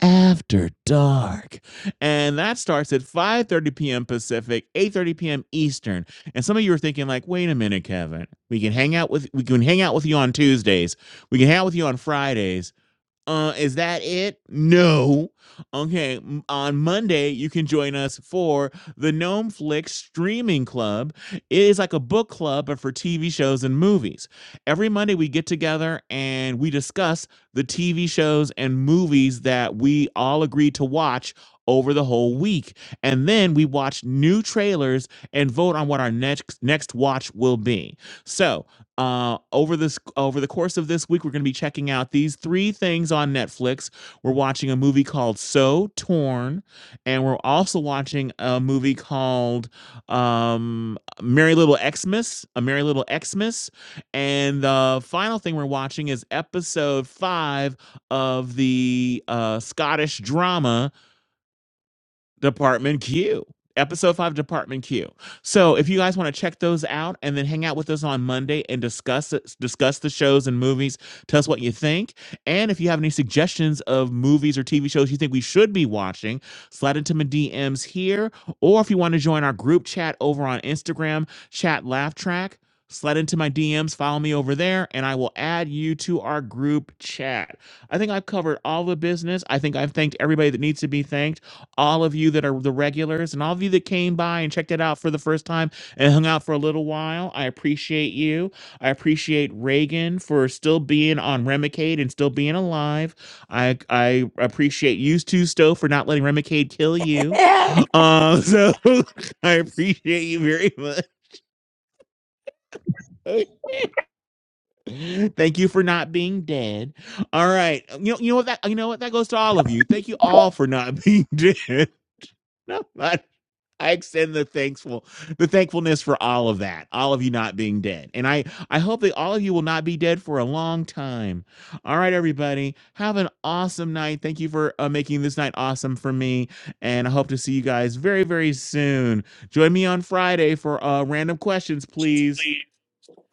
S1: after Dark. And that starts at 5:30 p.m. Pacific, 8:30 p.m. Eastern. And some of you are thinking like, "Wait a minute, Kevin. We can hang out with we can hang out with you on Tuesdays. We can hang out with you on Fridays. Uh, is that it? No. Okay. m- On Monday, you can join us for the Gnome Flick Streaming Club. It is like a book club, but for TV shows and movies. Every Monday, we get together and we discuss the TV shows and movies that we all agreed to watch over the whole week. And then we watch new trailers and vote on what our next next watch will be. So, uh, over this over the course of this week, we're going to be checking out these three things on Netflix. We're watching a movie called So Torn, and we're also watching a movie called um, Merry Little Xmas, a Merry Little Xmas, and the final thing we're watching is episode five of the uh, Scottish drama Department Q. Episode 5 Department Q. So if you guys want to check those out and then hang out with us on Monday and discuss it, discuss the shows and movies, tell us what you think. And if you have any suggestions of movies or TV shows you think we should be watching, slide into my DMs here. Or if you want to join our group chat over on Instagram, chat laugh track, slide into my DMs, follow me over there, and I will add you to our group chat. I think I've covered all the business. I think I've thanked everybody that needs to be thanked all of you that are the regulars and all of you that came by and checked it out for the first time and hung out for a little while. I appreciate you. I appreciate Reagan for still being on Remicade and still being alive. I I appreciate you too, Stowe, for not letting Remicade kill you.
S7: Thank
S1: Uh, so I appreciate you very much. Thank you for not being dead. All right, you know, you know what that you know what that goes to all of you. Thank you all for not being dead. No. I extend the thankful the thankfulness for all of that, all of you not being dead. And I I hope that all of you will not be dead for a long time. All right everybody, have an awesome night. Thank you for uh, making this night awesome for me and I hope to see you guys very very soon. Join me on Friday for uh random questions, please.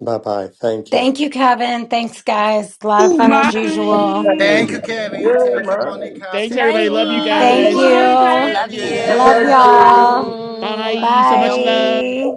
S12: Bye bye. Thank you.
S7: you, Kevin. Thanks, guys. A lot of fun
S3: My
S7: as usual.
S14: Thank you, Kevin. Thank you, Monica.
S1: Thanks
S14: Thank you,
S1: everybody. Love you
S14: Laura.
S3: happy
S7: Thank
S1: guys.
S2: Nice.
S7: you.
S3: 100.
S14: Love
S2: Love
S7: Love
S14: you.
S7: y'all.
S2: you.
S1: Bye.
S14: Bye.
S1: So much love.
S14: Meow.
S7: Bye.